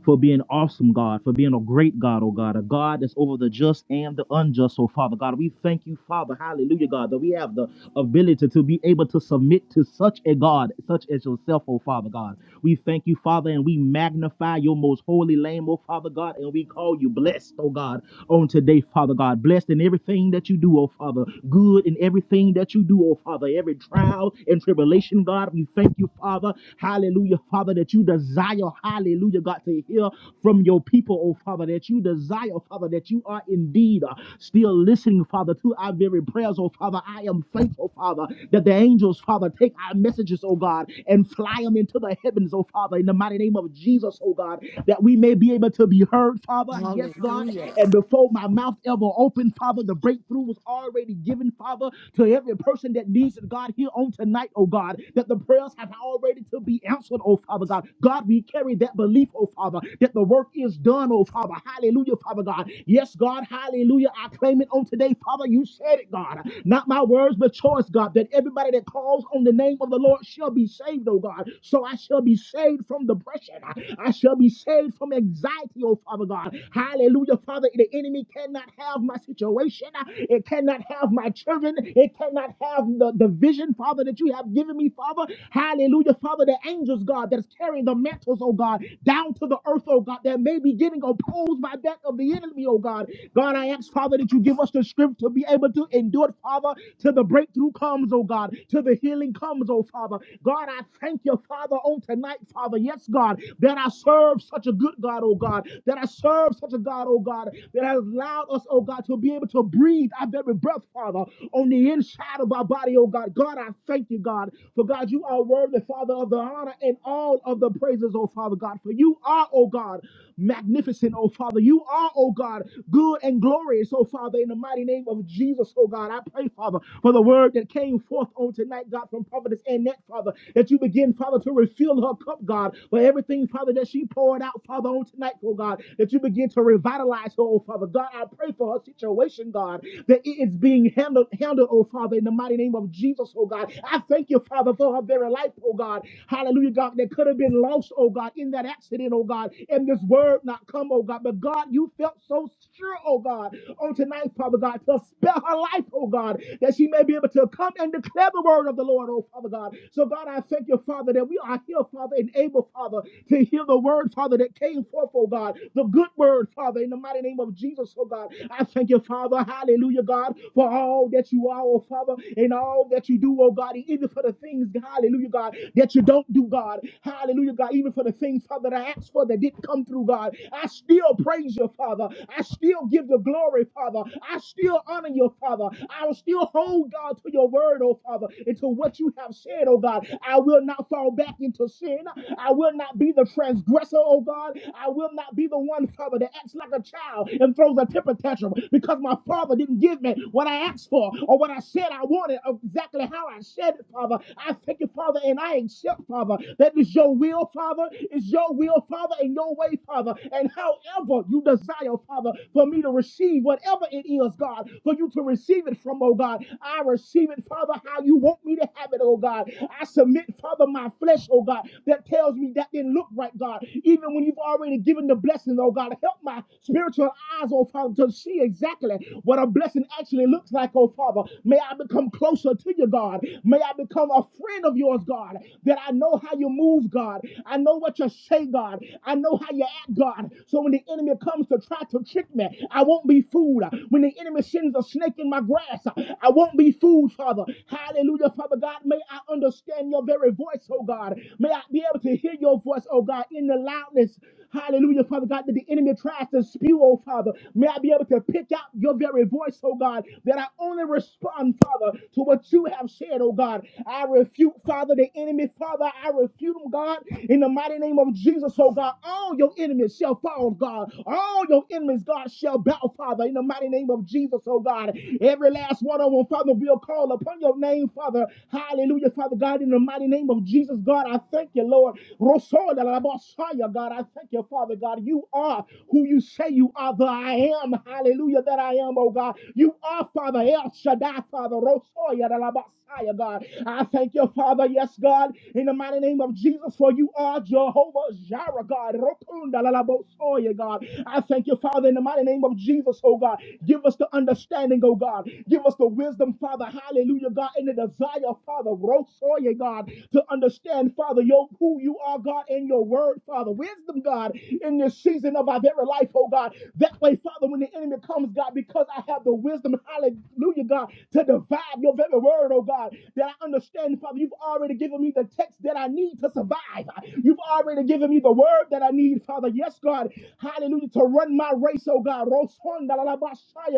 for being awesome, God, for being a great God, oh God, a God that's over the just and the unjust, oh Father God. We thank you, Father, hallelujah, God, that we have the ability to be able to submit to such a God, such as yourself, oh Father God. We thank you, Father, and we magnify your most holy name, oh Father God, and we call you blessed, oh God, on today, Father God. Blessed in everything that you do, oh Father. Good in everything that you do, oh Father. Every trial and tribulation, God, we thank you, Father, hallelujah hallelujah, Father, that you desire, hallelujah, God, to hear from your people, oh Father, that you desire, Father, that you are indeed uh, still listening, Father, to our very prayers, oh Father. I am thankful, Father, that the angels, Father, take our messages, oh God, and fly them into the heavens, oh Father, in the mighty name of Jesus, oh God, that we may be able to be heard, Father. Yes, God. And before my mouth ever opened, Father, the breakthrough was already given, Father, to every person that needs it, God, here on tonight, oh God. God, that the prayers have already to be answered, oh Father God. God, we carry that belief, oh Father, that the work is done, oh Father. Hallelujah, Father God. Yes, God, hallelujah. I claim it on today, Father. You said it, God. Not my words, but yours, God, that everybody that calls on the name of the Lord shall be saved, oh God. So I shall be saved from depression. I shall be saved from anxiety, oh Father God. Hallelujah, Father. The enemy cannot have my situation. It cannot have my children. It cannot cannot have the, the vision, Father, that you have given me, Father. Hallelujah, Father, the angels, God, that's carrying the mantles, oh God, down to the earth, oh God, that may be getting opposed by that of the enemy, oh God. God, I ask, Father, that you give us the strength to be able to endure, Father, till the breakthrough comes, oh God, till the healing comes, oh Father. God, I thank you, Father, on tonight, Father. Yes, God, that I serve such a good God, oh God, that I serve such a God, oh God, that has allowed us, oh God, to be able to breathe our very breath, Father, on the inside of our body, oh God. God, I thank you, God, for God, you are worthy, Father, of the honor and all of the praises, oh Father God. For you are, oh God, magnificent, oh Father. You are, oh God, good and glorious, oh Father, in the mighty name of Jesus, oh God. I pray, Father, for the word that came forth on tonight, God, from Providence and that, Father, that you begin, Father, to refill her cup, God, for everything, Father, that she poured out, Father, on tonight, oh God, that you begin to revitalize paralyzed, oh Father God. I pray for her situation, God, that it is being handled, handled, oh Father, in the mighty name of Jesus, oh God. I thank you, Father, for her very life, oh God. Hallelujah, God, that could have been lost, oh God, in that accident, oh God, and this word not come, oh God. But God, you felt so sure, oh God, on tonight, Father God, to spare her life, oh God, that she may be able to come and declare the word of the Lord, oh Father God. So, God, I thank you, Father, that we are here, Father, and able, Father, to hear the word, Father, that came came forth, oh God, the good word, Father, in the mighty name of Jesus, oh God. I thank you, Father, hallelujah, God, for all that you are, oh Father, and all that you do, oh God, even for the things, hallelujah, God, that you don't do, God, hallelujah, God, even for the things, Father, that I asked for that didn't come through, God. I still praise you, Father. I still give you glory, Father. I still honor you, Father. I will still hold, God, to your word, oh Father, and to what you have said, oh God. I will not fall back into sin. I will not be the transgressor, oh God. I will not be the one, Father, that acts like a child and throws a temper tantrum because my Father didn't give me what I asked for or what I said I wanted, or exactly how I said it, Father. I thank you, Father, and I accept, Father, that is your will, Father. It's your will, Father, and your way, Father. And however you desire desire, Father, for me to receive whatever it is, God, for you to receive it from, oh God. I receive it, Father, how you want me to have it, oh God. I submit, Father, my flesh, oh God, that tells me that didn't look right, God. Even when you've already given the blessing, oh God, help my spiritual eyes, oh Father, to see exactly what a blessing actually looks like, oh Father. May I become closer to you, God. May I become a friend of yours, God, that I know how you move, God. I know what you say, God. I know how you act, God. God. So when the enemy comes to try to trick me, I won't be fooled. When the enemy sends a snake in my grass, I won't be fooled, Father. Hallelujah, Father God. May I understand your very voice, oh God. May I be able to hear your voice, oh God, in the loudness. Hallelujah, Father God, that the enemy tries to spew, oh Father. May I be able to pick out your very voice, oh God, that I only respond, Father, to what you have said, oh God. I refute, Father, the enemy, Father. I refute him, God, in the mighty name of Jesus, Jesus, oh God, all your enemies shall fall, God. All your enemies, God, shall bow, Father, in the mighty name of Jesus, oh God. Every last one of them, Father, will call upon your name, Father. Hallelujah, Father God, in the mighty name of Jesus, God, I thank you, Lord. Rosola la Bosaya, God, I thank you, Father God. You are who you say you are, the I am, hallelujah, that I am, oh God. You are, Father, El Shaddai, Father, Rosoya la Bosaya, God. I thank you, Father, yes, God, in the mighty name of Jesus, for you are Jehovah Jireh, God. Rokunda lalabosoye, God. I thank you, Father, in the mighty name of Jesus, oh God. Give us the understanding, oh God. Give us the wisdom, Father. Hallelujah, God. And the desire, Father, rosoye, God, to understand, Father, your, who you are, God, in your word, Father. Wisdom, God, in this season of our very life, oh God. That way, Father, when the enemy comes, God, because I have the wisdom, hallelujah, God, to divide your very word, oh God, that I understand, Father, you've already given me the the text that I need to survive. You've already given me the word that I need, Father. Yes, God. Hallelujah. To run my race, oh God. Rosonda la la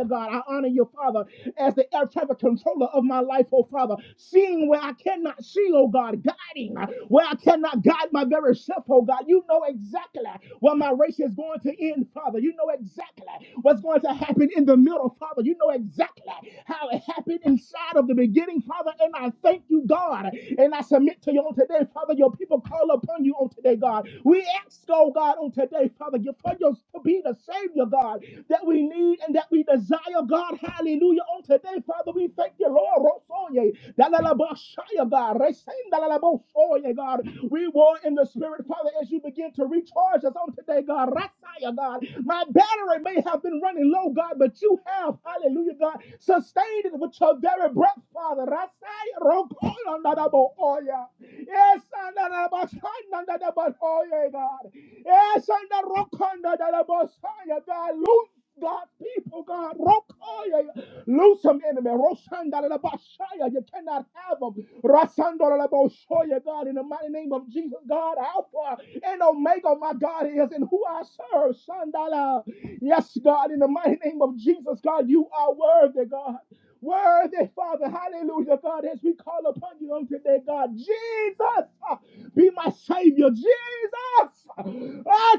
God. I honor you, Father, as the air traffic controller of my life, oh Father. Seeing where I cannot see, oh God. Guiding where I cannot guide my very self, oh God. You know exactly where my race is going to end, Father. You know exactly what's going to happen in the middle, Father. You know exactly how it happened inside of the beginning, Father. And I thank you you, God. And I submit to you on today, Father. Your people call upon you on today, God. We ask, oh God, on today, Father, you for your to be the Savior, God, that we need and that we desire, God. Hallelujah. On today, Father, we thank you, Lord. Rosoye, dalalabashaya, God. Resin, dalalabosoye, God. We war in the Spirit, Father, as you begin to recharge us on today, God. Rasaya, God. My battery may have been running low, God, but you have, hallelujah hallelujah, God. Sustain it with your very breath, Father. Rasaya rokola nadabohoya. Yes, anadabashana nadabohoya, God. Yes, anarokonda nadabosaya, God. Loose God, people, God, rokoya. Lose some enemy. Rosandalabashaya. You cannot have them. Rasandalaboshoya, God, in the mighty name of Jesus, God, Alpha and Omega, my God, is and who I serve. Sandala. Yes, God, in the mighty name of Jesus, God, you are worthy, God. Worthy, Father, hallelujah, God, as we call upon you on today, God, Jesus, uh, be my Savior, Jesus, Ah,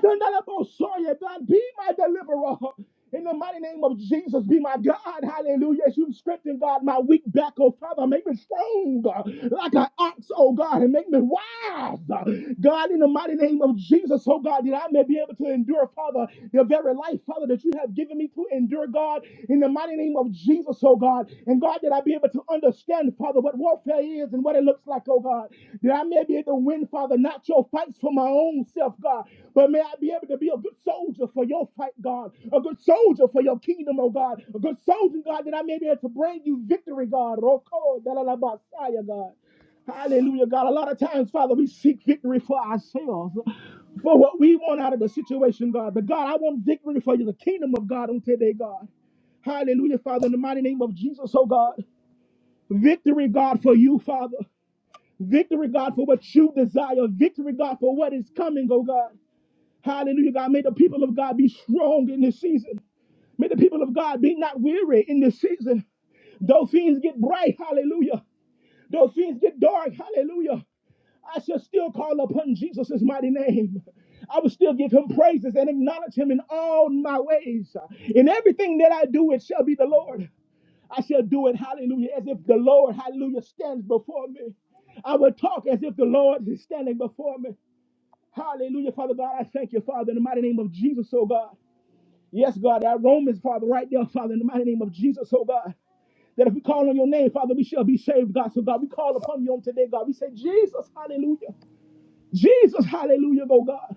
God, be my deliverer, in the mighty name of Jesus, be my God. Hallelujah. As you've strengthened, God, my weak back, oh Father, make me strong uh, like an ox, oh God, and make me wise. uh, God, in the mighty name of Jesus, oh God, that I may be able to endure, Father, the very life, Father, that you have given me to endure, God, in the mighty name of Jesus, oh God. And God, that I be able to understand, Father, what warfare is and what it looks like, oh God. I may be able to win, Father, not your fights for my own self, God, but may I be able to be a good soldier for your fight, God, a good soldier for your kingdom, oh God, a good soldier, God, that I may be able to bring you victory, God. Roko, dalalabasaya, God. Hallelujah, God. A lot of times, Father, we seek victory for ourselves, for what we want out of the situation, God. But God, I want victory for you, the kingdom of God on today, God. Hallelujah, Father, in the mighty name of Jesus, oh God. Victory, God, for you, Father. Victory, God, for what you desire. Victory, God, for what is coming, oh God. Hallelujah, God. May the people of God be strong in this season. May the people of God be not weary in this season. Though things get bright, hallelujah. Though things get dark, hallelujah. I shall still call upon Jesus' mighty name. I will still give him praises and acknowledge him in all my ways. In everything that I do, it shall be the Lord. I shall do it, hallelujah, as if the Lord, hallelujah, stands before me. I will talk as if the Lord is standing before me. Hallelujah, Father God. I thank you, Father, in the mighty name of Jesus, oh God. Yes, God, that Romans, Father, right there, Father, in the mighty name of Jesus, oh God. That if we call on your name, Father, we shall be saved, God. So, God, we call upon you on today, God. We say, Jesus, hallelujah. Jesus, hallelujah, oh God.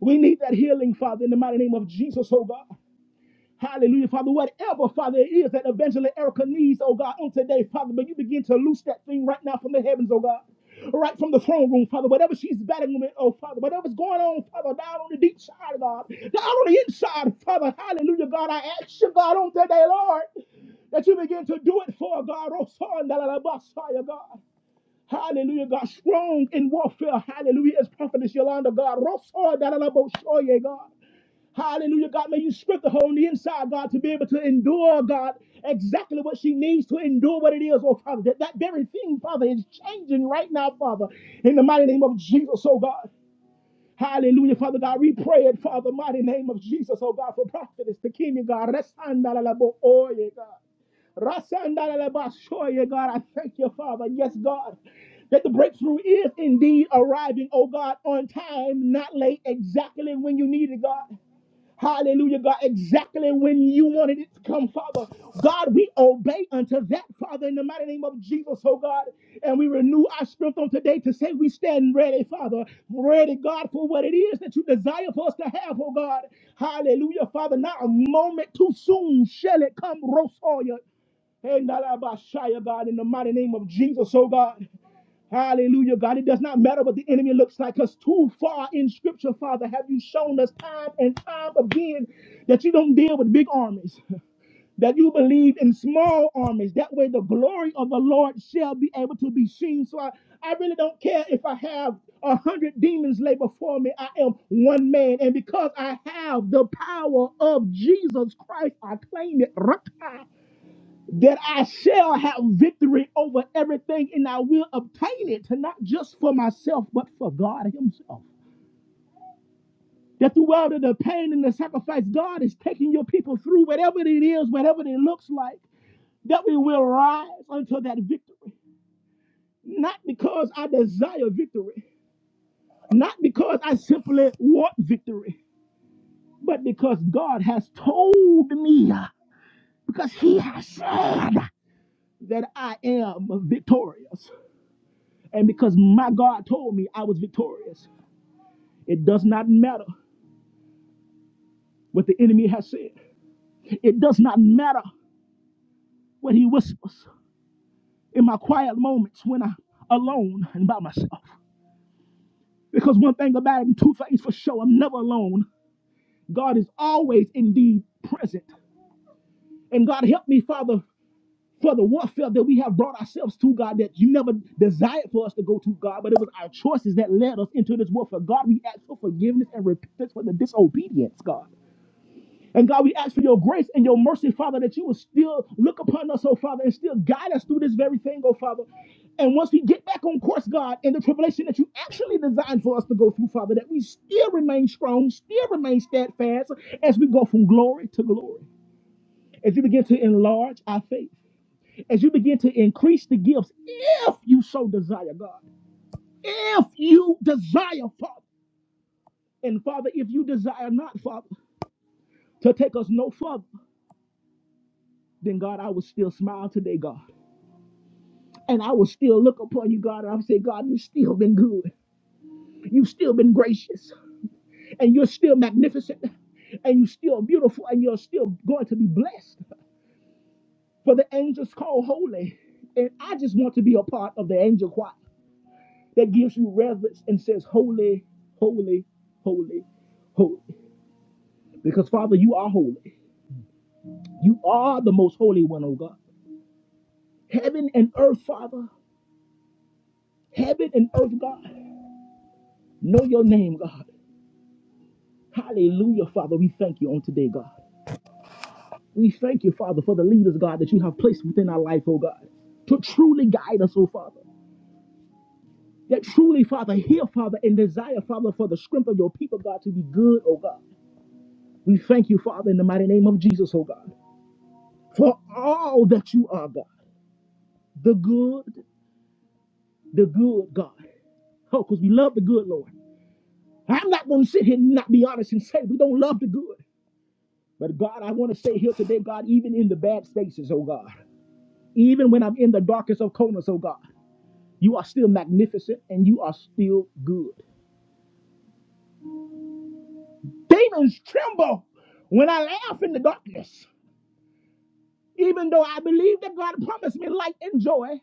We need that healing, Father, in the mighty name of Jesus, oh God. Hallelujah, Father. Whatever, Father, it is that eventually Erica needs, oh God, on today, Father, but you begin to loose that thing right now from the heavens, oh God. Right from the throne room, Father, whatever she's battling with, oh Father, whatever's going on, Father, down on the deep side, God, down on the inside, Father, hallelujah, God, I ask you, God, on today, Lord, that you begin to do it for God, oh son, da, da, da, Messiah, God. Hallelujah, God, strong in warfare, hallelujah, as prophetess Yolanda, God, Rosa, da, da, da, Boshoye, God. Hallelujah, God. May you strengthen her on the inside, God, to be able to endure, God, exactly what she needs to endure what it is, oh Father. That, that very thing, Father, is changing right now, Father, in the mighty name of Jesus, oh God. Hallelujah, Father God. We pray it, Father, mighty name of Jesus, oh God, for prophetess, the king, oh, God. Resandalalabo, oh, yeah, God. Rasandalalaba, sure, yeah, God. I thank you, Father. Yes, God that the breakthrough is indeed arriving, oh God, on time, not late, exactly when you need it, God. Hallelujah, God, exactly when you wanted it to come, Father. God, we obey unto that, Father, in the mighty name of Jesus, oh God. And we renew our strength on today to say we stand ready, Father. Ready, God, for what it is that you desire for us to have, oh God. Hallelujah, Father. Not a moment too soon shall it come, Rosoya. And God, in the mighty name of Jesus, oh God. Hallelujah, God. It does not matter what the enemy looks like because too far in scripture, Father, have you shown us time and time again that you don't deal with big armies, *laughs* that you believe in small armies. That way the glory of the Lord shall be able to be seen. So I, I really don't care if I have a hundred demons lay before me. I am one man. And because I have the power of Jesus Christ, I claim it. *laughs* that I shall have victory over everything and I will obtain it, not just for myself, but for God Himself. That through all of the pain and the sacrifice, God is taking your people through, whatever it is, whatever it looks like, that we will rise unto that victory. Not because I desire victory, not because I simply want victory, but because God has told me, because He has said that I am victorious. And because my God told me I was victorious, it does not matter what the enemy has said. It does not matter what he whispers in my quiet moments when I'm alone and by myself. Because one thing about it, and two things for sure, I'm never alone. God is always indeed present. And God help me, Father, for the warfare that we have brought ourselves to, God, that you never desired for us to go to, God, but it was our choices that led us into this warfare. God, we ask for forgiveness and repentance for the disobedience, God. And God, we ask for your grace and your mercy, Father, that you will still look upon us, oh Father, and still guide us through this very thing, oh Father. And once we get back on course, God, in the tribulation that you actually designed for us to go through, Father, that we still remain strong, still remain steadfast as we go from glory to glory. As you begin to enlarge our faith, as you begin to increase the gifts, if you so desire, God, if you desire, Father, and Father, if you desire not, Father, to take us no further, then God, I will still smile today, God. And I will still look upon you, God, and I'll say, God, you've still been good. You've still been gracious. And you're still magnificent. And you're still beautiful. And you're still going to be blessed. For the angels call holy. And I just want to be a part of the angel choir that gives you reverence and says, Holy, holy, holy, holy. Because, Father, you are holy. You are the most holy one, oh God. Heaven and earth, Father. Heaven and earth, God. Know your name, God. Hallelujah, Father. We thank you on today, God. We thank you, Father, for the leaders, God, that you have placed within our life, oh God, to truly guide us, oh Father. That truly, Father, hear, Father, and desire, Father, for the strength of your people, God, to be good, oh God. We thank you, Father, in the mighty name of Jesus, oh God, for all that you are, God. The good, the good, God. Oh, because we love the good, Lord. I'm not going to sit here and not be honest and say we don't love the good. But God, I want to say here today, God, even in the bad spaces, oh God, even when I'm in the darkest of corners, oh God. You are still magnificent and you are still good. Demons tremble when I laugh in the darkness. Even though I believe that God promised me light and joy,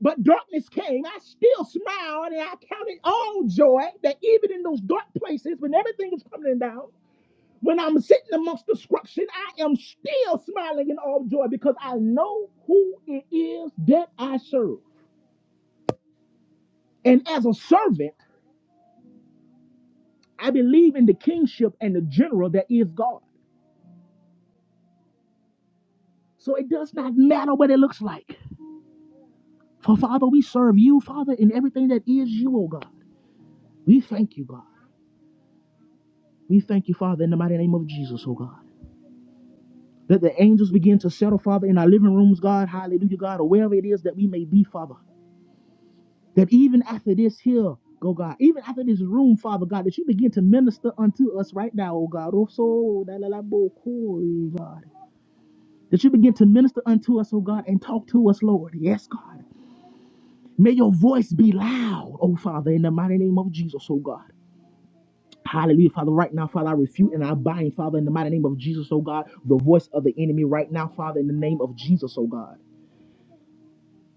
but darkness came, I still smiled and I counted all joy that even in those dark places when everything is coming down, when I'm sitting amongst destruction, I am still smiling in all joy because I know who it is that I serve. And as a servant, I believe in the kingship and the general that is God. So it does not matter what it looks like. For Father, we serve you, Father, in everything that is you, oh God. We thank you, God. We thank you, Father, in the mighty name of Jesus, oh God. That the angels begin to settle, Father, in our living rooms, God, hallelujah, God, or wherever it is that we may be, Father. That even after this here, go God, even after this room, Father God, that you begin to minister unto us right now, oh God. Oh, so, da, la, la, bo, ko, eh, God. That you begin to minister unto us, oh God, and talk to us, Lord. Yes, God. May your voice be loud, oh Father, in the mighty name of Jesus, oh God. Hallelujah, Father. Right now, Father, I refute and I bind, Father, in the mighty name of Jesus, oh God, the voice of the enemy right now, Father, in the name of Jesus, oh God.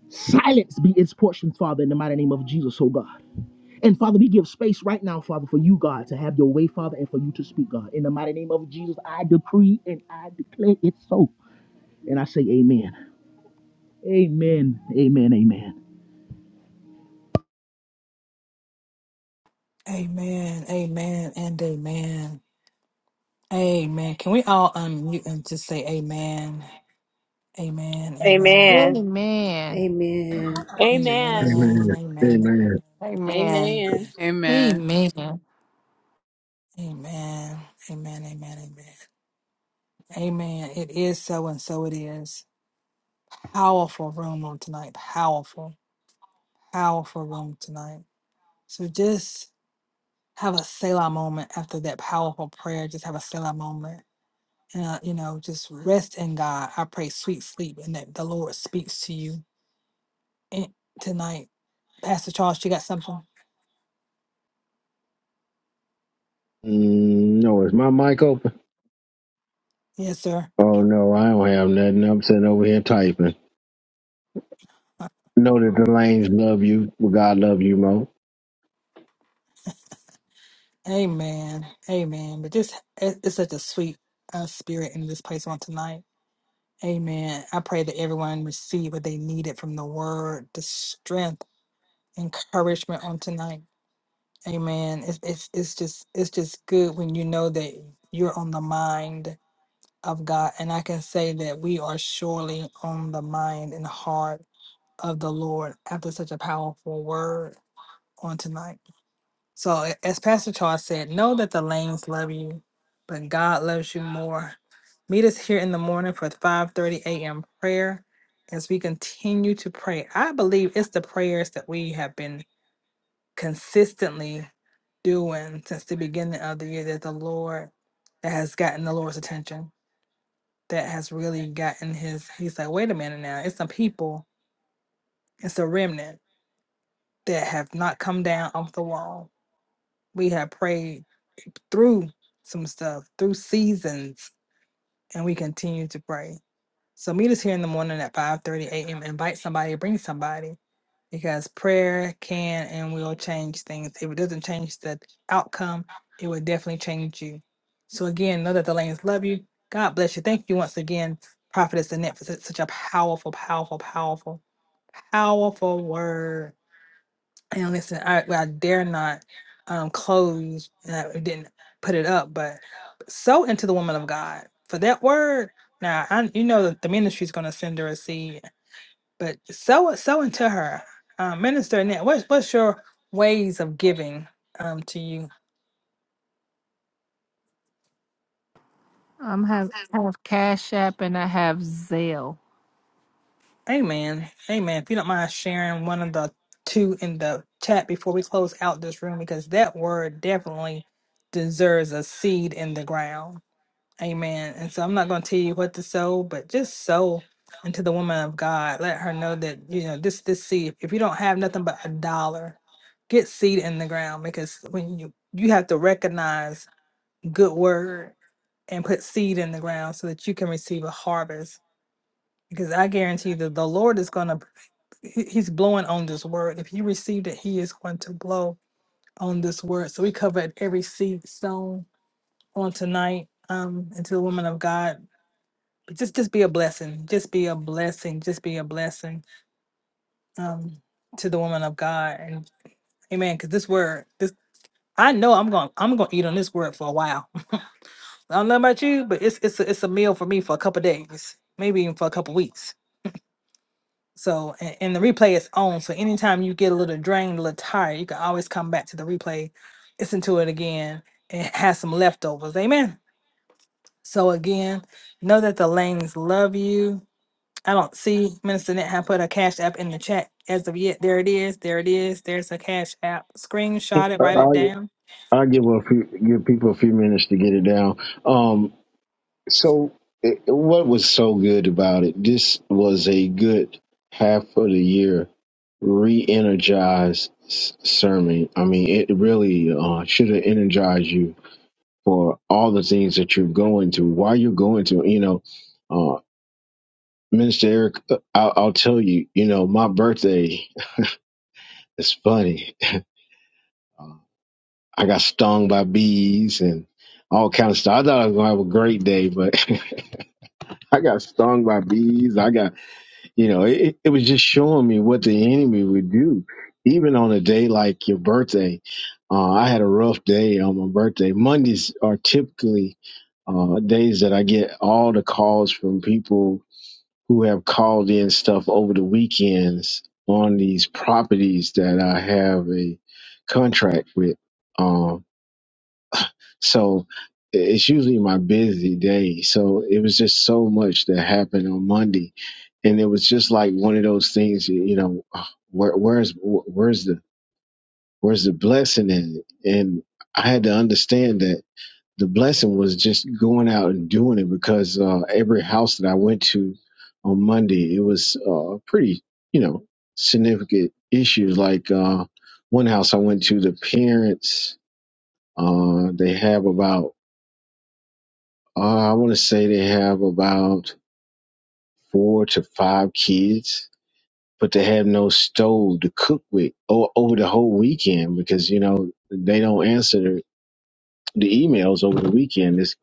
Silence be its portion, Father, in the mighty name of Jesus, oh God. And Father, we give space right now, Father, for you, God, to have your way, Father, and for you to speak, God. In the mighty name of Jesus, I decree and I declare it so. And I say, Amen. Amen. Amen. Amen.
Amen. Amen and amen. Amen. Can we all unmute and just say amen? Amen.
Amen.
Amen.
Amen.
Amen.
Amen.
Amen.
Amen.
Amen. Amen.
Amen.
Amen.
Amen.
Amen.
amen
Amen.
Amen. Amen. Amen. Amen. It is so, and so it is. Powerful room on tonight. Powerful, powerful room tonight. So just have a Selah moment after that powerful prayer. Just have a Selah moment. And, uh, you know, just rest in God. I pray sweet sleep and that the Lord speaks to you in, tonight. Pastor Charles, you got something?
Mm, no, is my mic open?
Yes, sir.
Oh no, I don't have nothing. I'm sitting over here typing.
Uh,
Know that the lanes love you, but God love you, Mo.
Amen. Amen. But just, it- it's such a sweet uh, spirit in this place on tonight. Amen. I pray that everyone receive what they needed from the word, the strength, encouragement on tonight. Amen. It's, it's, it's just it's just good when you know that you're on the mind of God. And I can say that we are surely on the mind and heart of the Lord after such a powerful word on tonight. So, a- as Pastor Charles said, know that the lanes love you, but God loves you more. Meet us here in the morning for 5:30 a.m. prayer as we continue to pray. I believe it's the prayers that we have been consistently doing since the beginning of the year that the Lord that has gotten the Lord's attention, that has really gotten his he's like, wait a minute now, it's some people, it's a remnant that have not come down off the wall. We have prayed through some stuff, through seasons, and we continue to pray. So meet us here in the morning at 5:30 a.m. Invite somebody, bring somebody, because prayer can and will change things. If it doesn't change the outcome, it will definitely change you. So again, know that the lanes love you. God bless you. Thank you once again, Prophetess Annette, for such such a powerful, powerful, powerful, powerful word. And listen, I well, I dare not um close and I didn't put it up, but sow into the woman of God for that word. Now I you know that the ministry's gonna send her a seed, but sow it, sow into her. Um minister Annette, what's what's your ways of giving um to you?
I'm have I have Cash App and I have Zelle.
Amen. Amen. If you don't mind sharing one of the two in the chat before we close out this room, because that word definitely deserves a seed in the ground. Amen. And so I'm not going to tell you what to sow, but just sow into the woman of God. Let her know that, you know, this this seed, if you don't have nothing but a dollar, get seed in the ground because when you you have to recognize good word and put seed in the ground so that you can receive a harvest. Because I guarantee that the Lord is going to he's blowing on this word. If you received it, he is going to blow on this word. So we covered every seed sown on tonight um into the woman of God just just be a blessing just be a blessing just be a blessing um to the woman of god and amen because this word this i know i'm gonna i'm gonna eat on this word for a while *laughs* i don't know about you but it's it's a, it's a meal for me for a couple days maybe even for a couple weeks so and, and the replay is on so anytime you get a little drained a little tired you can always come back to the replay listen to it again and have some leftovers amen so again know that the lanes love you I don't see Minister Net have put a cash app in the chat as of yet. There it is. There it is. There's a cash app. Screenshot it.
I,
Write it down.
I I give a few give people a few minutes to get it down. Um, So, it, what was so good about it? This was a good half of the year re-energized s- sermon. I mean, it really uh, should have energized you for all the things that you're going through. Why you're going through, you know, uh, Minister Eric, uh, I'll, I'll tell you, you know, my birthday *laughs* is funny. Uh, I got stung by bees and all kind of stuff. I thought I was gonna have a great day, but *laughs* I got stung by bees. I got You know, it, it was just showing me what the enemy would do, even on a day like your birthday. Uh, I had a rough day on my birthday. Mondays are typically uh, days that I get all the calls from people who have called in stuff over the weekends on these properties that I have a contract with. Um, so it's usually my busy day. So it was just so much that happened on Monday. And it was just like one of those things, you you know, ah, where, where's, where's the, where's the blessing in it? And I had to understand that the blessing was just going out and doing it because uh, every house that I went to on Monday, it was uh, pretty, you know, significant issues. Like uh, one house I went to, the parents, uh, they have about Uh, I want to say they have about four to five kids, but they have no stove to cook with o- over the whole weekend because you know they don't answer the the emails over the weekend. It's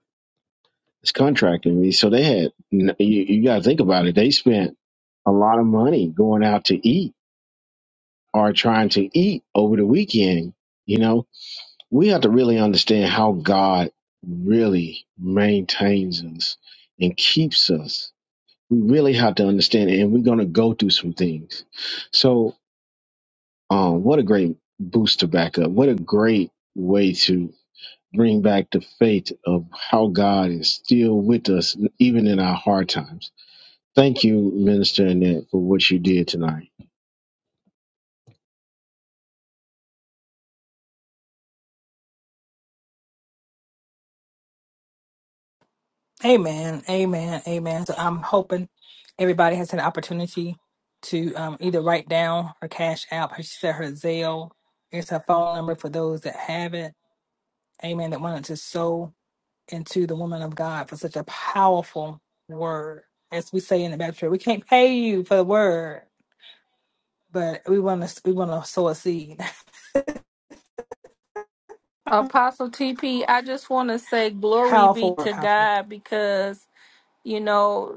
it's contracting me, so they had you, you got to think about it. They spent a lot of money going out to eat or trying to eat over the weekend. You know, we have to really understand how God really maintains us and keeps us we really have to understand it and we're going to go through some things so um what a great booster back up what a great way to bring back the faith of how god is still with us even in our hard times thank you minister annette for what you did tonight
Amen. Amen. Amen. So I'm hoping everybody has an opportunity to um, either write down her cash app. Her, she said her Zelle. It's her phone number for those that have it. Amen. That wanted to sow into the woman of God for such a powerful word. As we say in the Baptist, we can't pay you for the word. but we want to we want to sow a seed. *laughs*
Apostle TP, I just want to say glory be
Powerful,
to
powerful.
God because you know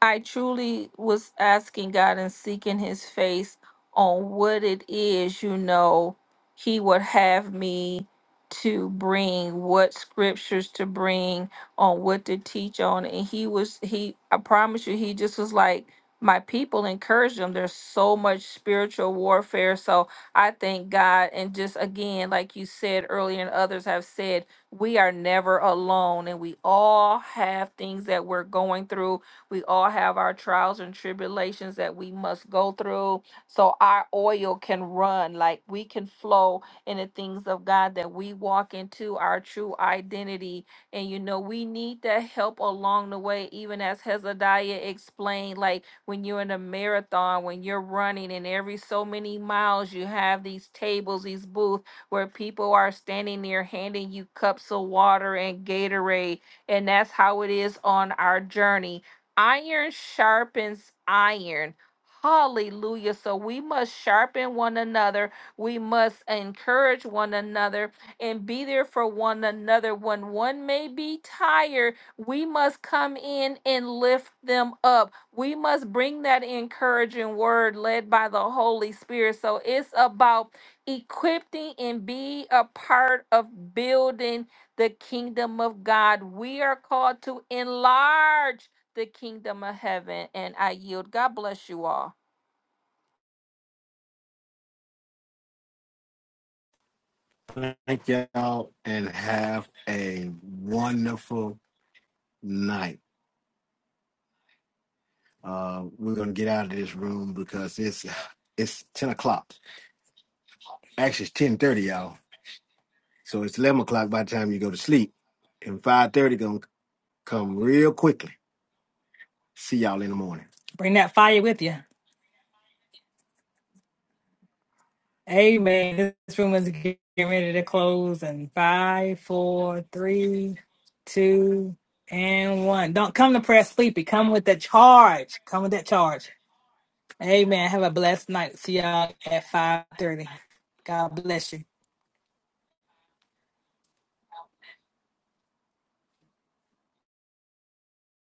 I truly was asking God and seeking his face on what it is, you know, he would have me to bring, what scriptures to bring, on what to teach on. And he was, he, I promise you, he just was like, my people encourage them. There's so much spiritual warfare. So I thank God. And just again, like you said earlier, and others have said, we are never alone and we all have things that we're going through we all have our trials and tribulations that we must go through so our oil can run, like we can flow in the things of God, that we walk into our true identity. And you know, we need that help along the way, even as Hezekiah explained, like when you're in a marathon, when you're running, and every so many miles, you have these tables, these booths where people are standing there handing you cups of water and Gatorade. And that's how it is on our journey Iron sharpens iron. Hallelujah. So we must sharpen one another. We must encourage one another and be there for one another. When one may be tired, we must come in and lift them up. We must bring that encouraging word led by the Holy Spirit. So it's about equipping and be a part of building the kingdom of God. We are called to enlarge the kingdom of heaven. And I yield. God bless you all.
Thank y'all and have a wonderful night. Uh, we're gonna get out of this room because it's *sighs* it's ten o'clock. Actually, it's ten thirty, y'all. So it's eleven o'clock by the time you go to sleep, and five thirty gonna come real quickly. See y'all in the morning. Bring that fire with you. Amen. This room is getting ready to close in five, four, three, two, and one. Don't come to prayer sleepy. Come with the charge. Come with that charge. Amen. Have a blessed night. See y'all at five thirty. God bless you.